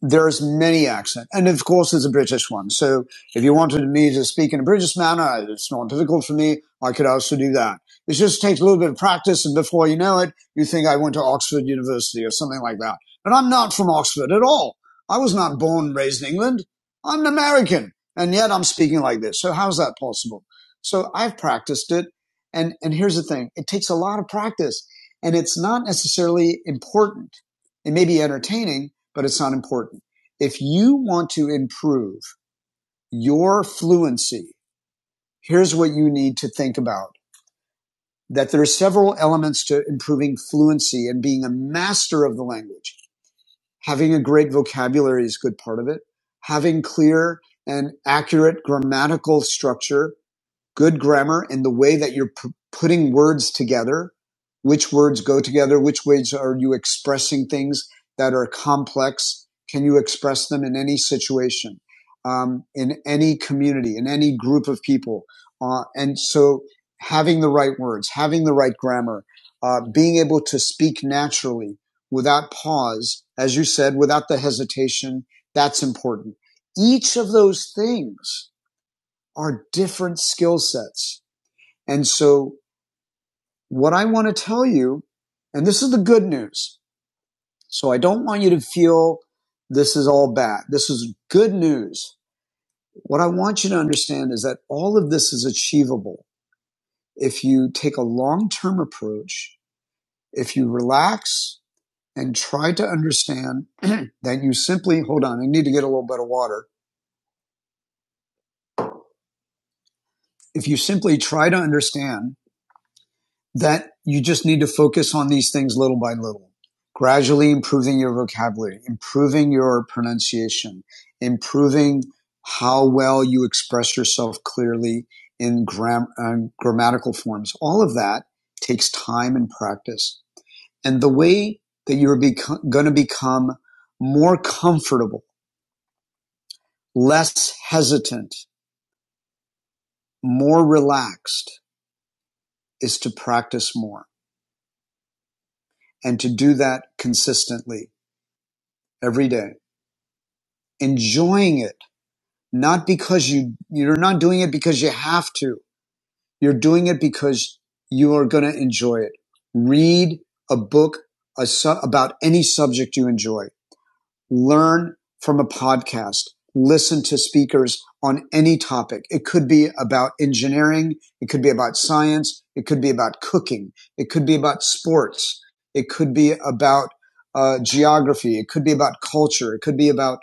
Speaker 1: there's many accent, and of course there's a British one. So if you wanted me to speak in a British manner, it's not difficult for me. I could also do that. It just takes a little bit of practice, and before you know it, you think I went to Oxford University or something like that. But I'm not from Oxford at all. I was not born and raised in England. I'm an American, and yet I'm speaking like this. So how's that possible? So I've practiced it, and and here's the thing: it takes a lot of practice, and it's not necessarily important. It may be entertaining, but it's not important. If you want to improve your fluency, here's what you need to think about. That there are several elements to improving fluency and being a master of the language. Having a great vocabulary is a good part of it. Having clear and accurate grammatical structure good grammar and the way that you're p- putting words together, which words go together, which ways are you expressing things that are complex? Can you express them in any situation, um, in any community, in any group of people? Uh, and so having the right words, having the right grammar, uh, being able to speak naturally without pause, as you said, without the hesitation, that's important. Each of those things are different skill sets and so what I want to tell you, and this is the good news. So I don't want you to feel this is all bad. This is good news. What I want you to understand is that all of this is achievable if you take a long term approach, if you relax and try to understand that you simply, hold on, I need to get a little bit of water. If you simply try to understand that you just need to focus on these things little by little, gradually improving your vocabulary, improving your pronunciation, improving how well you express yourself clearly in gram- uh, grammatical forms. All of that takes time and practice. And the way that you're beco- going to become more comfortable, less hesitant, more relaxed is to practice more and to do that consistently every day. enjoying it, not because you, you're not doing it because you have to. You're doing it because you are going to enjoy it. Read a book a su- about any subject you enjoy learn from a podcast, listen to speakers on any topic. It could be about engineering. It could be about science. It could be about cooking. It could be about sports. It could be about uh, geography. It could be about culture. It could be about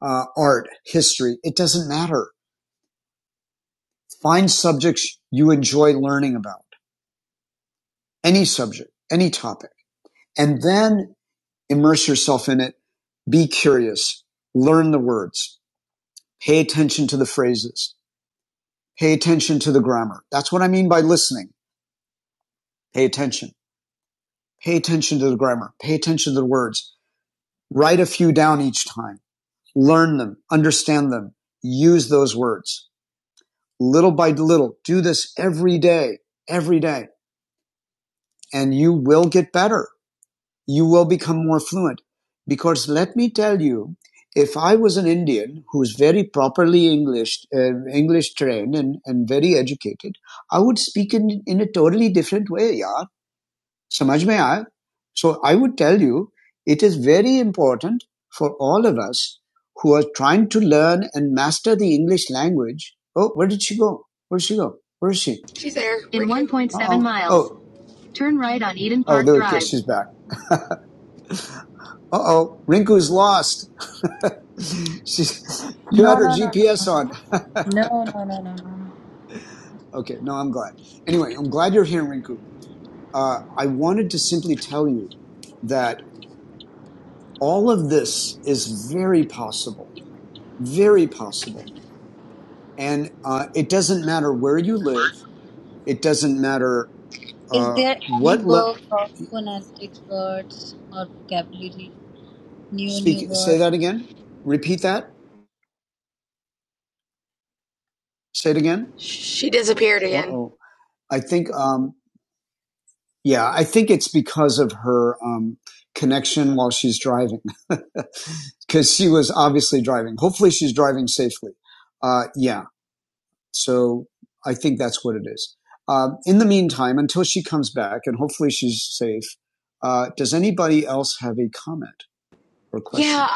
Speaker 1: uh, art, history. It doesn't matter. Find subjects you enjoy learning about, any subject, any topic, and then immerse yourself in it. Be curious. Learn the words. Pay attention to the phrases. Pay attention to the grammar. That's what I mean by listening. Pay attention. Pay attention to the grammar. Pay attention to the words. Write a few down each time. Learn them. Understand them. Use those words little by little. Do this every day, every day, and you will get better. you will become more fluent. Because let me tell you, if I was an Indian who's very properly English, uh, English trained and, and very educated, I would speak in, in a totally different way, yaar. samajh mein aaya? So I would tell you, it is very important for all of us who are trying to learn and master the English language. Oh, where did she go? Where did she go? Where is she?
Speaker 9: She's there. In 1.7
Speaker 1: Uh-uh.
Speaker 9: miles,
Speaker 1: Oh,
Speaker 9: turn right on Eden
Speaker 1: oh,
Speaker 9: Park
Speaker 1: there,
Speaker 9: Drive.
Speaker 1: she's back. Uh oh, Rinku's lost. She's, you had
Speaker 8: No,
Speaker 1: her
Speaker 8: no, no. no.
Speaker 1: GPS on.
Speaker 8: No, no, no, no, no. no.
Speaker 1: Okay, no, I'm glad. Anyway, I'm glad you're here, Rinku. Uh, I wanted to simply tell you that all of this is very possible, very possible. And uh, it doesn't matter where you live, it doesn't matter
Speaker 8: Is
Speaker 1: uh,
Speaker 8: there any
Speaker 1: what le-
Speaker 8: book of phonetic words or vocabulary? New, new
Speaker 1: speak say
Speaker 8: words?
Speaker 1: that again repeat that say it again
Speaker 9: She disappeared again.
Speaker 1: uh-oh i think um Yeah, I think it's because of her um, connection while she's driving, because she was obviously driving. Hopefully, she's driving safely. Uh, yeah, so I think that's what it is. Um, in the meantime, until she comes back, and hopefully she's safe, uh, does anybody else have a comment or question?
Speaker 9: Yeah,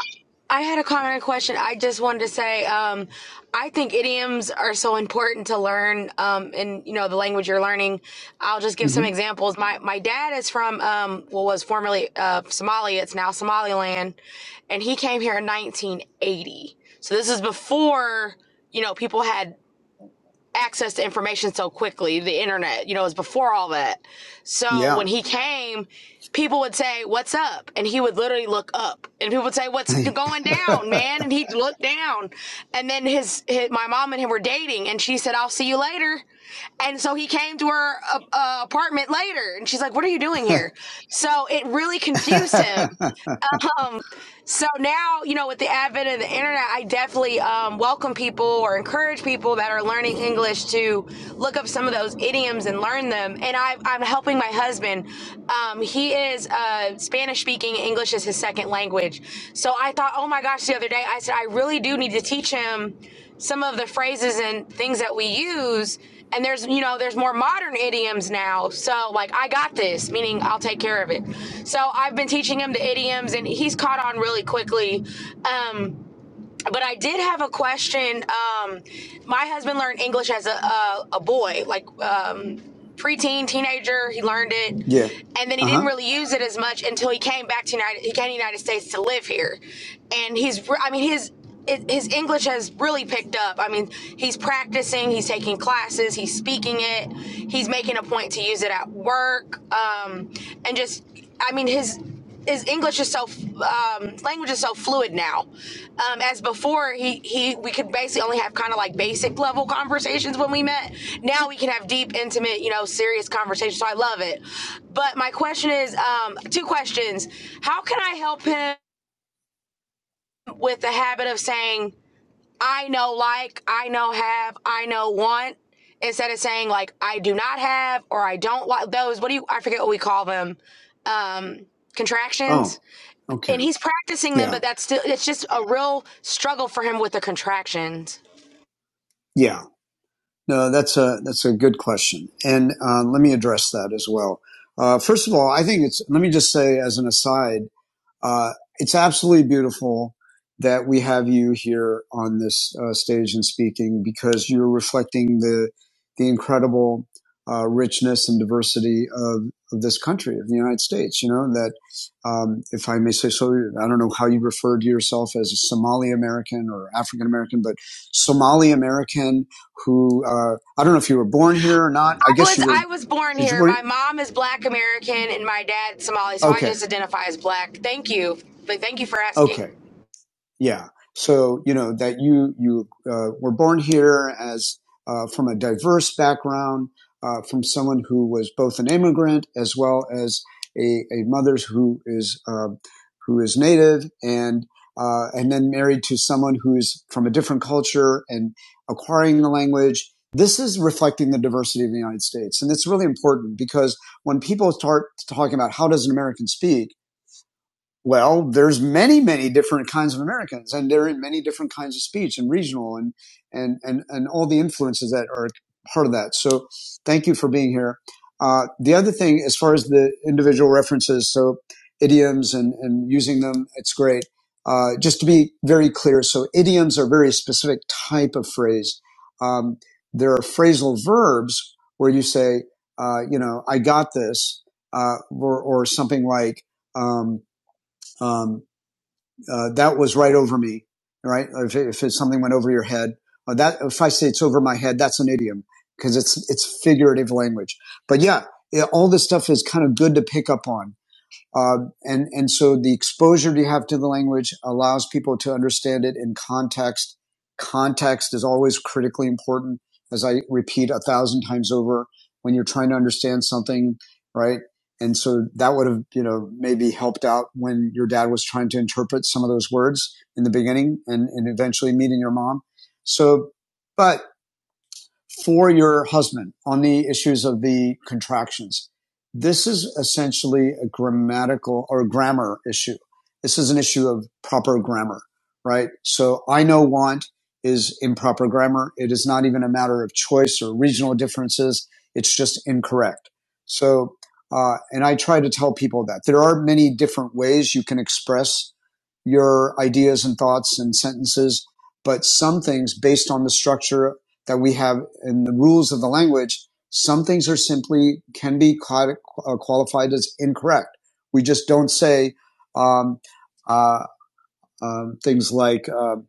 Speaker 9: I had a comment and question. I just wanted to say, um, I think idioms are so important to learn um, in you know the language you're learning. I'll just give some
Speaker 1: hmm
Speaker 9: examples. My my dad is from um, what was formerly uh, Somalia. It's now Somaliland, and he came here in 1980. So this is before you know people had access to information so quickly, the internet, you know, it was before all that. So
Speaker 1: Yeah.
Speaker 9: when he came, people would say, What's up? And he would literally look up. And people would say, What's going down, man? And he'd look down. And then his, his my mom and him were dating, and she said, I'll see you later. And so he came to her uh, uh, apartment later, and she's like, What are you doing here? So it really confused him um so now you know with the advent of the internet i definitely um, welcome people or encourage people that are learning english to look up some of those idioms and learn them and I, i'm helping my husband um, he is uh, spanish speaking english is his second language so i thought oh my gosh the other day i said i really do need to teach him some of the phrases and things that we use and there's you know there's more modern idioms now so like i got this meaning i'll take care of it so i've been teaching him the idioms and he's caught on really quickly um but I did have a question. Um, my husband learned English as a a, a boy, like um, preteen, teenager. He learned it,
Speaker 1: yeah.
Speaker 9: and then he
Speaker 1: Uh
Speaker 9: didn't
Speaker 1: huh.
Speaker 9: really use it as much until he came back to United. He came to the United States to live here, and he's. re- I mean, his it, his English has really picked up. I mean, he's practicing, he's taking classes, he's speaking it, he's making a point to use it at work, um, and just. I mean, his his English is so um, language is so fluid now. Um, as before, he he we could basically only have kind of like basic level conversations when we met. Now we can have deep, intimate, you know, serious conversations. So I love it. But my question is, um, two questions: How can I help him with the habit of saying "I know like," "I know have," "I know want"? Instead of saying like "I do not have" or "I don't like those," what do you? I forget what we call them. Um, contractions
Speaker 1: Oh, okay.
Speaker 9: and he's practicing them,
Speaker 1: Yeah.
Speaker 9: but that's still it's just a real struggle for him with the contractions.
Speaker 1: Yeah. No, that's a that's a good question, and um, let me address that as well. Uh, first of all, I think it's. Let me just say as an aside. Uh, it's absolutely beautiful that we have you here on this uh, stage and speaking because you're reflecting the the incredible uh, richness and diversity of, of this country of the United States. You know that um, if I may say so, I don't know how you refer to yourself as a Somali American or African American, but Somali American who uh, I don't know if you were born here or not. I
Speaker 9: I
Speaker 1: guess
Speaker 9: was
Speaker 1: you were.
Speaker 9: I was born
Speaker 1: Did you
Speaker 9: here.
Speaker 1: were?
Speaker 9: My mom is Black American and my dad Somali, so I
Speaker 1: Okay,
Speaker 9: just identify as Black. Thank you, but thank you for
Speaker 1: okay
Speaker 9: asking.
Speaker 1: Yeah. So, you know, that you, you, uh, were born here as, uh, from a diverse background, uh, from someone who was both an immigrant as well as a, a mother who is, uh, who is native and, uh, and then married to someone who's from a different culture and acquiring the language. This is reflecting the diversity of the United States. And it's really important because when people start talking about how does an American speak, well, there's many, many different kinds of Americans, and they're in many different kinds of speech and regional and and and and all the influences that are part of that. So, thank you for being here. Uh, the other thing, as far as the individual references, so idioms and and using them, it's great. Uh, just to be very clear, so idioms are a very specific type of phrase. Um, there are phrasal verbs where you say, uh, you know, I got this, uh, or, or something like. Um, um, uh, that was right over me, right? If, if it's something went over your head, or that if I say it's over my head, that's an idiom because it's it's figurative language. But yeah, it, all this stuff is kind of good to pick up on um, and and so the exposure you have to the language allows people to understand it in context. Context is always critically important, as I repeat a thousand times over when you're trying to understand something, right? And so that would have you know maybe helped out when your dad was trying to interpret some of those words in the beginning, and and eventually meeting your mom. So, but for your husband on the issues of the contractions. This is essentially a grammatical or grammar issue. This is an issue of proper grammar, right? So I know want is improper grammar. It is not even a matter of choice or regional differences. It's just incorrect. So, uh, and I try to tell people that there are many different ways you can express your ideas and thoughts and sentences, but some things based on the structure that we have in the rules of the language, some things are simply can be uh, qualified as incorrect. We just don't say um, uh, um, things like. Um,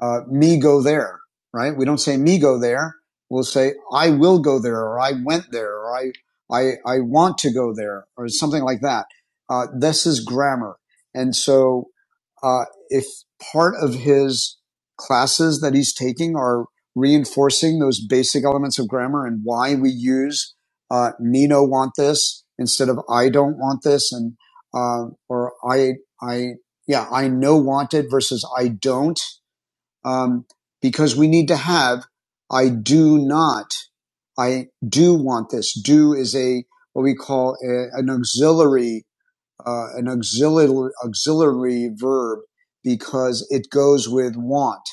Speaker 1: uh, me go there, right? We don't say me go there. We'll say I will go there, or I went there, or I I I want to go there, or something like that. Uh, this is grammar, and so uh, if part of his classes that he's taking are reinforcing those basic elements of grammar and why we use uh, me no want this instead of I don't want this, and uh, or I I yeah I know wanted versus I don't um, because we need to have I do not, I do want this. Do is a what we call a, an auxiliary, uh, an auxiliary auxiliary verb because it goes with want.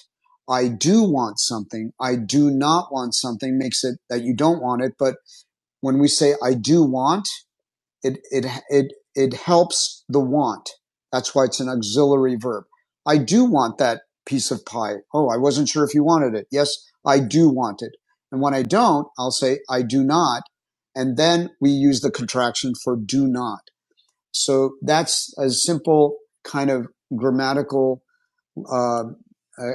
Speaker 1: I do want something. I do not want something makes it that you don't want it. But when we say I do want, it, it, it, it helps the want. That's why it's an auxiliary verb. I do want that piece of pie. Oh, I wasn't sure if you wanted it. Yes, I do want it. And when I don't, I'll say I do not. And then we use the contraction for do not. So that's a simple kind of grammatical uh, uh,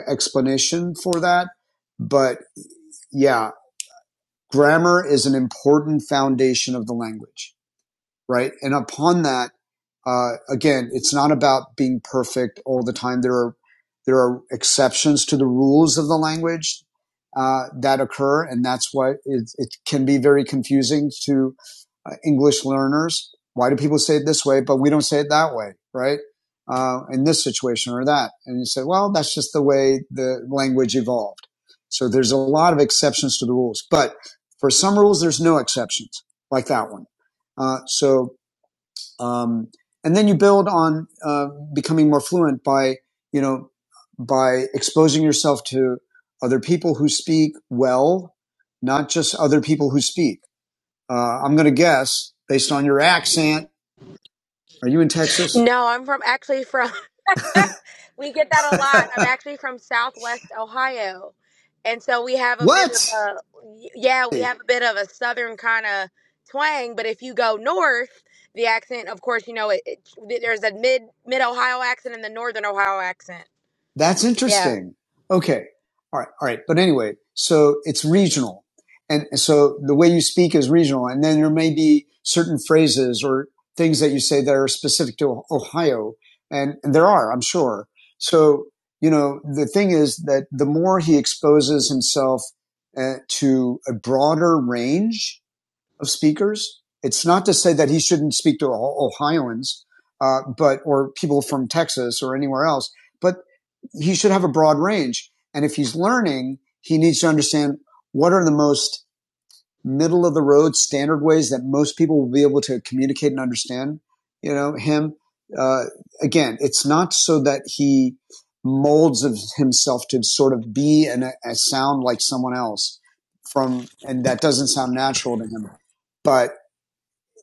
Speaker 1: explanation for that. But yeah, grammar is an important foundation of the language right? And upon that, uh, again, it's not about being perfect all the time. There are there are exceptions to the rules of the language uh, that occur, and that's why it, it can be very confusing to uh, English learners. Why do people say it this way, but we don't say it that way, right? Uh, in this situation or that, and you say, well, that's just the way the language evolved. So there's a lot of exceptions to the rules, but for some rules, there's no exceptions, like that one. Uh, so um, and then you build on uh, becoming more fluent by, you know, by exposing yourself to other people who speak well, not just other people who speak. Uh, I'm going to guess based on your accent. Are you in Texas?
Speaker 9: No, I'm from actually from we get that a lot. I'm actually from Southwest Ohio, and so we have a bit of
Speaker 1: what?
Speaker 9: a y- yeah, we have a bit of a Southern kind of twang. But if you go north, the accent, of course, you know it, it. There's a mid mid Ohio accent and the Northern Ohio accent.
Speaker 1: That's
Speaker 9: Yeah.
Speaker 1: interesting. Okay. All right. All right. But anyway, so it's regional. And so the way you speak is regional. And then there may be certain phrases or things that you say that are specific to Ohio. And there are, I'm sure. So, you know, the thing is that the more he exposes himself uh, to a broader range of speakers, it's not to say that he shouldn't speak to Ohioans, uh, but, or people from Texas or anywhere else, but he should have a broad range. And if he's learning, he needs to understand what are the most middle of the road standard ways that most people will be able to communicate and understand, you know, him. Uh, again, it's not so that he molds of himself to sort of be and sound like someone else from, and that doesn't sound natural to him. But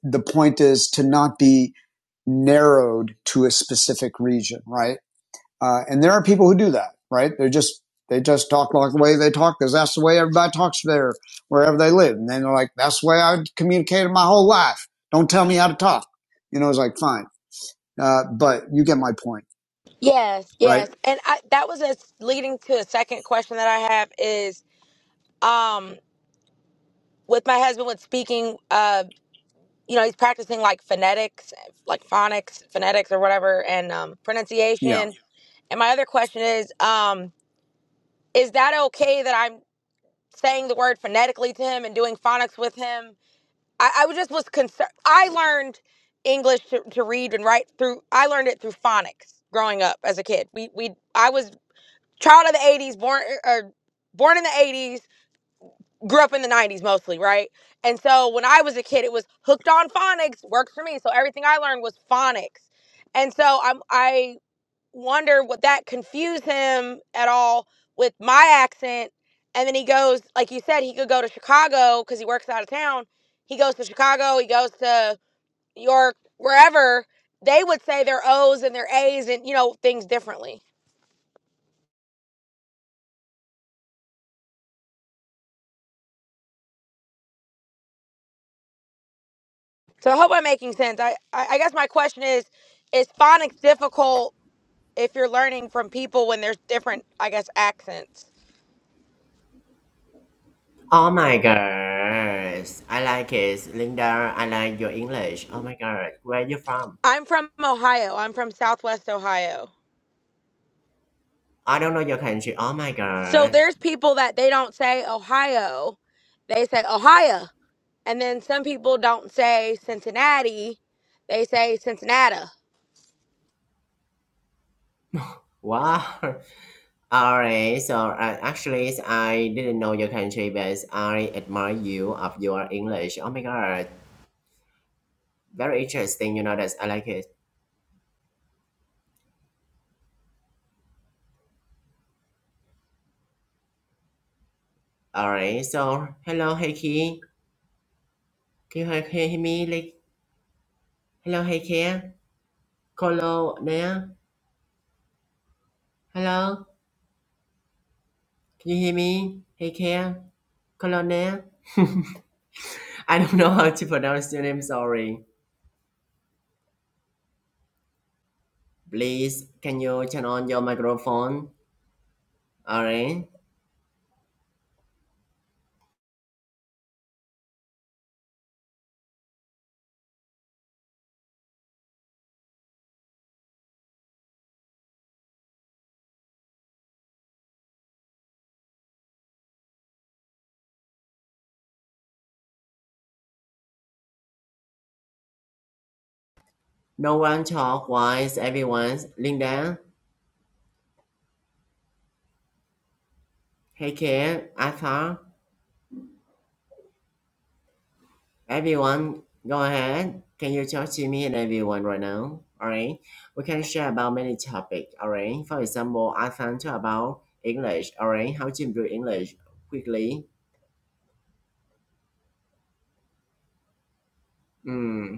Speaker 1: the point is to not be narrowed to a specific region, right? Uh, and there are people who do that, right? They're just, they just talk like the way they talk because that's the way everybody talks there, wherever they live. And then they're like, that's the way I communicated my whole life. Don't tell me how to talk. You know, it's like, fine. Uh, but you get my point,
Speaker 9: Yes.
Speaker 1: right?
Speaker 9: Yes. And I, that was a s- leading to a second question that I have is um with my husband with speaking. Uh, you know, he's practicing like phonetics, like phonics, phonetics or whatever, and um,
Speaker 1: Yeah.
Speaker 9: pronunciation. And my other question is, um, is that okay that I'm saying the word phonetically to him and doing phonics with him? I, I was just was concerned. I learned English to, to read and write through. I learned it through phonics growing up as a kid. We we I was child of the '80s, born or born in the '80s grew up in the 90s mostly, right? And so when I was a kid, it was hooked on phonics, worked for me. So everything I learned was phonics. And so I'm I wonder would that confuse him at all with my accent. And then he goes, like you said, he could go to Chicago because he works out of town. He goes to Chicago, he goes to New York, wherever. They would say their O's and their A's and you know things differently. So I hope I'm making sense. I I, I guess my question is, is phonics difficult if you're learning from people when there's different, I guess, accents.
Speaker 2: Oh my gosh, I like it, Linda. I like your English. Oh my god, where are you from?
Speaker 9: I'm from Ohio. I'm from Southwest Ohio.
Speaker 2: I don't know your country. Oh my
Speaker 9: So
Speaker 2: god.
Speaker 9: there's people that they don't say Ohio, they say Ohio. And then some people don't say Cincinnati, they say Cincinnati.
Speaker 2: Wow. All right. So uh, actually, I didn't know your country, but I admire you of your English. Oh my God. Very interesting. You know that I like it. All right. So hello, Heikki. Can you he- hear me? Like hello, Heikki. Hello there. Hello. Can you hear me? Heikki. Hello there. I don't know how to pronounce your name. Sorry. Please, can you turn on your microphone? All right. No one talked while everyone Linda, hey kid, Arthur, everyone, go ahead. Can you talk to me and everyone right now? Alright. We can share about many topics, alright? For example, Arthur talk about English, alright? How to improve English quickly. Mm.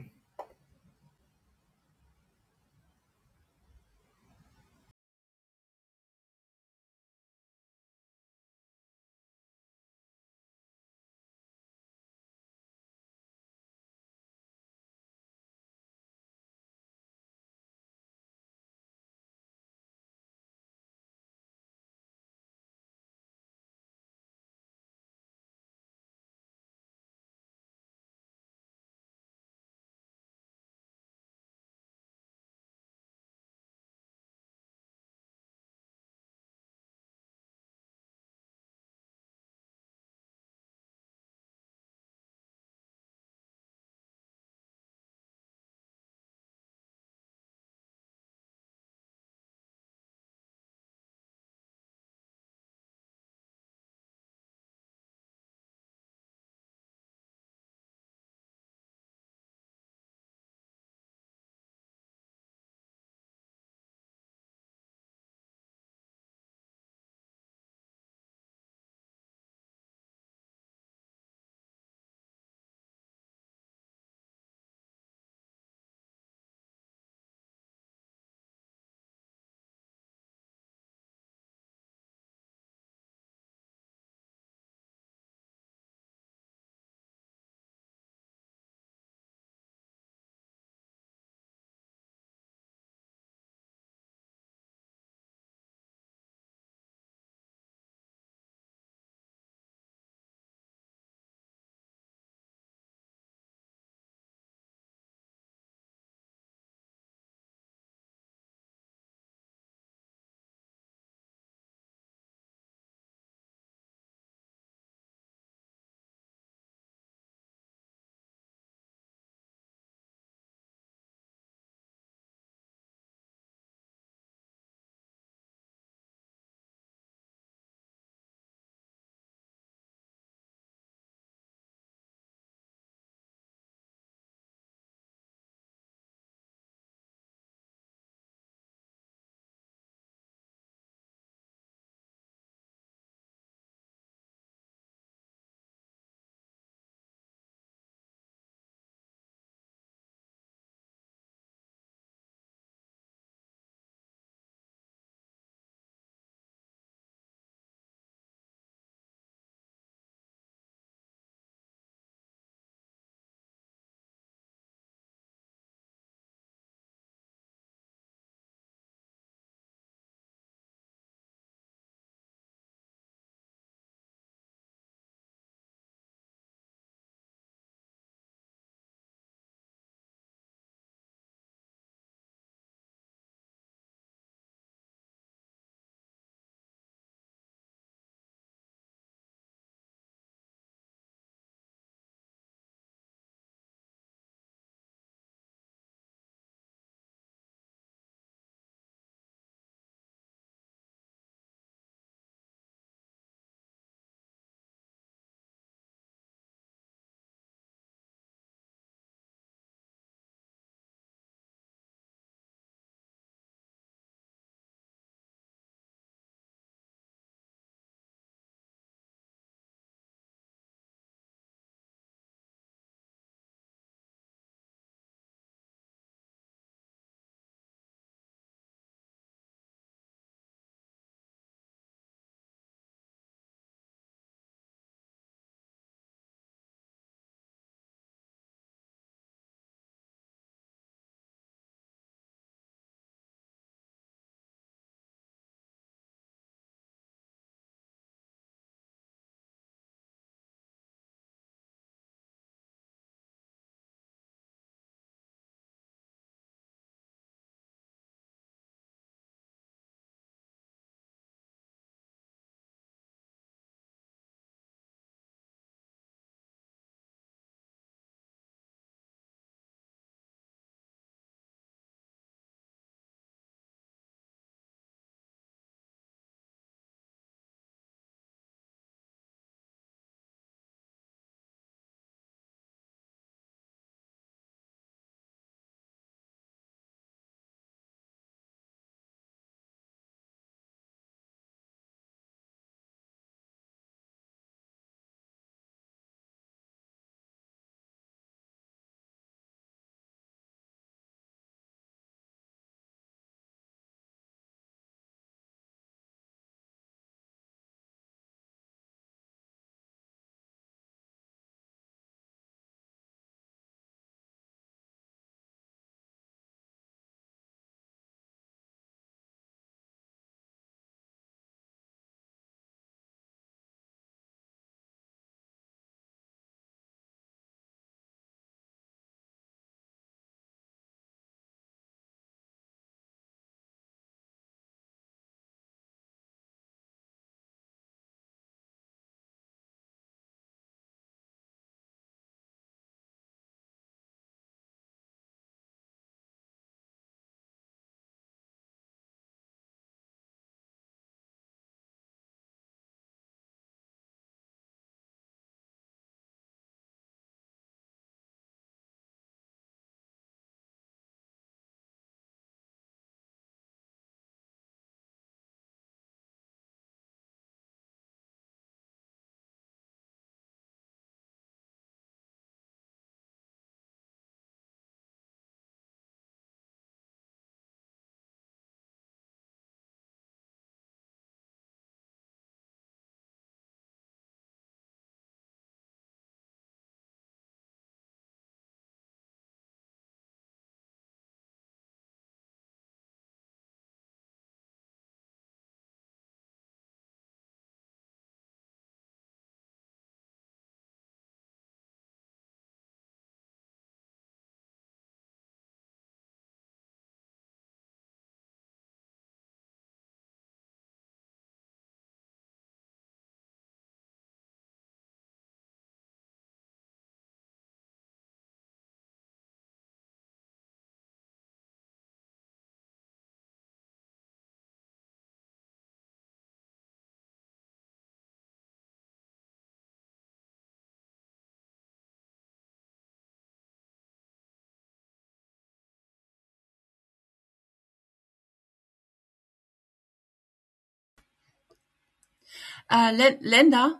Speaker 10: Uh, Lin- Linda,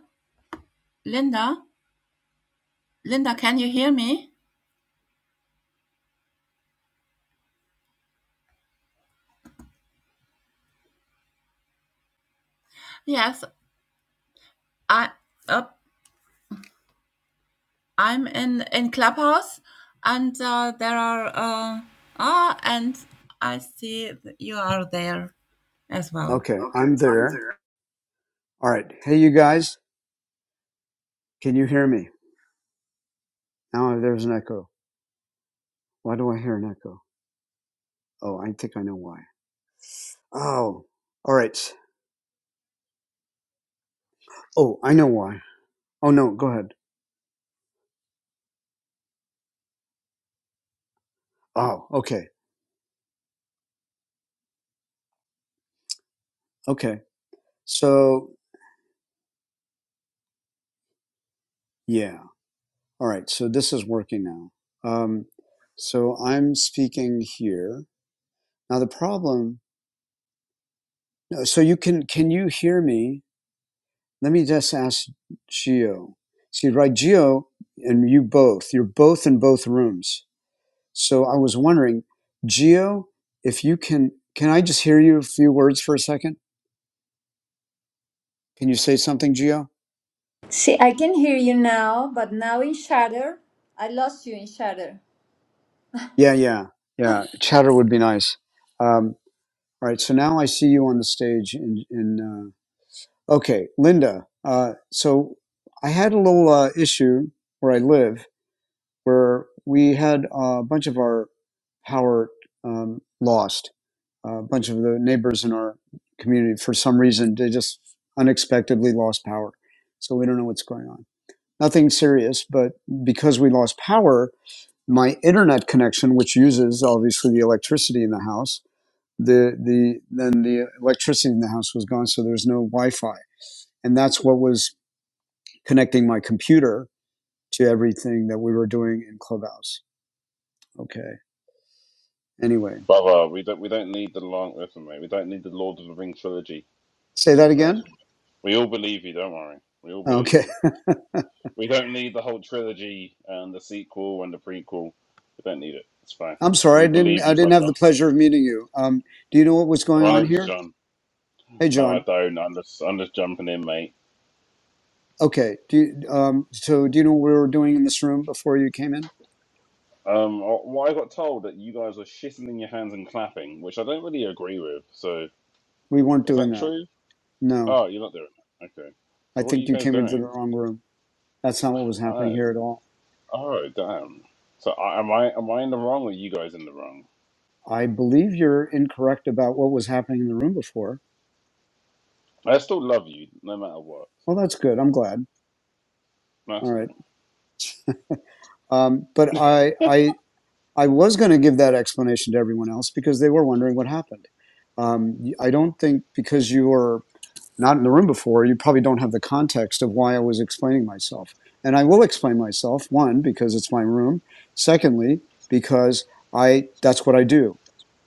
Speaker 10: Linda, Linda, can you hear me? Yes, I, uh, I'm in in Clubhouse, and uh, there are uh, ah, and I see that you are there as well.
Speaker 11: Okay,
Speaker 10: Okay,
Speaker 11: I'm
Speaker 10: I'm
Speaker 11: there.
Speaker 10: there.
Speaker 11: All right. Hey, you guys, can you hear me? Now there's an echo. Why do I hear an echo? Oh, I think I know why. Oh, all right. Oh, I know why. Oh, no, go ahead. Oh, okay. Okay. So, yeah. All right. So this is working now. Um, so I'm speaking here. Now the problem, no, so you can, can you hear me? Let me just ask Gio. See, right, Gio and you both, you're both in both rooms. So I was wondering, Gio, if you can, can I just hear you a few words for a second? Can you say something, Gio?
Speaker 12: See, I can hear you now, but now in shatter. I lost you in shatter.
Speaker 11: Yeah, yeah, yeah. Chatter would be nice. Um, all right. So now I see you on the stage. In, in uh, okay, Linda. Uh, so I had a little uh, issue where I live, where we had uh, a bunch of our power um, lost. a bunch of the neighbors in our community for some reason they just unexpectedly lost power so we don't know what's going on nothing serious but because we lost power my internet connection which uses obviously the electricity in the house the the then the electricity in the house was gone so there's no wi-fi and that's what was connecting my computer to everything that we were doing in clubhouse okay anyway
Speaker 13: Brother, we don't we don't need the long listen, mate. We don't need the Lord of the Rings trilogy
Speaker 11: say
Speaker 13: for an
Speaker 11: that
Speaker 13: explanation.
Speaker 11: again
Speaker 13: We all believe you, don't worry. We all believe
Speaker 11: okay
Speaker 13: you. We don't need the whole trilogy and the sequel and the prequel. We don't need it. It's fine.
Speaker 11: I'm sorry, I
Speaker 13: We
Speaker 11: didn't.
Speaker 13: believe
Speaker 11: I
Speaker 13: you,
Speaker 11: didn't have
Speaker 13: brother.
Speaker 11: the pleasure of meeting you. Um, do you know what was going
Speaker 13: My
Speaker 11: on
Speaker 13: name's
Speaker 11: here?
Speaker 13: John.
Speaker 11: Hey,
Speaker 13: No, I
Speaker 11: John.
Speaker 13: don't. I'm just I'm just jumping in, mate.
Speaker 11: Okay. Do you, um, so. Do you know what we were doing in this room before you came in?
Speaker 13: Um, uh, what I got told that you guys were shitting in your hands and clapping, which I don't really agree with. So
Speaker 11: We weren't
Speaker 13: is
Speaker 11: doing
Speaker 13: that
Speaker 11: that.
Speaker 13: true?
Speaker 11: No,
Speaker 13: Oh, you're not doing it. Okay.
Speaker 11: I
Speaker 13: So what are
Speaker 11: think
Speaker 13: you
Speaker 11: you
Speaker 13: guys
Speaker 11: came into the
Speaker 13: doing?
Speaker 11: wrong room. That's not what was
Speaker 13: Oh.
Speaker 11: happening here at all.
Speaker 13: Oh damn! So I, am I am I in the wrong or you guys in the wrong?
Speaker 11: I believe you're incorrect about what was happening in the room before.
Speaker 13: I still love you no matter what.
Speaker 11: Well,
Speaker 13: So
Speaker 11: that's good. I'm glad. All
Speaker 13: that's
Speaker 11: right.
Speaker 13: cool.
Speaker 11: Um, but I, I, I was going to give that explanation to everyone else because they were wondering what happened. Um, I don't think because you were not in the room before, you probably don't have the context of why I was explaining myself. And I will explain myself, one, because it's my room. Secondly, because I that's what I do.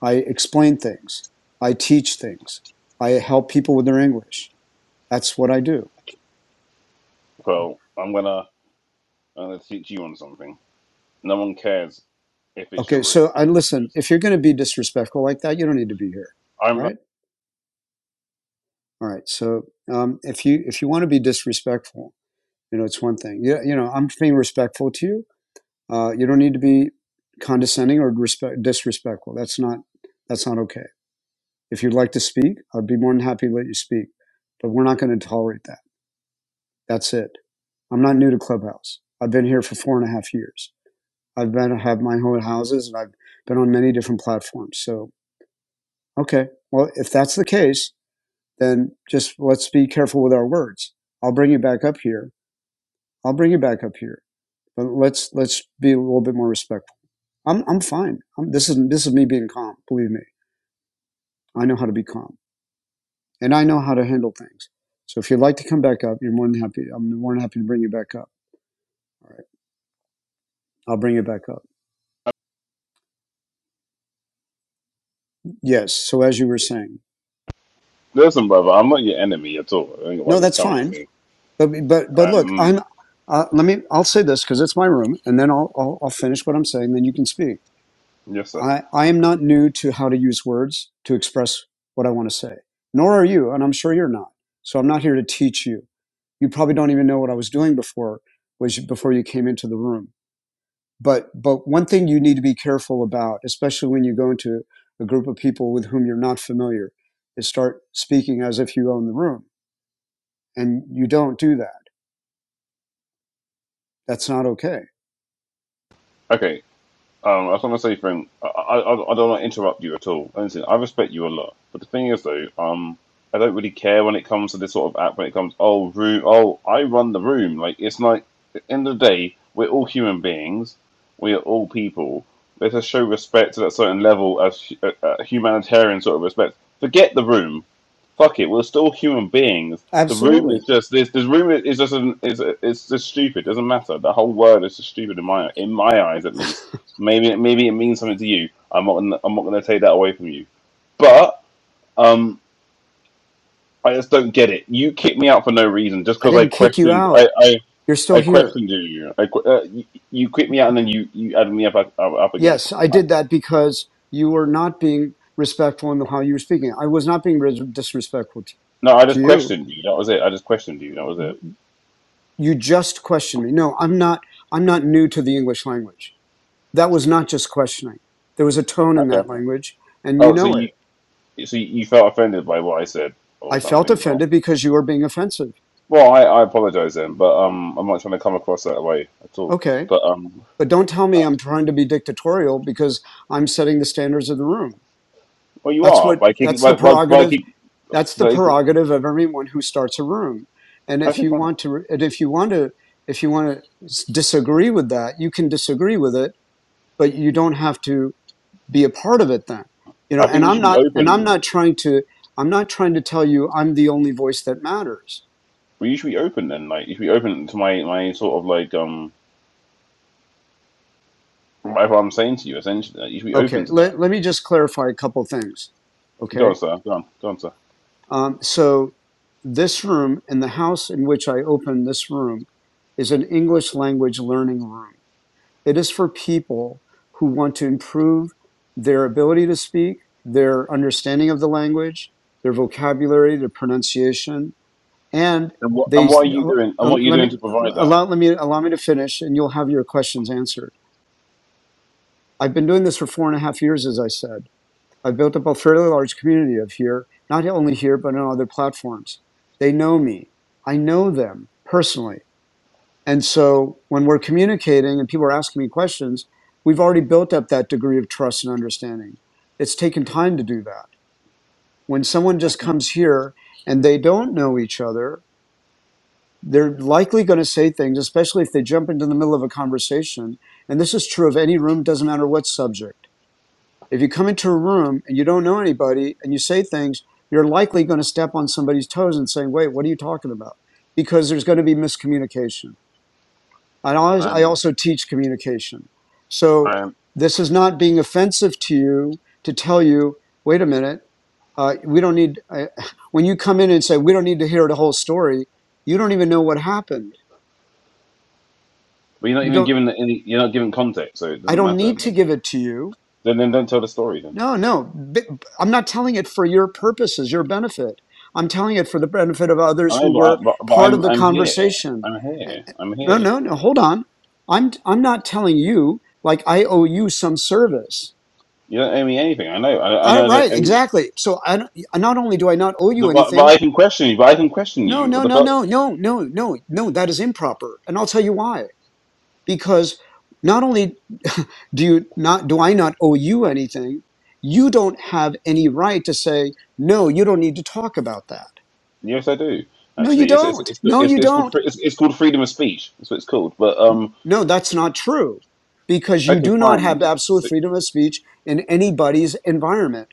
Speaker 11: I explain things. I teach things. I help people with their English. That's what I do.
Speaker 13: Well, I'm gonna I'm gonna teach you on something. No one cares if it's your
Speaker 11: Okay,
Speaker 13: room.
Speaker 11: so I listen, if you're going to be disrespectful like that, you don't need to be here.
Speaker 13: I'm
Speaker 11: Right? All right. So, um, if you if you want to be disrespectful, you know, it's one thing. Yeah, you know, I'm being respectful to you Uh, you don't need to be condescending or respect, disrespectful. That's not that's not okay. If you'd like to speak, I'd be more than happy to let you speak. But we're not going to tolerate that. That's it. I'm not new to Clubhouse. I've been here for four and a half years. I've been have my own houses and I've been on many different platforms. So okay, well if that's the case, then just let's be careful with our words. I'll bring you back up here. I'll bring you back up here. But let's let's be a little bit more respectful. I'm I'm fine. I'm, this is this is me being calm. Believe me, I know how to be calm, and I know how to handle things. So if you'd like to come back up, you're more than happy. I'm more than happy to bring you back up. All right, I'll bring you back up. Yes. So as you were saying,
Speaker 13: listen, brother. I'm not your enemy at all. I don't know why
Speaker 11: no,
Speaker 13: you're
Speaker 11: that's
Speaker 13: coming at
Speaker 11: fine.
Speaker 13: me.
Speaker 11: But but but look,
Speaker 13: Um,
Speaker 11: I'm. Uh, let me. I'll say this because it's my room, and then I'll, I'll I'll finish what I'm saying. Then you can speak.
Speaker 13: yes, sir.
Speaker 11: I I am not new to how to use words to express what I want to say. Nor are you, and I'm sure you're not. So I'm not here to teach you. you probably don't even know what I was doing before was before you came into the room. But but one thing you need to be careful about, especially when you go into a group of people with whom you're not familiar, is start speaking as if you own the room, and you don't do that. That's not okay.
Speaker 13: Okay, Um, I just want to say, friend, I, I, I don't want to interrupt you at all. Listen, I respect you a lot, but the thing is, though, um, I don't really care when it comes to this sort of app. When it comes, oh, room, oh, I run the room. Like it's like, at the end of the day, we're all human beings. We are all people. Let us show respect to that certain level as uh, uh, humanitarian sort of respect. Forget the room. Fuck it. We're still human beings. The room
Speaker 11: Absolutely,
Speaker 13: is just this. This room is just an, is is just stupid. Doesn't matter. The whole word is just stupid in my in my eyes at least Maybe maybe it means something to you. I'm not gonna, I'm not going to take that away from you, but um, I just don't get it. You kicked me out for no reason just
Speaker 11: I
Speaker 13: because I
Speaker 11: didn't kick you
Speaker 13: questioned. I,
Speaker 11: out.
Speaker 13: I
Speaker 11: You're still
Speaker 13: I
Speaker 11: here.
Speaker 13: questioned you. I uh, you, you kicked me out and then you you added me up up, up again.
Speaker 11: Yes, I
Speaker 13: I,
Speaker 11: did that because you were not being respectful in how you were speaking. I was not being disrespectful
Speaker 13: no, I just
Speaker 11: to
Speaker 13: questioned
Speaker 11: you.
Speaker 13: you. That was it. I just questioned you. That was it.
Speaker 11: you just questioned me. No, I'm not. I'm not new to the English language. That was not just questioning. There was a tone in that
Speaker 13: Okay.
Speaker 11: language, and you
Speaker 13: Oh, so
Speaker 11: know it.
Speaker 13: you so you felt offended by what I said or
Speaker 11: I felt
Speaker 13: something? Or,
Speaker 11: offended because you were being offensive.
Speaker 13: well, I, I apologize then, but um, I'm not trying to come across that way at all.
Speaker 11: Okay,
Speaker 13: But um,
Speaker 11: but don't tell me I'm trying to be dictatorial because I'm setting the standards of the room.
Speaker 13: well, you
Speaker 11: That's
Speaker 13: are
Speaker 11: what.
Speaker 13: by kicking
Speaker 11: That's
Speaker 13: by
Speaker 11: the
Speaker 13: by, by
Speaker 11: prerogative.
Speaker 13: kick.
Speaker 11: That's the
Speaker 13: That is,
Speaker 11: prerogative of everyone who starts a room. And if
Speaker 13: Okay,
Speaker 11: you
Speaker 13: fine.
Speaker 11: want to, and if you want to, if you want to disagree with that, you can disagree with it, but you don't have to be a part of it then you know
Speaker 13: I
Speaker 11: and
Speaker 13: think you
Speaker 11: i'm
Speaker 13: should be
Speaker 11: not and i'm
Speaker 13: open.
Speaker 11: not trying to i'm not trying to tell you i'm the only voice that matters
Speaker 13: Well, you should be open then. Like, you should be open to my my sort of like um whatever I'm saying to you. Essentially, like, you should be
Speaker 11: okay
Speaker 13: open to that.
Speaker 11: let, let me just clarify a couple things
Speaker 13: Go
Speaker 11: okay
Speaker 13: on, sir. Go on. Go on, sir.
Speaker 11: um, so this room and the house in which i open this room is an english language learning room it is for people who want to improve their ability to speak their understanding of the language their vocabulary their pronunciation and
Speaker 13: And what
Speaker 11: they
Speaker 13: and what are you
Speaker 11: uh,
Speaker 13: doing? And
Speaker 11: uh,
Speaker 13: what are you
Speaker 11: let me
Speaker 13: doing to provide that?
Speaker 11: allow let me allow me to finish and you'll have your questions answered i've been doing this for four and a half years as i said i've built up a fairly large community of here not only here but on other platforms they know me i know them personally and so when we're communicating and people are asking me questions we've already built up that degree of trust and understanding it's taken time to do that when someone just
Speaker 13: Okay.
Speaker 11: comes here and they don't know each other they're likely going to say things, especially if they jump into the middle of a conversation. And this is true of any room, doesn't matter what subject. If you come into a room and you don't know anybody and you say things, you're likely going to step on somebody's toes and say, wait, what are you talking about? Because there's going to be miscommunication. I always, I
Speaker 13: Um.
Speaker 11: also teach communication. So
Speaker 13: Um.
Speaker 11: this is not being offensive to you to tell you, wait a minute, uh, we don't need, I, when you come in and say, we don't need to hear the whole story, you don't even know what happened
Speaker 13: But you're not
Speaker 11: you
Speaker 13: even
Speaker 11: don't
Speaker 13: given any. You're not given context, so it
Speaker 11: I
Speaker 13: doesn't
Speaker 11: don't
Speaker 13: matter.
Speaker 11: need to
Speaker 13: Then
Speaker 11: give it to you.
Speaker 13: then, then don't tell the story then.
Speaker 11: No, no. i I'm not telling it for your purposes, your benefit. I'm telling it for the benefit of
Speaker 13: I
Speaker 11: others
Speaker 13: know,
Speaker 11: who
Speaker 13: but, I,
Speaker 11: were
Speaker 13: but but
Speaker 11: part of
Speaker 13: I'm
Speaker 11: the
Speaker 13: I'm here.
Speaker 11: conversation.
Speaker 13: I'm
Speaker 11: Eh,
Speaker 13: here.
Speaker 11: eh,
Speaker 13: I'm
Speaker 11: No,
Speaker 13: here.
Speaker 11: no, no. Hold on. I'm I'm not telling you like I owe you some service.
Speaker 13: You don't owe me anything. I know. I, I
Speaker 11: All
Speaker 13: know. I don't
Speaker 11: right,
Speaker 13: owe you.
Speaker 11: exactly. So I not only do I not owe you
Speaker 13: But, but
Speaker 11: anything.
Speaker 13: I can question you. But I can question
Speaker 11: No,
Speaker 13: you. What
Speaker 11: no,
Speaker 13: the
Speaker 11: no,
Speaker 13: fuck?
Speaker 11: no, no, no, no, no. That is improper, and I'll tell you why. because not only do you not do I not owe you anything, you don't have any right to say no. You don't need to talk about that.
Speaker 13: Yes, I do.
Speaker 11: No, you
Speaker 13: Actually, it's it's
Speaker 11: don't.
Speaker 13: it's
Speaker 11: No,
Speaker 13: it's,
Speaker 11: you
Speaker 13: it's called
Speaker 11: don't.
Speaker 13: free- it's, it's called freedom of speech. That's what it's called. But um,
Speaker 11: No, that's not true because you
Speaker 13: okay,
Speaker 11: do not have
Speaker 13: fine.
Speaker 11: absolute
Speaker 13: So,
Speaker 11: freedom of speech in anybody's environment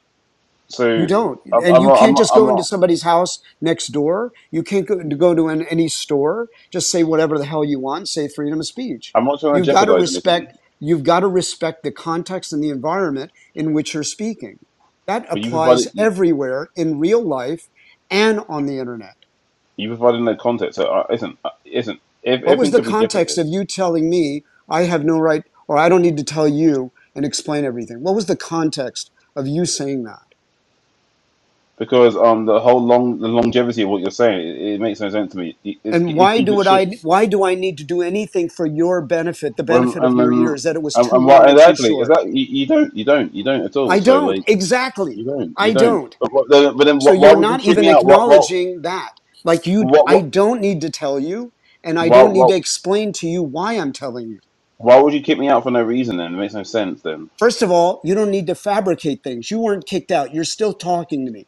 Speaker 11: You
Speaker 13: so
Speaker 11: don't.
Speaker 13: I'm
Speaker 11: And
Speaker 13: I'm
Speaker 11: you
Speaker 13: not, I'm
Speaker 11: can't
Speaker 13: not,
Speaker 11: just
Speaker 13: I'm
Speaker 11: go into
Speaker 13: not
Speaker 11: somebody's house next door. You can't go, go to an, any store. Just say whatever the hell you want. Say freedom of speech.
Speaker 13: I'm not trying to
Speaker 11: You've got to
Speaker 13: jeopardize anything.
Speaker 11: respect, you've got to respect the context and the environment in which you're speaking. That
Speaker 13: But you
Speaker 11: applies
Speaker 13: provided you,
Speaker 11: everywhere in real life and on the internet.
Speaker 13: you provided no context. So uh, isn't uh, isn't ev-
Speaker 11: What was
Speaker 13: everything
Speaker 11: the
Speaker 13: could be
Speaker 11: context of
Speaker 13: jeopardized
Speaker 11: you telling me I have no right or I don't need to tell you and explain everything? What was the context of you saying that?
Speaker 13: because um the whole long the longevity of what you're saying it, it makes no sense to me. It, it's
Speaker 11: And
Speaker 13: it's
Speaker 11: why
Speaker 13: keep
Speaker 11: do
Speaker 13: it
Speaker 11: what
Speaker 13: short.
Speaker 11: I why do I need to do anything for your benefit, the
Speaker 13: Well,
Speaker 11: benefit of
Speaker 13: and
Speaker 11: your
Speaker 13: then
Speaker 11: ears, that it was
Speaker 13: and,
Speaker 11: too
Speaker 13: and
Speaker 11: long
Speaker 13: why
Speaker 11: or too
Speaker 13: exactly is
Speaker 11: short?
Speaker 13: that you, you don't you don't you don't at all.
Speaker 11: I
Speaker 13: So
Speaker 11: don't.
Speaker 13: like
Speaker 11: Exactly.
Speaker 13: you don't
Speaker 11: I
Speaker 13: you don't.
Speaker 11: don't.
Speaker 13: But what, then, but then
Speaker 11: So
Speaker 13: wh- why
Speaker 11: you're
Speaker 13: would you
Speaker 11: not
Speaker 13: kick
Speaker 11: even
Speaker 13: me out? What?
Speaker 11: acknowledging that. Like you
Speaker 13: What?
Speaker 11: I
Speaker 13: What?
Speaker 11: don't need to tell you, and I
Speaker 13: Why?
Speaker 11: don't need
Speaker 13: Why?
Speaker 11: to explain to you why I'm telling you.
Speaker 13: Why would you kick me out for no reason? Then it makes no sense. Then
Speaker 11: First of all, you don't need to fabricate things. You weren't kicked out. You're still talking to me.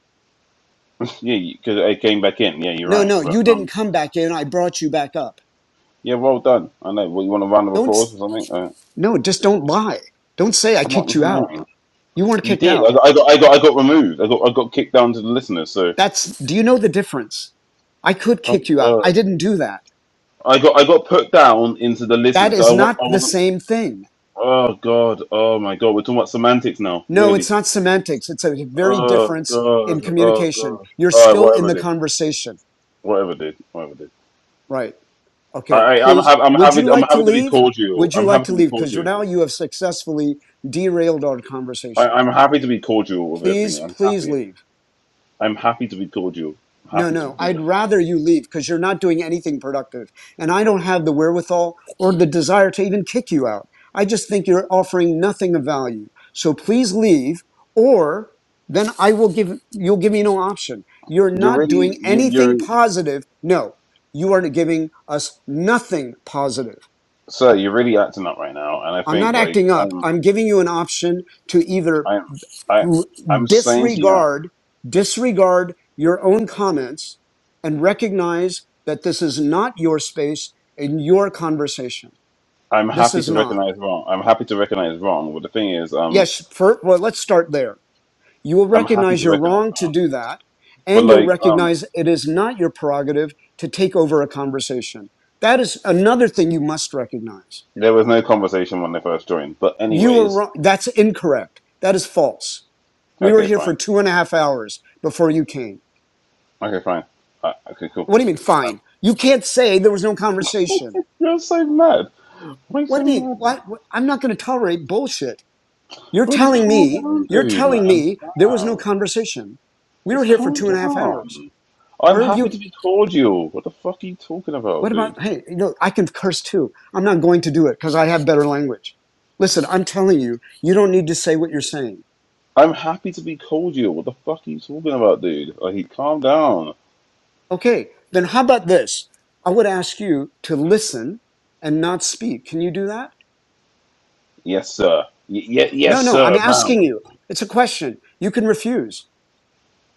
Speaker 13: yeah, because I came back in. Yeah, you're
Speaker 11: No,
Speaker 13: right.
Speaker 11: no,
Speaker 13: But
Speaker 11: you didn't
Speaker 13: um,
Speaker 11: come back in. I brought you back up.
Speaker 13: yeah, well done. I know. What you want a round of
Speaker 11: Don't
Speaker 13: applause or something? Uh,
Speaker 11: no, just don't lie. Don't say I
Speaker 13: I'm not.
Speaker 11: kicked you out.
Speaker 13: Man.
Speaker 11: You weren't
Speaker 13: You
Speaker 11: kicked
Speaker 13: did. I
Speaker 11: out.
Speaker 13: got, I got. I got. I got removed. I got. I got kicked down to the listeners. So
Speaker 11: That's, do you know the difference? I could
Speaker 13: oh
Speaker 11: kick you out. I
Speaker 13: god.
Speaker 11: didn't do that.
Speaker 13: I got. I got put down into the
Speaker 11: That
Speaker 13: listeners. I
Speaker 11: is
Speaker 13: want.
Speaker 11: not
Speaker 13: I
Speaker 11: the
Speaker 13: wasn't.
Speaker 11: same thing.
Speaker 13: Oh god. Oh my god. We're talking about semantics now.
Speaker 11: No,
Speaker 13: Really.
Speaker 11: it's not semantics. It's a very
Speaker 13: Oh
Speaker 11: difference in
Speaker 13: god. Oh
Speaker 11: communication.
Speaker 13: god.
Speaker 11: You're
Speaker 13: All right.
Speaker 11: still in
Speaker 13: Whatever
Speaker 11: the
Speaker 13: did.
Speaker 11: conversation.
Speaker 13: Whatever did. Whatever did.
Speaker 11: Right. Okay.
Speaker 13: I, I'm
Speaker 11: Please,
Speaker 13: happy. I'm
Speaker 11: would you
Speaker 13: happy. I'm
Speaker 11: like to
Speaker 13: happy to be
Speaker 11: leave?
Speaker 13: cordial.
Speaker 11: Would you
Speaker 13: I'm
Speaker 11: like
Speaker 13: happy
Speaker 11: to
Speaker 13: to be
Speaker 11: leave? Because
Speaker 13: cordial.
Speaker 11: now you have successfully derailed our
Speaker 13: I,
Speaker 11: conversation.
Speaker 13: I'm happy to be cordial with
Speaker 11: Please,
Speaker 13: everything. I'm
Speaker 11: please
Speaker 13: happy.
Speaker 11: leave.
Speaker 13: I'm happy to be cordial. I'm
Speaker 11: No,
Speaker 13: happy to
Speaker 11: no.
Speaker 13: do
Speaker 11: I'd
Speaker 13: that.
Speaker 11: rather you leave because you're not doing anything productive. And I don't have the wherewithal or the desire to even kick you out. I just think you're offering nothing of value. So please leave or then I will give, you'll give me no option. You're
Speaker 13: You're
Speaker 11: not
Speaker 13: really,
Speaker 11: doing
Speaker 13: you,
Speaker 11: anything
Speaker 13: you're,
Speaker 11: positive. No, you are giving us nothing positive.
Speaker 13: sir. You're really acting up right now, and I
Speaker 11: I'm
Speaker 13: think
Speaker 11: not
Speaker 13: like
Speaker 11: acting up.
Speaker 13: I'm,
Speaker 11: I'm giving you an option to either
Speaker 13: I'm, I,
Speaker 11: r-
Speaker 13: I'm saying to you,
Speaker 11: disregard disregard your own comments and recognize that this is not your space and your conversation
Speaker 13: I'm
Speaker 11: this
Speaker 13: happy
Speaker 11: is
Speaker 13: to
Speaker 11: not
Speaker 13: recognize wrong. I'm happy to recognize wrong. But the thing is, um,
Speaker 11: yes for, well let's start there you will
Speaker 13: I'm happy
Speaker 11: recognize
Speaker 13: to
Speaker 11: you're
Speaker 13: recognize
Speaker 11: wrong to
Speaker 13: wrong.
Speaker 11: do that
Speaker 13: But
Speaker 11: and you'll
Speaker 13: like, um,
Speaker 11: recognize it is not your prerogative to take over a conversation that is another thing you must recognize
Speaker 13: there was no conversation when they first joined. But
Speaker 11: you are
Speaker 13: anyways,
Speaker 11: wrong that's incorrect that is false we were
Speaker 13: okay,
Speaker 11: here
Speaker 13: fine.
Speaker 11: for two and a half hours before you came
Speaker 13: Okay, fine. Uh, okay, cool.
Speaker 11: What do you mean,
Speaker 13: Um,
Speaker 11: fine? You can't say there was no conversation.
Speaker 13: you're so mad.
Speaker 11: What do
Speaker 13: Wasting
Speaker 11: you mean?
Speaker 13: my
Speaker 11: What? what- I'm not going to tolerate bullshit. You're
Speaker 13: bro, just
Speaker 11: telling
Speaker 13: calm
Speaker 11: me,
Speaker 13: down,
Speaker 11: you're
Speaker 13: dude,
Speaker 11: telling
Speaker 13: man.
Speaker 11: me there was no
Speaker 13: Wow.
Speaker 11: conversation. We were
Speaker 13: Just
Speaker 11: here for
Speaker 13: calm
Speaker 11: two and a half hours.
Speaker 13: down. I'm
Speaker 11: Where would
Speaker 13: happy
Speaker 11: you,
Speaker 13: to be cordial. What the fuck are you talking about,
Speaker 11: what
Speaker 13: dude?
Speaker 11: about, hey, you know, I can curse too. I'm not going to do it because I have better language. Listen, I'm telling you, you don't need to say what you're saying.
Speaker 13: I'm happy to be cordial. What the fuck are you talking about, dude? Like, calm down.
Speaker 11: Okay, then how about this? I would ask you to listen and not speak. Can you do that?
Speaker 13: Yes, sir. Y- y-
Speaker 11: No,
Speaker 13: yes,
Speaker 11: no, I'm
Speaker 13: sir, ma'am.
Speaker 11: asking you. It's a question. You can refuse.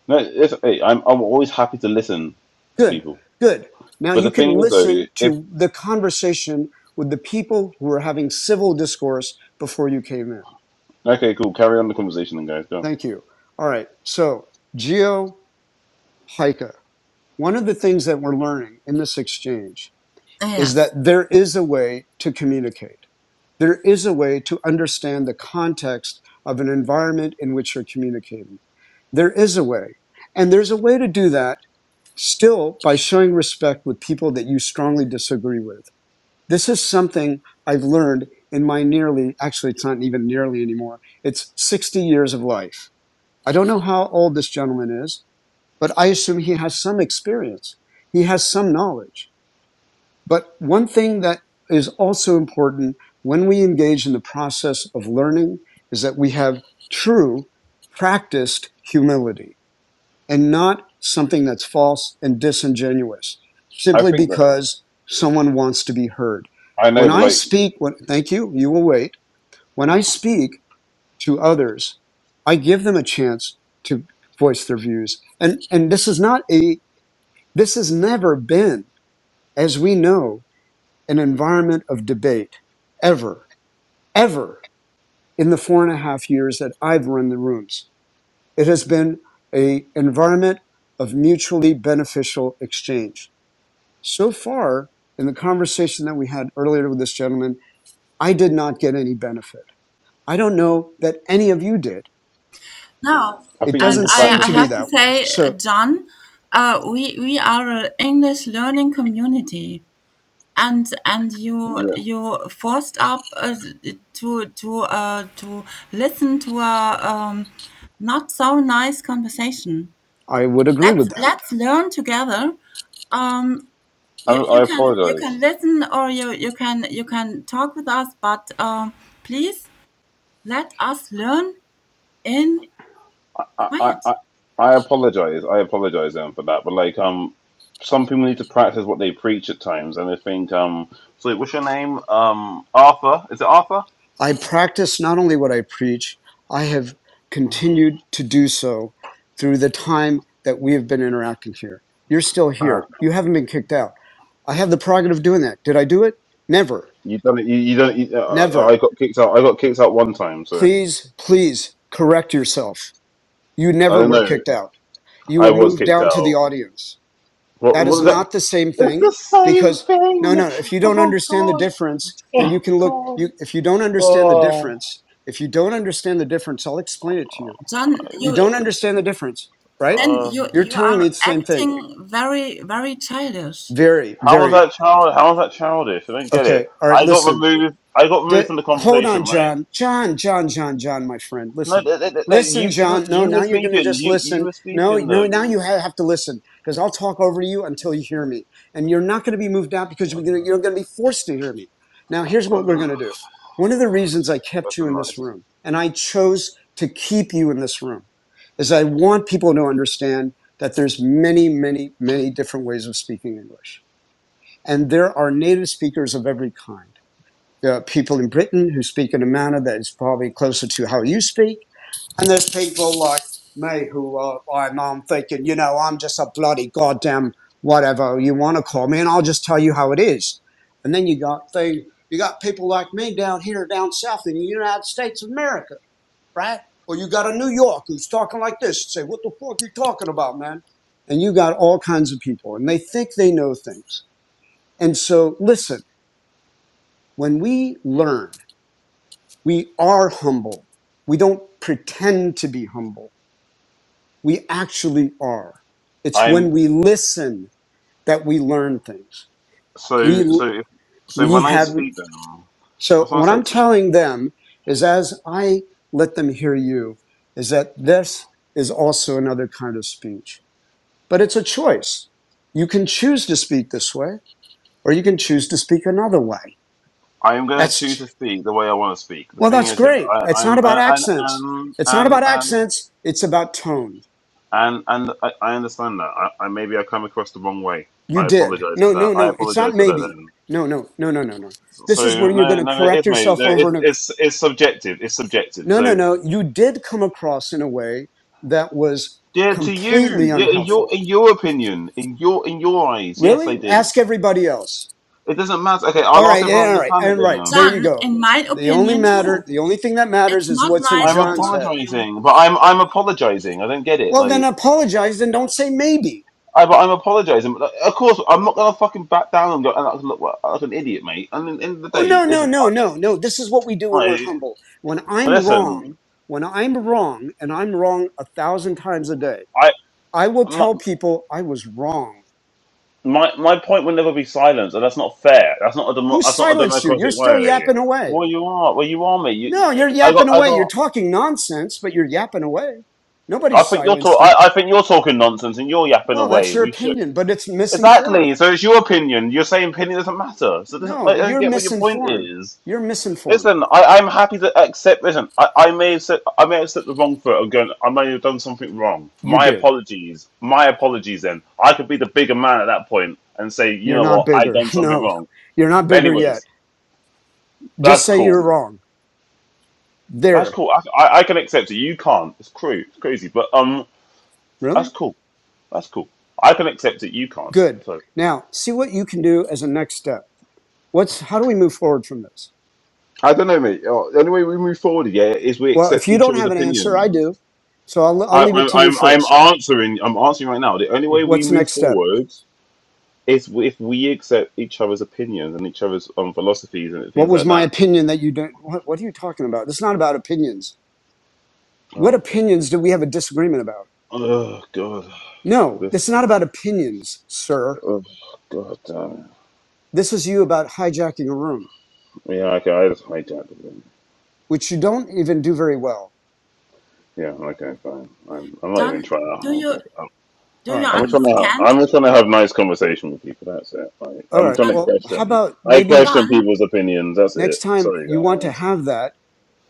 Speaker 13: No, it's, hey, I'm I'm always happy to listen to
Speaker 11: Good,
Speaker 13: people.
Speaker 11: good. Now
Speaker 13: But the
Speaker 11: you
Speaker 13: thing
Speaker 11: can
Speaker 13: is, though,
Speaker 11: listen
Speaker 13: if
Speaker 11: to the conversation with the people who are having civil discourse before you came in.
Speaker 13: okay, cool, carry on the conversation, then, guys. Go.
Speaker 11: Thank you. All right. So, Geo Hika, one of the things that we're learning in this exchange is that
Speaker 10: Yes.
Speaker 11: there is a way to communicate. There is a way to understand the context of an environment in which you're communicating. There is a way. And there's a way to do that still by showing respect with people that you strongly disagree with This is something I've learned in my nearly, actually, it's not even nearly anymore. It's 60 years of life. I don't know how old this gentleman is, but I assume he has some experience. He has some knowledge. But one thing that is also important when we engage in the process of learning is that we have true practiced humility and not something that's false and disingenuous
Speaker 13: I
Speaker 11: simply
Speaker 13: think that
Speaker 11: because someone wants to be heard.
Speaker 13: I know,
Speaker 11: When
Speaker 13: but
Speaker 11: I
Speaker 13: like,
Speaker 11: speak, when, thank you, you will wait. When I speak to others, I give them a chance to voice their views. And, and this is not a, this has never been, as we know, an environment of debate ever, ever in the four and a half years that I've run the rooms. It has been a environment of mutually beneficial exchange So far, in the conversation that we had earlier with this gentleman, I did not get any benefit. I don't know that any of you did.
Speaker 10: Now,
Speaker 13: I
Speaker 11: It
Speaker 13: think you
Speaker 10: I
Speaker 13: need
Speaker 11: doesn't
Speaker 13: to
Speaker 10: I
Speaker 11: seem
Speaker 13: practice.
Speaker 10: I
Speaker 11: to
Speaker 13: Like,
Speaker 11: be
Speaker 10: have to
Speaker 11: that way.
Speaker 10: say, uh,
Speaker 11: So
Speaker 10: John, uh, we we are an English learning community. And and you
Speaker 13: yes,
Speaker 10: you forced up uh, to to uh, to listen to a um, not so nice conversation.
Speaker 11: I would agree
Speaker 10: Let's
Speaker 11: with that.
Speaker 10: let's learn together. Um,
Speaker 13: I,
Speaker 10: you, you
Speaker 13: I
Speaker 10: can you
Speaker 13: apologize.
Speaker 10: can listen or you, you can you can talk with us, but um, please let us learn in
Speaker 13: I, I,
Speaker 10: quiet.
Speaker 13: I I apologize. I apologize um, for that. But like, um, some people need to practice what they preach at times, and I think um, so. What's your name? Um, Arthur. Is it Arthur?
Speaker 11: I practice not only what I preach, I have continued to do so through the time that we have been interacting here. You're still
Speaker 13: Uh,
Speaker 11: here. You haven't been kicked out. I have the prerogative of doing that. Did I do it? Never.
Speaker 13: you done it. You, you done. You, uh, uh, I
Speaker 11: Never.
Speaker 13: got kicked out. I got kicked out one time, so
Speaker 11: Please, please correct yourself. You
Speaker 13: I
Speaker 11: never
Speaker 13: don't
Speaker 11: were
Speaker 13: know.
Speaker 11: kicked out. you
Speaker 13: I
Speaker 11: were
Speaker 13: was
Speaker 11: moved
Speaker 13: kicked
Speaker 11: down to the
Speaker 13: out.
Speaker 11: audience.
Speaker 13: What?
Speaker 11: That
Speaker 13: What
Speaker 11: is
Speaker 13: is that?
Speaker 11: not the same
Speaker 13: It's
Speaker 11: thing
Speaker 13: the same
Speaker 11: because no,
Speaker 13: thing.
Speaker 11: no. If you don't
Speaker 13: Oh
Speaker 11: understand the
Speaker 13: God.
Speaker 11: difference, then
Speaker 13: Oh
Speaker 11: you can look. You if you don't understand the
Speaker 13: God.
Speaker 11: difference, if you don't understand the difference, I'll explain it to you.
Speaker 13: Oh
Speaker 10: John,
Speaker 11: You
Speaker 10: you
Speaker 13: my
Speaker 11: don't understand the difference, right?
Speaker 10: then
Speaker 13: God.
Speaker 10: you
Speaker 11: You're
Speaker 10: you
Speaker 11: telling me
Speaker 10: are
Speaker 11: it's the same thing.
Speaker 10: acting very very childish.
Speaker 11: Very,
Speaker 13: How was
Speaker 11: very
Speaker 13: that child? How was that childish? I don't get
Speaker 11: okay.
Speaker 13: it.
Speaker 11: All right.
Speaker 13: I got
Speaker 11: Listen.
Speaker 13: removed. I got
Speaker 11: D-
Speaker 13: removed from the
Speaker 11: hold on,
Speaker 13: conversation, right?
Speaker 11: John. John, John, John, John, my friend.
Speaker 13: No,
Speaker 11: Listen.
Speaker 13: th- th- th- th-
Speaker 11: Listen,
Speaker 13: you you
Speaker 11: John. No,
Speaker 13: you were
Speaker 11: now you're going to
Speaker 13: speaking.
Speaker 11: just
Speaker 13: You you
Speaker 11: listen.
Speaker 13: were
Speaker 11: No,
Speaker 13: speaking though.
Speaker 11: no, now you ha- have to listen because I'll talk over you until you hear me. And you're not going to be moved out because you're going to be forced to hear me. Now, here's what we're
Speaker 13: Ugh,
Speaker 11: going to do. One of the reasons I
Speaker 13: that's
Speaker 11: kept you in this
Speaker 13: nice.
Speaker 11: room and I chose to keep you in this room is I want people to understand that there's many, many, many different ways of speaking English. And there are native speakers of every kind there are people in Britain who speak in a manner that is probably closer to how you speak. And there's people like me who are, I'm, I'm thinking, you know, I'm just a bloody goddamn whatever you want to call me, and I'll just tell you how it is. And then you got thing, you got people like me down here, down south in the United States of America, right? Or you got a New York who's talking like this and say, what the fuck are you talking about, man? And you got all kinds of people, and they think they know things. And so, listen, when we learn, We are humble. We don't pretend to be humble. We actually are. It's when
Speaker 13: I'm
Speaker 11: we listen that we learn things. We,
Speaker 13: so so if, so
Speaker 11: we
Speaker 13: when I
Speaker 11: have,
Speaker 13: speak then. I
Speaker 11: so
Speaker 13: was going
Speaker 11: what
Speaker 13: to say,
Speaker 11: I'm
Speaker 13: it's-
Speaker 11: telling them is as I let them hear you, is that this is also another kind of speech, but it's a choice. You can choose to speak this way or you can choose to speak another way.
Speaker 13: I am going to choose
Speaker 11: That's,
Speaker 13: to speak the way I want to speak. The
Speaker 11: well,
Speaker 13: thing
Speaker 11: that's
Speaker 13: is, yeah,
Speaker 11: great.
Speaker 13: I,
Speaker 11: It's not
Speaker 13: I'm
Speaker 11: about
Speaker 13: and and
Speaker 11: accents. It's not
Speaker 13: and
Speaker 11: about
Speaker 13: and
Speaker 11: accents. It's about tone.
Speaker 13: and, and I, I understand that. I, I maybe I come across the wrong way.
Speaker 11: You
Speaker 13: I
Speaker 11: did.
Speaker 13: apologize for
Speaker 11: No,
Speaker 13: that.
Speaker 11: no,
Speaker 13: I
Speaker 11: no. It's not
Speaker 13: apologize for
Speaker 11: maybe.
Speaker 13: that.
Speaker 11: No, no, no, no, no, no. This is where
Speaker 13: So
Speaker 11: you're going
Speaker 13: no,
Speaker 11: to
Speaker 13: no, it
Speaker 11: correct
Speaker 13: is, mate.
Speaker 11: yourself
Speaker 13: No,
Speaker 11: over
Speaker 13: it,
Speaker 11: and over.
Speaker 13: it's it's subjective. It's subjective.
Speaker 11: No, no,
Speaker 13: So
Speaker 11: no. You did come across in a way that was
Speaker 13: yeah, to you,
Speaker 11: completely
Speaker 13: yeah, in your
Speaker 11: unhelpful.
Speaker 13: in your opinion, in your in your eyes, yes,
Speaker 11: Really?
Speaker 13: they do.
Speaker 11: Ask everybody else.
Speaker 13: It doesn't matter. Okay,
Speaker 11: All
Speaker 13: I'll ask
Speaker 11: right. yeah,
Speaker 13: everyone on
Speaker 11: All
Speaker 13: the
Speaker 11: right.
Speaker 13: planet
Speaker 11: And right. There
Speaker 13: then.
Speaker 11: you
Speaker 10: John,
Speaker 11: go.
Speaker 10: in my
Speaker 11: The only
Speaker 10: opinion
Speaker 11: matter,
Speaker 10: too.
Speaker 11: the only thing that matters
Speaker 10: It's
Speaker 11: is
Speaker 10: not
Speaker 11: what's in
Speaker 10: nice
Speaker 13: I'm
Speaker 10: to
Speaker 11: John's
Speaker 10: talk
Speaker 11: head.
Speaker 10: with you.
Speaker 13: apologising, but I'm I'm apologising. I don't get it.
Speaker 11: Well, then
Speaker 13: Like,
Speaker 11: apologize and don't say maybe.
Speaker 13: I but I'm apologising. But, like, Of course, I'm not gonna fucking back down and go and act- look like an idiot, mate. And at the end of the
Speaker 11: Oh, no,
Speaker 13: day,
Speaker 11: no,
Speaker 13: listen,
Speaker 11: no,
Speaker 13: I,
Speaker 11: no, no. This is what we do when we're
Speaker 13: I
Speaker 11: humble. When I'm
Speaker 13: listen.
Speaker 11: wrong, when I'm wrong, and I'm wrong a thousand times a day, I will
Speaker 13: I.
Speaker 11: tell people I was wrong.
Speaker 13: My my point will never be silenced, and that's not fair. That's not a demo,
Speaker 11: Who
Speaker 13: that's not a
Speaker 11: silenced you? You're
Speaker 13: democratic
Speaker 11: still
Speaker 13: way.
Speaker 11: yapping away.
Speaker 13: Well, you are. Well, you are me. You, you-
Speaker 11: No, you're
Speaker 13: I got.
Speaker 11: yapping
Speaker 13: I
Speaker 11: away. You're
Speaker 13: got.
Speaker 11: talking nonsense, but you're yapping away. Nobody
Speaker 13: I think you're talk.
Speaker 11: silenced you.
Speaker 13: I, I think you're talking nonsense, and you're yapping
Speaker 11: Well, that's
Speaker 13: away.
Speaker 11: your
Speaker 13: We should
Speaker 11: opinion, but it's misinformed.
Speaker 13: exactly. So it's your opinion. Your same opinion doesn't matter. So it doesn't. I
Speaker 11: No,
Speaker 13: don't
Speaker 11: you're
Speaker 13: get what your point
Speaker 11: misinformed.
Speaker 13: is.
Speaker 11: You're misinformed.
Speaker 13: Listen, I, I'm happy to accept. Listen, I, I may have said I may have set the wrong foot. I'm going. I may have done something wrong.
Speaker 11: You
Speaker 13: My
Speaker 11: did.
Speaker 13: apologies. My apologies. Then I could be the bigger man at that point and say, you
Speaker 11: You're
Speaker 13: know
Speaker 11: not
Speaker 13: what, I
Speaker 11: bigger.
Speaker 13: done something
Speaker 11: No,
Speaker 13: wrong.
Speaker 11: you're not
Speaker 13: But
Speaker 11: bigger
Speaker 13: anyways,
Speaker 11: yet. Just
Speaker 13: That's
Speaker 11: say
Speaker 13: cool.
Speaker 11: you're wrong.
Speaker 13: That's
Speaker 11: There.
Speaker 13: cool. I, I, I can accept it. You can't. It's crazy. It's crazy. But um,
Speaker 11: Really?
Speaker 13: that's cool. That's cool. I can accept it. You can't.
Speaker 11: Good.
Speaker 13: So
Speaker 11: Now, see what you can do as a next step. What's, how do we move forward from this?
Speaker 13: I don't know, mate. Oh, The only way we move forward, yeah, is we
Speaker 11: Well, if
Speaker 13: accept
Speaker 11: you
Speaker 13: each
Speaker 11: don't
Speaker 13: other's
Speaker 11: have an answer, I
Speaker 13: opinions.
Speaker 11: do. So I'll, I'll
Speaker 13: I,
Speaker 11: leave it to
Speaker 13: I,
Speaker 11: you
Speaker 13: I'm, I'm
Speaker 11: first.
Speaker 13: answering. I'm answering right now. The only way we
Speaker 11: What's the
Speaker 13: move
Speaker 11: next step?
Speaker 13: forward is if we accept each other's opinions and each other's um, philosophies and
Speaker 11: What
Speaker 13: things
Speaker 11: was
Speaker 13: like
Speaker 11: my
Speaker 13: that.
Speaker 11: opinion that you didn't? What, what are you talking about? This is not about opinions. What
Speaker 13: Oh, okay.
Speaker 11: opinions do we have a disagreement about?
Speaker 13: Oh God.
Speaker 11: No,
Speaker 13: This.
Speaker 11: this is not about opinions, sir.
Speaker 13: Oh God. Damn.
Speaker 11: This is you about hijacking a room,
Speaker 13: it. Yeah. Okay. I just hijacked it.
Speaker 11: which you don't even do very well.
Speaker 13: Yeah, okay, fine. I'm, I'm not even
Speaker 10: Don,
Speaker 13: trying
Speaker 10: do
Speaker 13: to.
Speaker 10: you
Speaker 13: Okay. I'm,
Speaker 11: All
Speaker 10: do you
Speaker 11: right.
Speaker 13: I'm trying to.
Speaker 10: understand?
Speaker 13: I'm just trying to have nice conversation with people. That's it. Like,
Speaker 11: All
Speaker 13: I'm
Speaker 11: right.
Speaker 13: trying to
Speaker 10: Don,
Speaker 11: Well, how
Speaker 13: question.
Speaker 11: about
Speaker 13: I
Speaker 11: maybe
Speaker 13: question
Speaker 10: Don,
Speaker 13: people's opinions. That's
Speaker 11: next
Speaker 13: it.
Speaker 11: time
Speaker 13: Sorry,
Speaker 11: you want to
Speaker 13: guys.
Speaker 11: have that,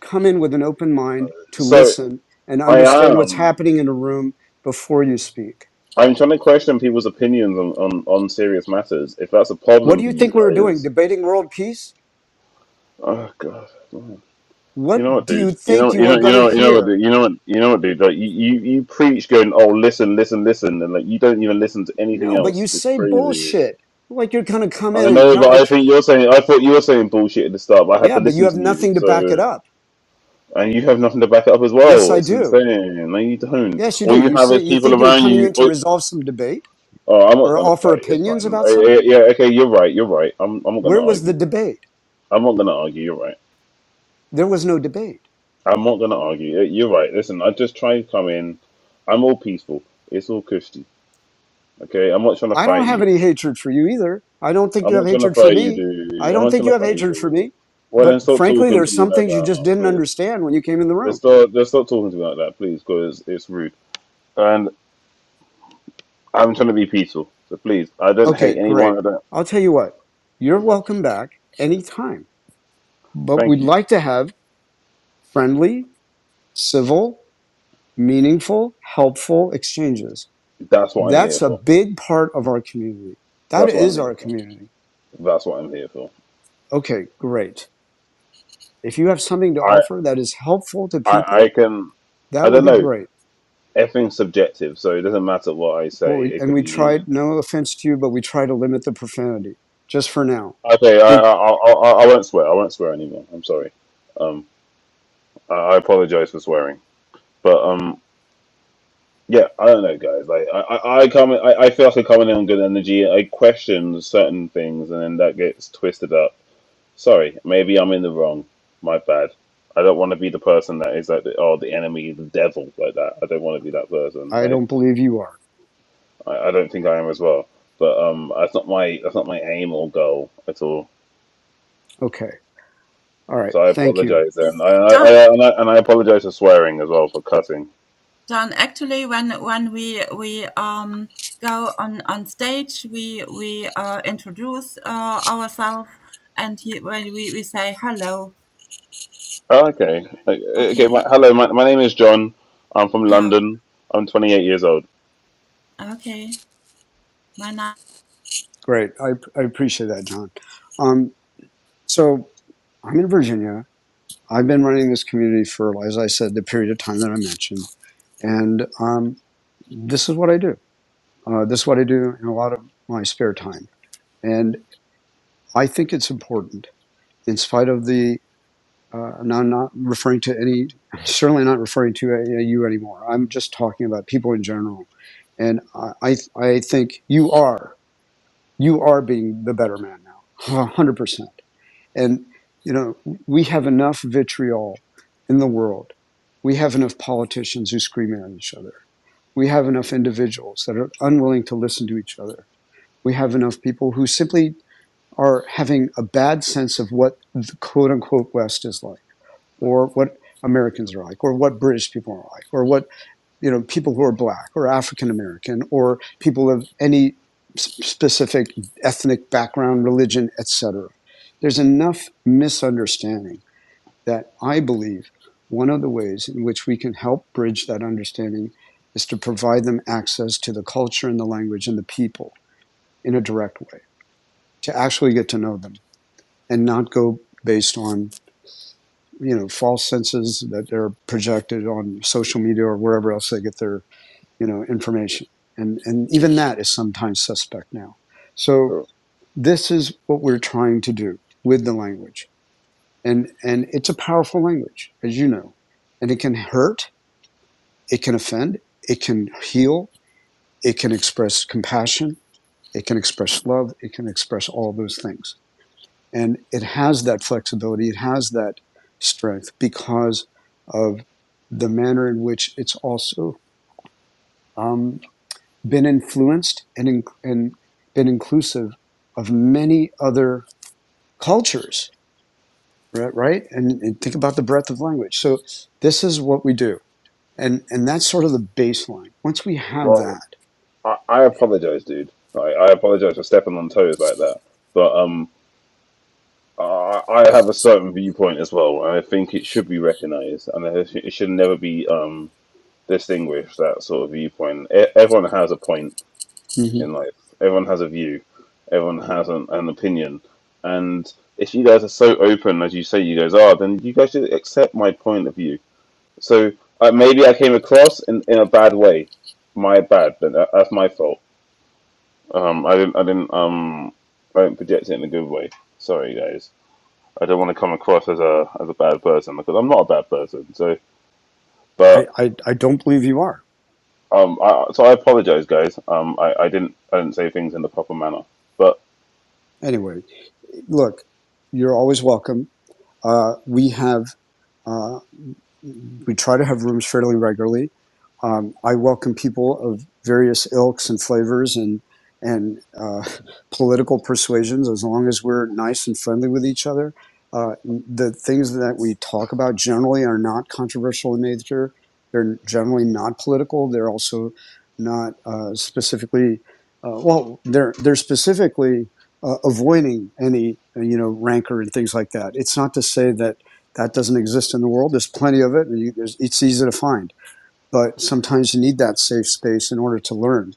Speaker 11: come in with an open mind to
Speaker 13: So
Speaker 11: listen and
Speaker 13: I
Speaker 11: understand what's
Speaker 13: am.
Speaker 11: happening in a room before you speak
Speaker 13: I'm trying to question people's opinions on, on, on serious matters. If that's a
Speaker 11: What
Speaker 13: problem
Speaker 11: do
Speaker 13: for
Speaker 11: you
Speaker 13: you
Speaker 11: think we were doing?
Speaker 13: guys,
Speaker 11: Debating world peace?
Speaker 13: oh god, man. you know
Speaker 11: What
Speaker 13: what,
Speaker 11: do you
Speaker 13: dude? You
Speaker 11: think
Speaker 13: know,
Speaker 11: you
Speaker 13: you
Speaker 11: are
Speaker 13: know, you
Speaker 11: going to
Speaker 13: know, you know what,
Speaker 11: hear?
Speaker 13: dude? You know what, you know what, dude? Like, you, you, you preach going, oh, listen, listen, listen, and like you don't even listen to anything
Speaker 11: No, but you
Speaker 13: else. It's
Speaker 11: say
Speaker 13: crazy.
Speaker 11: bullshit. Like you're going to come
Speaker 13: I
Speaker 11: in and
Speaker 13: know,
Speaker 11: not
Speaker 13: but
Speaker 11: like,
Speaker 13: I think you're saying. I thought you were saying bullshit at the start, but I had
Speaker 11: yeah,
Speaker 13: to
Speaker 11: but you
Speaker 13: listen
Speaker 11: have
Speaker 13: to you.
Speaker 11: nothing to back it
Speaker 13: So,
Speaker 11: up.
Speaker 13: and you have nothing to back it up as
Speaker 11: Yes,
Speaker 13: well.
Speaker 11: I
Speaker 13: It's
Speaker 11: do.
Speaker 13: insane. No, you don't.
Speaker 11: Yes, you
Speaker 13: All
Speaker 11: do.
Speaker 13: you
Speaker 11: You
Speaker 13: have
Speaker 11: say
Speaker 13: is
Speaker 11: you
Speaker 13: people
Speaker 11: think you were
Speaker 13: around
Speaker 11: coming
Speaker 13: you.
Speaker 11: in to
Speaker 13: Oh,
Speaker 11: resolve some debate
Speaker 13: oh, I'm not
Speaker 11: or
Speaker 13: gonna
Speaker 11: offer
Speaker 13: fight. It's
Speaker 11: opinions
Speaker 13: fine.
Speaker 11: about
Speaker 13: Eh, eh,
Speaker 11: something.
Speaker 13: yeah, okay, you're right. You're right. I'm. I'm not gonna
Speaker 11: Where was the
Speaker 13: argue.
Speaker 11: debate?
Speaker 13: I'm not gonna argue. You're right.
Speaker 11: There was no debate.
Speaker 13: I'm not gonna argue. Eh, You're right. Listen, I just try and come in. I'm all peaceful. It's all cushy. Okay, I'm not trying to
Speaker 11: I don't
Speaker 13: fight
Speaker 11: have
Speaker 13: you.
Speaker 11: any hatred for you either. I don't think you
Speaker 13: I'm
Speaker 11: have
Speaker 13: not trying to
Speaker 11: hatred for
Speaker 13: fight you,
Speaker 11: me. I
Speaker 13: dude. I'm
Speaker 11: don't
Speaker 13: not
Speaker 11: think
Speaker 13: trying
Speaker 11: you
Speaker 13: to
Speaker 11: have
Speaker 13: fight you,
Speaker 11: hatred for
Speaker 13: dude.
Speaker 11: me.
Speaker 13: Well, then
Speaker 11: But
Speaker 13: stop
Speaker 11: frankly,
Speaker 13: talking to
Speaker 11: there's
Speaker 13: me
Speaker 11: some
Speaker 13: like
Speaker 11: things you just didn't
Speaker 13: that.
Speaker 11: understand when you came in the room
Speaker 13: Just stop, just stop talking to me like that, please, because it's rude. And I'm trying to be peaceful, so please, I don't
Speaker 11: Okay,
Speaker 13: hate
Speaker 11: great.
Speaker 13: anyone. I don't.
Speaker 11: I'll tell you what, you're welcome back anytime, but we'd
Speaker 13: Thank you.
Speaker 11: like to have friendly, civil, meaningful, helpful exchanges.
Speaker 13: That's what I'm here
Speaker 11: That's a
Speaker 13: for.
Speaker 11: big part of our community. That
Speaker 13: That's what I'm
Speaker 11: is
Speaker 13: here
Speaker 11: our
Speaker 13: for.
Speaker 11: community.
Speaker 13: That's what I'm here for.
Speaker 11: Okay, great. If you have something to
Speaker 13: I,
Speaker 11: offer that is helpful to
Speaker 13: I, I
Speaker 11: people,
Speaker 13: can. I
Speaker 11: that would
Speaker 13: don't
Speaker 11: be
Speaker 13: know.
Speaker 11: great.
Speaker 13: Everything's subjective, so it doesn't matter what I
Speaker 11: Well,
Speaker 13: say.
Speaker 11: we,
Speaker 13: It
Speaker 11: and
Speaker 13: could
Speaker 11: we
Speaker 13: be
Speaker 11: tried, no offense to you, but we try to limit the profanity just for now.
Speaker 13: okay. I,
Speaker 11: Bec-
Speaker 13: I, I, I I won't swear. I won't swear anymore. I'm sorry. Um, I, I apologize for swearing, but um, Yeah, I don't know, guys. Like, I, I, I come, I, I feel like I come in on good energy. I question certain things, and then that gets twisted up. Sorry, maybe I'm in the wrong. My bad. I don't want to be the person that is like, the, oh, the enemy, the devil, like that. I don't want to be that person.
Speaker 11: I
Speaker 13: Like,
Speaker 11: don't believe you are.
Speaker 13: I, I don't think I am as well. But um, that's not my, that's not my aim or goal at all.
Speaker 11: Okay. All right.
Speaker 13: So I
Speaker 11: Thank you.
Speaker 13: apologize,
Speaker 10: yes,
Speaker 13: and I, I,
Speaker 10: Don,
Speaker 13: I and I, and I apologize for swearing as well for cussing.
Speaker 10: Don. Actually, when when we we um go on on stage, we we uh, introduce uh, ourselves, and he, when we we say hello.
Speaker 13: Oh, okay. Uh, Okay.
Speaker 10: Okay.
Speaker 13: My, hello. My, my name is John. I'm from
Speaker 10: Yeah.
Speaker 13: London. I'm 28 years old.
Speaker 10: Okay. My name.
Speaker 11: Great. I, I appreciate that, John. Um, so I'm in Virginia. I've been running this community for, as I said, the period of time that I mentioned. And um, this is what I do. Uh, this is what I do in a lot of my spare time. And I think it's important, in spite of the, uh, and I'm not referring to any, certainly not referring to uh, you anymore. I'm just talking about people in general. And I, I, I think you are, you are being the better man now, 100%. And, you know, we have enough vitriol in the world. We have enough politicians who scream at each other. We have enough individuals that are unwilling to listen to each other. We have enough people who simply are having a bad sense of what the quote unquote West is like or what Americans are like or what British people are like or what you know, people who are black or African American or people of any specific ethnic background, religion, etc. There's enough misunderstanding that I believe one of the ways in which we can help bridge that understanding is to provide them access to the culture and the language and the people in a direct way to actually get to know them and not go based on you know false senses that they're projected on social media or wherever else they get their you know, information. And, and even that is sometimes suspect now. So this is what we're trying to do with the language. And, and it's a powerful language, as you know, and it can hurt. It can offend. It can heal. It can express compassion. It can express love. It can express all those things. And it has that flexibility. It has that strength because of the manner in which it's also, um, been influenced and, in, and been inclusive of many other cultures, right? right? And, and think about the breadth of language. So this is what we do. And, and that's sort of the baseline. Once we have
Speaker 13: Well,
Speaker 11: that,
Speaker 13: I, I apologize, dude. Like, I apologize for stepping on toes like that. But um, I, I have a certain viewpoint as well, and I think it should be recognized, and it sh- it should never be um distinguished. That sort of viewpoint. E- everyone has a point
Speaker 11: mhm,
Speaker 13: in life. Everyone has a view. Everyone has an, an opinion, and if you guys are so open as you say you guys are, then you guys should accept my point of view So uh, maybe I came across in, in a bad way. My bad. Then that, that's my fault. Um, I didn't. I didn't. Um, I didn't project it in a good way. Sorry, guys. I don't want to come across as a as a bad person because I'm not a bad person. So,
Speaker 11: I,
Speaker 13: but
Speaker 11: I, I don't believe you are.
Speaker 13: um, I, so I apologize, guys. Um, I, I didn't I didn't say things in the proper manner. But
Speaker 11: Anyway, look, you're always welcome. Uh, we have uh, we try to have rooms fairly regularly. Um, I welcome people of various ilks and flavors and and uh, political persuasions, as long as we're nice and friendly with each other. Uh, the things that we talk about generally are not controversial in nature. They're generally not political. They're also not uh, specifically uh, well. They're they're specifically uh, avoiding any uh, you know rancor and things like that. It's not to say that that doesn't exist in the world. There's plenty of it, and you, it's easy to find. But sometimes you need that safe space in order to learn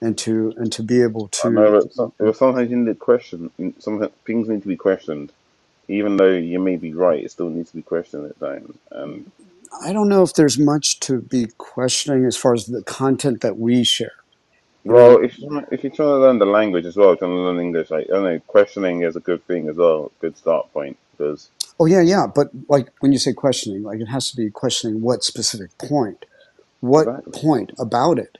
Speaker 11: and to and to be able
Speaker 13: I
Speaker 11: to.
Speaker 13: know that some, if sometimes you need to question. Some things need to be questioned, even though you may be right. It still needs to be questioned at times. And.
Speaker 11: I don't know if there's much to be questioning as far as the content that we share. You
Speaker 13: Well,
Speaker 11: know,
Speaker 13: if you wanna- if you're trying to learn the language as well, trying to learn English, like I don't know, questioning is a good thing as well, good start point. Because
Speaker 11: oh yeah, yeah. But like when you say questioning, like it has to be questioning what specific point, what
Speaker 13: exactly,
Speaker 11: point about it,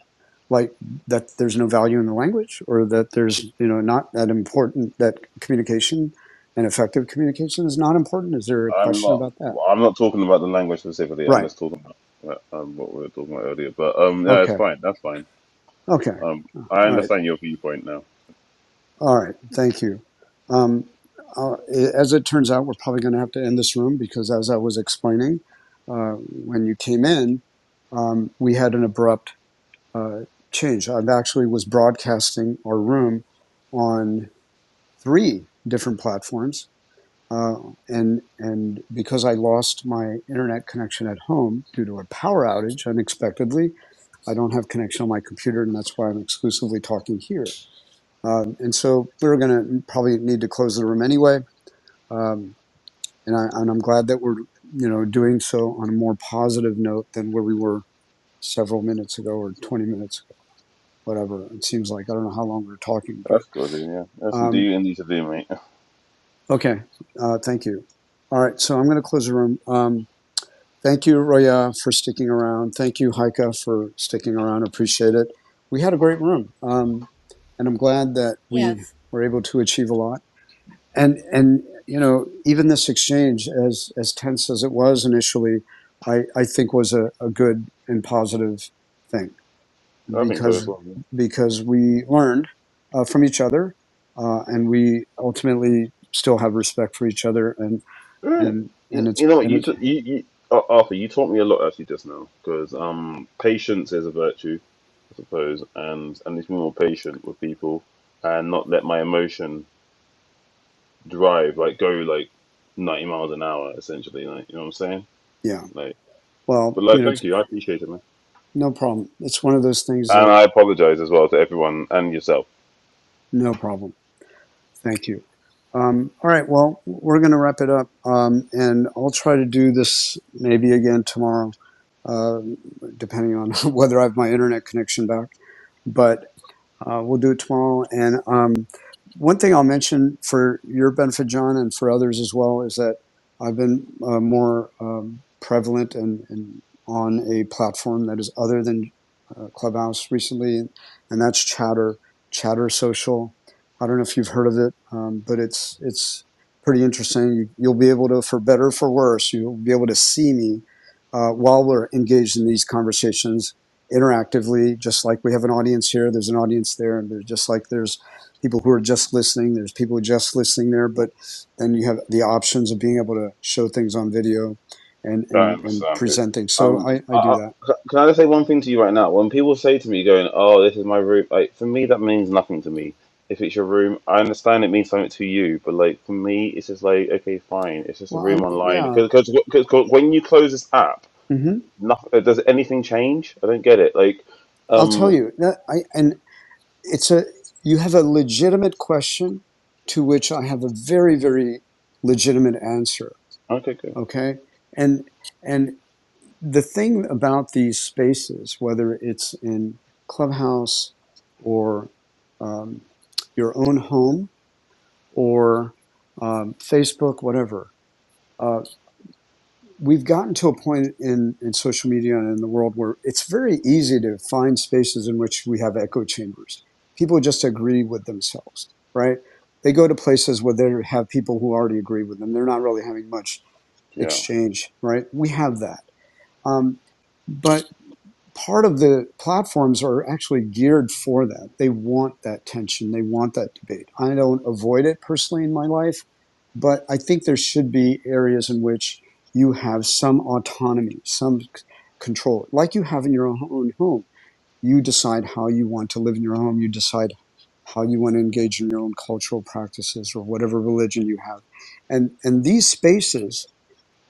Speaker 11: like that there's no value in the language, or that there's you know not that important that communication and effective communication is not important? Is there a
Speaker 13: I'm
Speaker 11: question
Speaker 13: not
Speaker 11: about that?
Speaker 13: I'm not talking about the language specifically. I'm
Speaker 11: Right.
Speaker 13: just talking about uh, um, what we were talking about earlier. But um, yeah, it's
Speaker 11: Okay.
Speaker 13: fine. That's fine.
Speaker 11: Okay.
Speaker 13: Um,
Speaker 11: All
Speaker 13: I
Speaker 11: right.
Speaker 13: understand your viewpoint now.
Speaker 11: All right. Thank you. Um, uh, as it turns out, we're probably going to have to end this room because, as I was explaining, uh, when you came in, um, we had an abrupt uh, change. I actually was broadcasting our room on three different platforms uh, and and because I lost my internet connection at home due to a power outage unexpectedly, I don't have connection on my computer, and that's why I'm exclusively talking here. Um, and so we're going to probably need to close the room anyway. Um, and, I, and I'm glad that we're you know doing so on a more positive note than where we were several minutes ago or 20 minutes ago, whatever it seems like. I don't know how long we are talking, but
Speaker 13: That's good. Yeah, that's
Speaker 11: um,
Speaker 13: indeed you need to do, mate.
Speaker 11: okay. Uh, thank you. All right, so I'm going to close the room. Um, Thank you, Roya, for sticking around. Thank you, Haika, for sticking around. Appreciate it. We had a great room, um, and I'm glad that we
Speaker 10: Yes.
Speaker 11: were able to achieve a lot. And and you know, even this exchange, as as tense as it was initially, I I think was a, a good and positive thing
Speaker 13: I think so as
Speaker 11: because
Speaker 13: well.
Speaker 11: because we learned uh, from each other, uh, and we ultimately still have respect for each other, and
Speaker 13: Mm,
Speaker 11: and
Speaker 13: You,
Speaker 11: and it's
Speaker 13: you know, what,
Speaker 11: and
Speaker 13: you,
Speaker 11: it's
Speaker 13: t- you, you Ar- Arthur, you taught me a lot actually just now because um, patience is a virtue, I suppose, and and need to be more patient with people and not let my emotion drive like go like ninety miles an hour essentially. Like, you know what I'm saying?
Speaker 11: yeah.
Speaker 13: Like, but
Speaker 11: Well, you
Speaker 13: like,
Speaker 11: know, it's.
Speaker 13: thank you, I appreciate it, man,
Speaker 11: No problem. It's one of those things
Speaker 13: and
Speaker 11: that
Speaker 13: I apologize as well to everyone and yourself.
Speaker 11: no problem. Thank you. Um, all right. Well, we're going to wrap it up, um, and I'll try to do this maybe again tomorrow, uh, depending on whether I have my internet connection back. But Uh, we'll do it tomorrow. And um, one thing I'll mention for your benefit, John, and for others as well, is that I've been uh, more um, prevalent and, and on a platform that is other than uh, Clubhouse recently, and that's Chatter, Chatter Social. I don't know if you've heard of it, um, but it's it's pretty interesting. You, you'll be able to, for better or for worse, you'll be able to see me uh, while we're engaged in these conversations interactively, just like we have an audience here, there's an audience there, and there's just like there's people who are just listening, there's people who are just listening there, but then you have the options of being able to show things on video and
Speaker 13: I
Speaker 11: and and
Speaker 13: understand it.
Speaker 11: present things. So
Speaker 13: Um,
Speaker 11: I I
Speaker 13: I,
Speaker 11: do
Speaker 13: I,
Speaker 11: that.
Speaker 13: can I just say one thing to you right now? When people say to me, going, "Oh, this is my room," like for me, that means nothing to me. If it's your room, I understand it means something to you, but like for me, it's just like, okay, fine, it's just a
Speaker 11: Well,
Speaker 13: room
Speaker 11: I
Speaker 13: online.
Speaker 11: yeah,
Speaker 13: Because when you close this app,
Speaker 11: hmm
Speaker 13: nothing does anything change? I don't get it. Like,
Speaker 11: I'll tell
Speaker 13: um,
Speaker 11: you that I and it's a you have a legitimate question to which I have a very very legitimate answer.
Speaker 13: okay, good,
Speaker 11: Okay, and and the thing about these spaces, whether it's in Clubhouse or um, your own home or um, Facebook, whatever, uh, we've gotten to a point in, in social media and in the world where it's very easy to find spaces in which we have echo chambers. People just agree with themselves, right? They go to places where they have people who already agree with them. They're not really having much
Speaker 13: yeah,
Speaker 11: exchange, right? We have that. Um, but part of the platforms are actually geared for that. They want that tension. They want that debate. I don't avoid it personally in my life, but I think there should be areas in which you have some autonomy, some control, like you have in your own home. You decide how you want to live in your home. You decide how you want to engage in your own cultural practices or whatever religion you have. And, and these spaces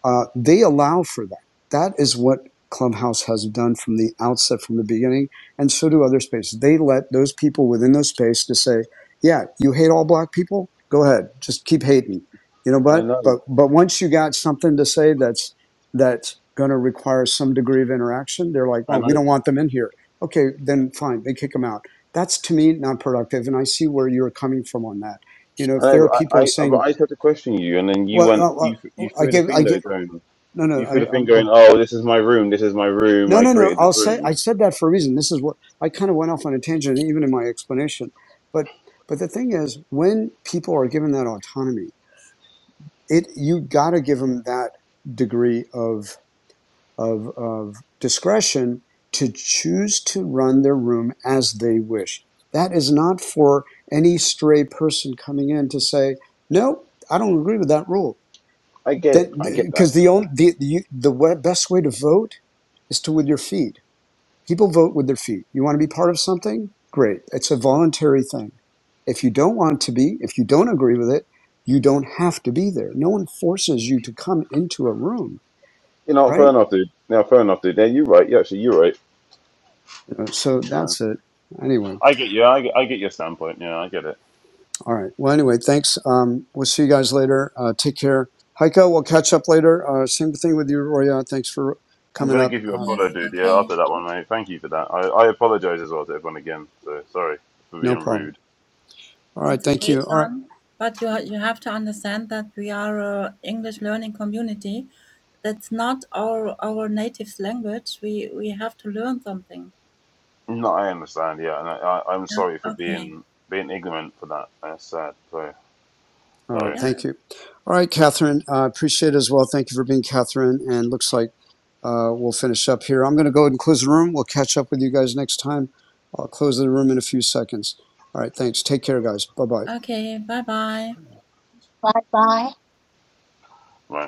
Speaker 11: uh, they allow for that. That is what Clubhouse has done from the outset, from the beginning, and so do other spaces. They let those people within those space to say, "Yeah, you hate all black people. Go ahead, just keep hating." You know,
Speaker 13: I
Speaker 11: what?
Speaker 13: know,
Speaker 11: but but once you got something to say that's that's going to require some degree of interaction, they're like,
Speaker 13: I
Speaker 11: "Oh,
Speaker 13: know,
Speaker 11: we don't want them in here." Okay, then fine, they kick them out. That's to me not productive, and I see where you're coming from on that. You know, if
Speaker 13: I know.
Speaker 11: there are
Speaker 13: But
Speaker 11: people
Speaker 13: I, I, but
Speaker 11: saying,
Speaker 13: I tried to question you, and then you
Speaker 11: "Well,
Speaker 13: went, you,
Speaker 11: uh,
Speaker 13: you
Speaker 11: uh, I
Speaker 13: threw the
Speaker 11: give I
Speaker 13: thing
Speaker 11: give."
Speaker 13: though, Joan.
Speaker 11: No, no,
Speaker 13: You threw
Speaker 11: I,
Speaker 13: the thing
Speaker 11: I'm
Speaker 13: going,
Speaker 11: going.
Speaker 13: oh, this is my room, this is my room,
Speaker 11: No,
Speaker 13: I
Speaker 11: no, no.
Speaker 13: created
Speaker 11: I'll
Speaker 13: this
Speaker 11: say
Speaker 13: room.
Speaker 11: I said that for a reason. This is what I kind of went off on a tangent, even in my explanation. But but the thing is, when people are given that autonomy, it you got to give them that degree of of of discretion to choose to run their room as they wish. That is not for any stray person coming in to say, no, I don't agree with that rule.
Speaker 13: I get
Speaker 11: That
Speaker 13: it, I get that.
Speaker 11: because the only the, the the we- best way to vote is to with your feet People vote with their feet. You want to be part of something? Great. It's a voluntary thing. If you don't want to be, if you don't agree with it, you don't have to be there. No one forces you to come into a room,
Speaker 13: You know, fair
Speaker 11: right?
Speaker 13: enough, dude. No, fair enough, dude. Yeah, you're right. Yeah, actually, you're right.
Speaker 11: You know, So
Speaker 13: You're right.
Speaker 11: that's it. Anyway,
Speaker 13: I get you. I get, I get your standpoint. Yeah, I get it.
Speaker 11: all right. Well, anyway, thanks. Um, we'll see you guys later. Uh, take care. Heiko, we'll catch up later. Uh, same thing with you, Roya. Thanks for
Speaker 13: I'm
Speaker 11: coming
Speaker 13: gonna
Speaker 11: up.
Speaker 13: give you a
Speaker 11: Um,
Speaker 13: follow,
Speaker 10: Yes.
Speaker 13: dude. Yeah,
Speaker 10: Okay.
Speaker 13: after that one, mate. Thank you for that. I, I apologize as well to everyone again. So sorry for
Speaker 11: no
Speaker 13: being
Speaker 11: problem.
Speaker 13: rude.
Speaker 11: All right.
Speaker 10: It's
Speaker 11: Thank
Speaker 10: okay,
Speaker 11: you. All right.
Speaker 10: John. But you ha- you have to understand that we are a English learning community, That's not our our native language. We we have to learn something.
Speaker 13: No, I understand. Yeah, and I, I, I'm
Speaker 10: Yeah.
Speaker 13: sorry for
Speaker 10: Okay.
Speaker 13: being being ignorant for that. That's sad. Sorry,
Speaker 11: All right,
Speaker 13: sorry.
Speaker 11: thank
Speaker 10: Yeah.
Speaker 11: you. All right, Catherine, I appreciate it as well. Thank you for being Catherine. And looks like uh, we'll finish up here. I'm going to go ahead and close the room. We'll catch up with you guys next time. I'll close the room in a few seconds. All right, thanks. Take care, guys. Bye bye.
Speaker 10: Okay. Bye bye.
Speaker 4: Bye bye.
Speaker 13: Right.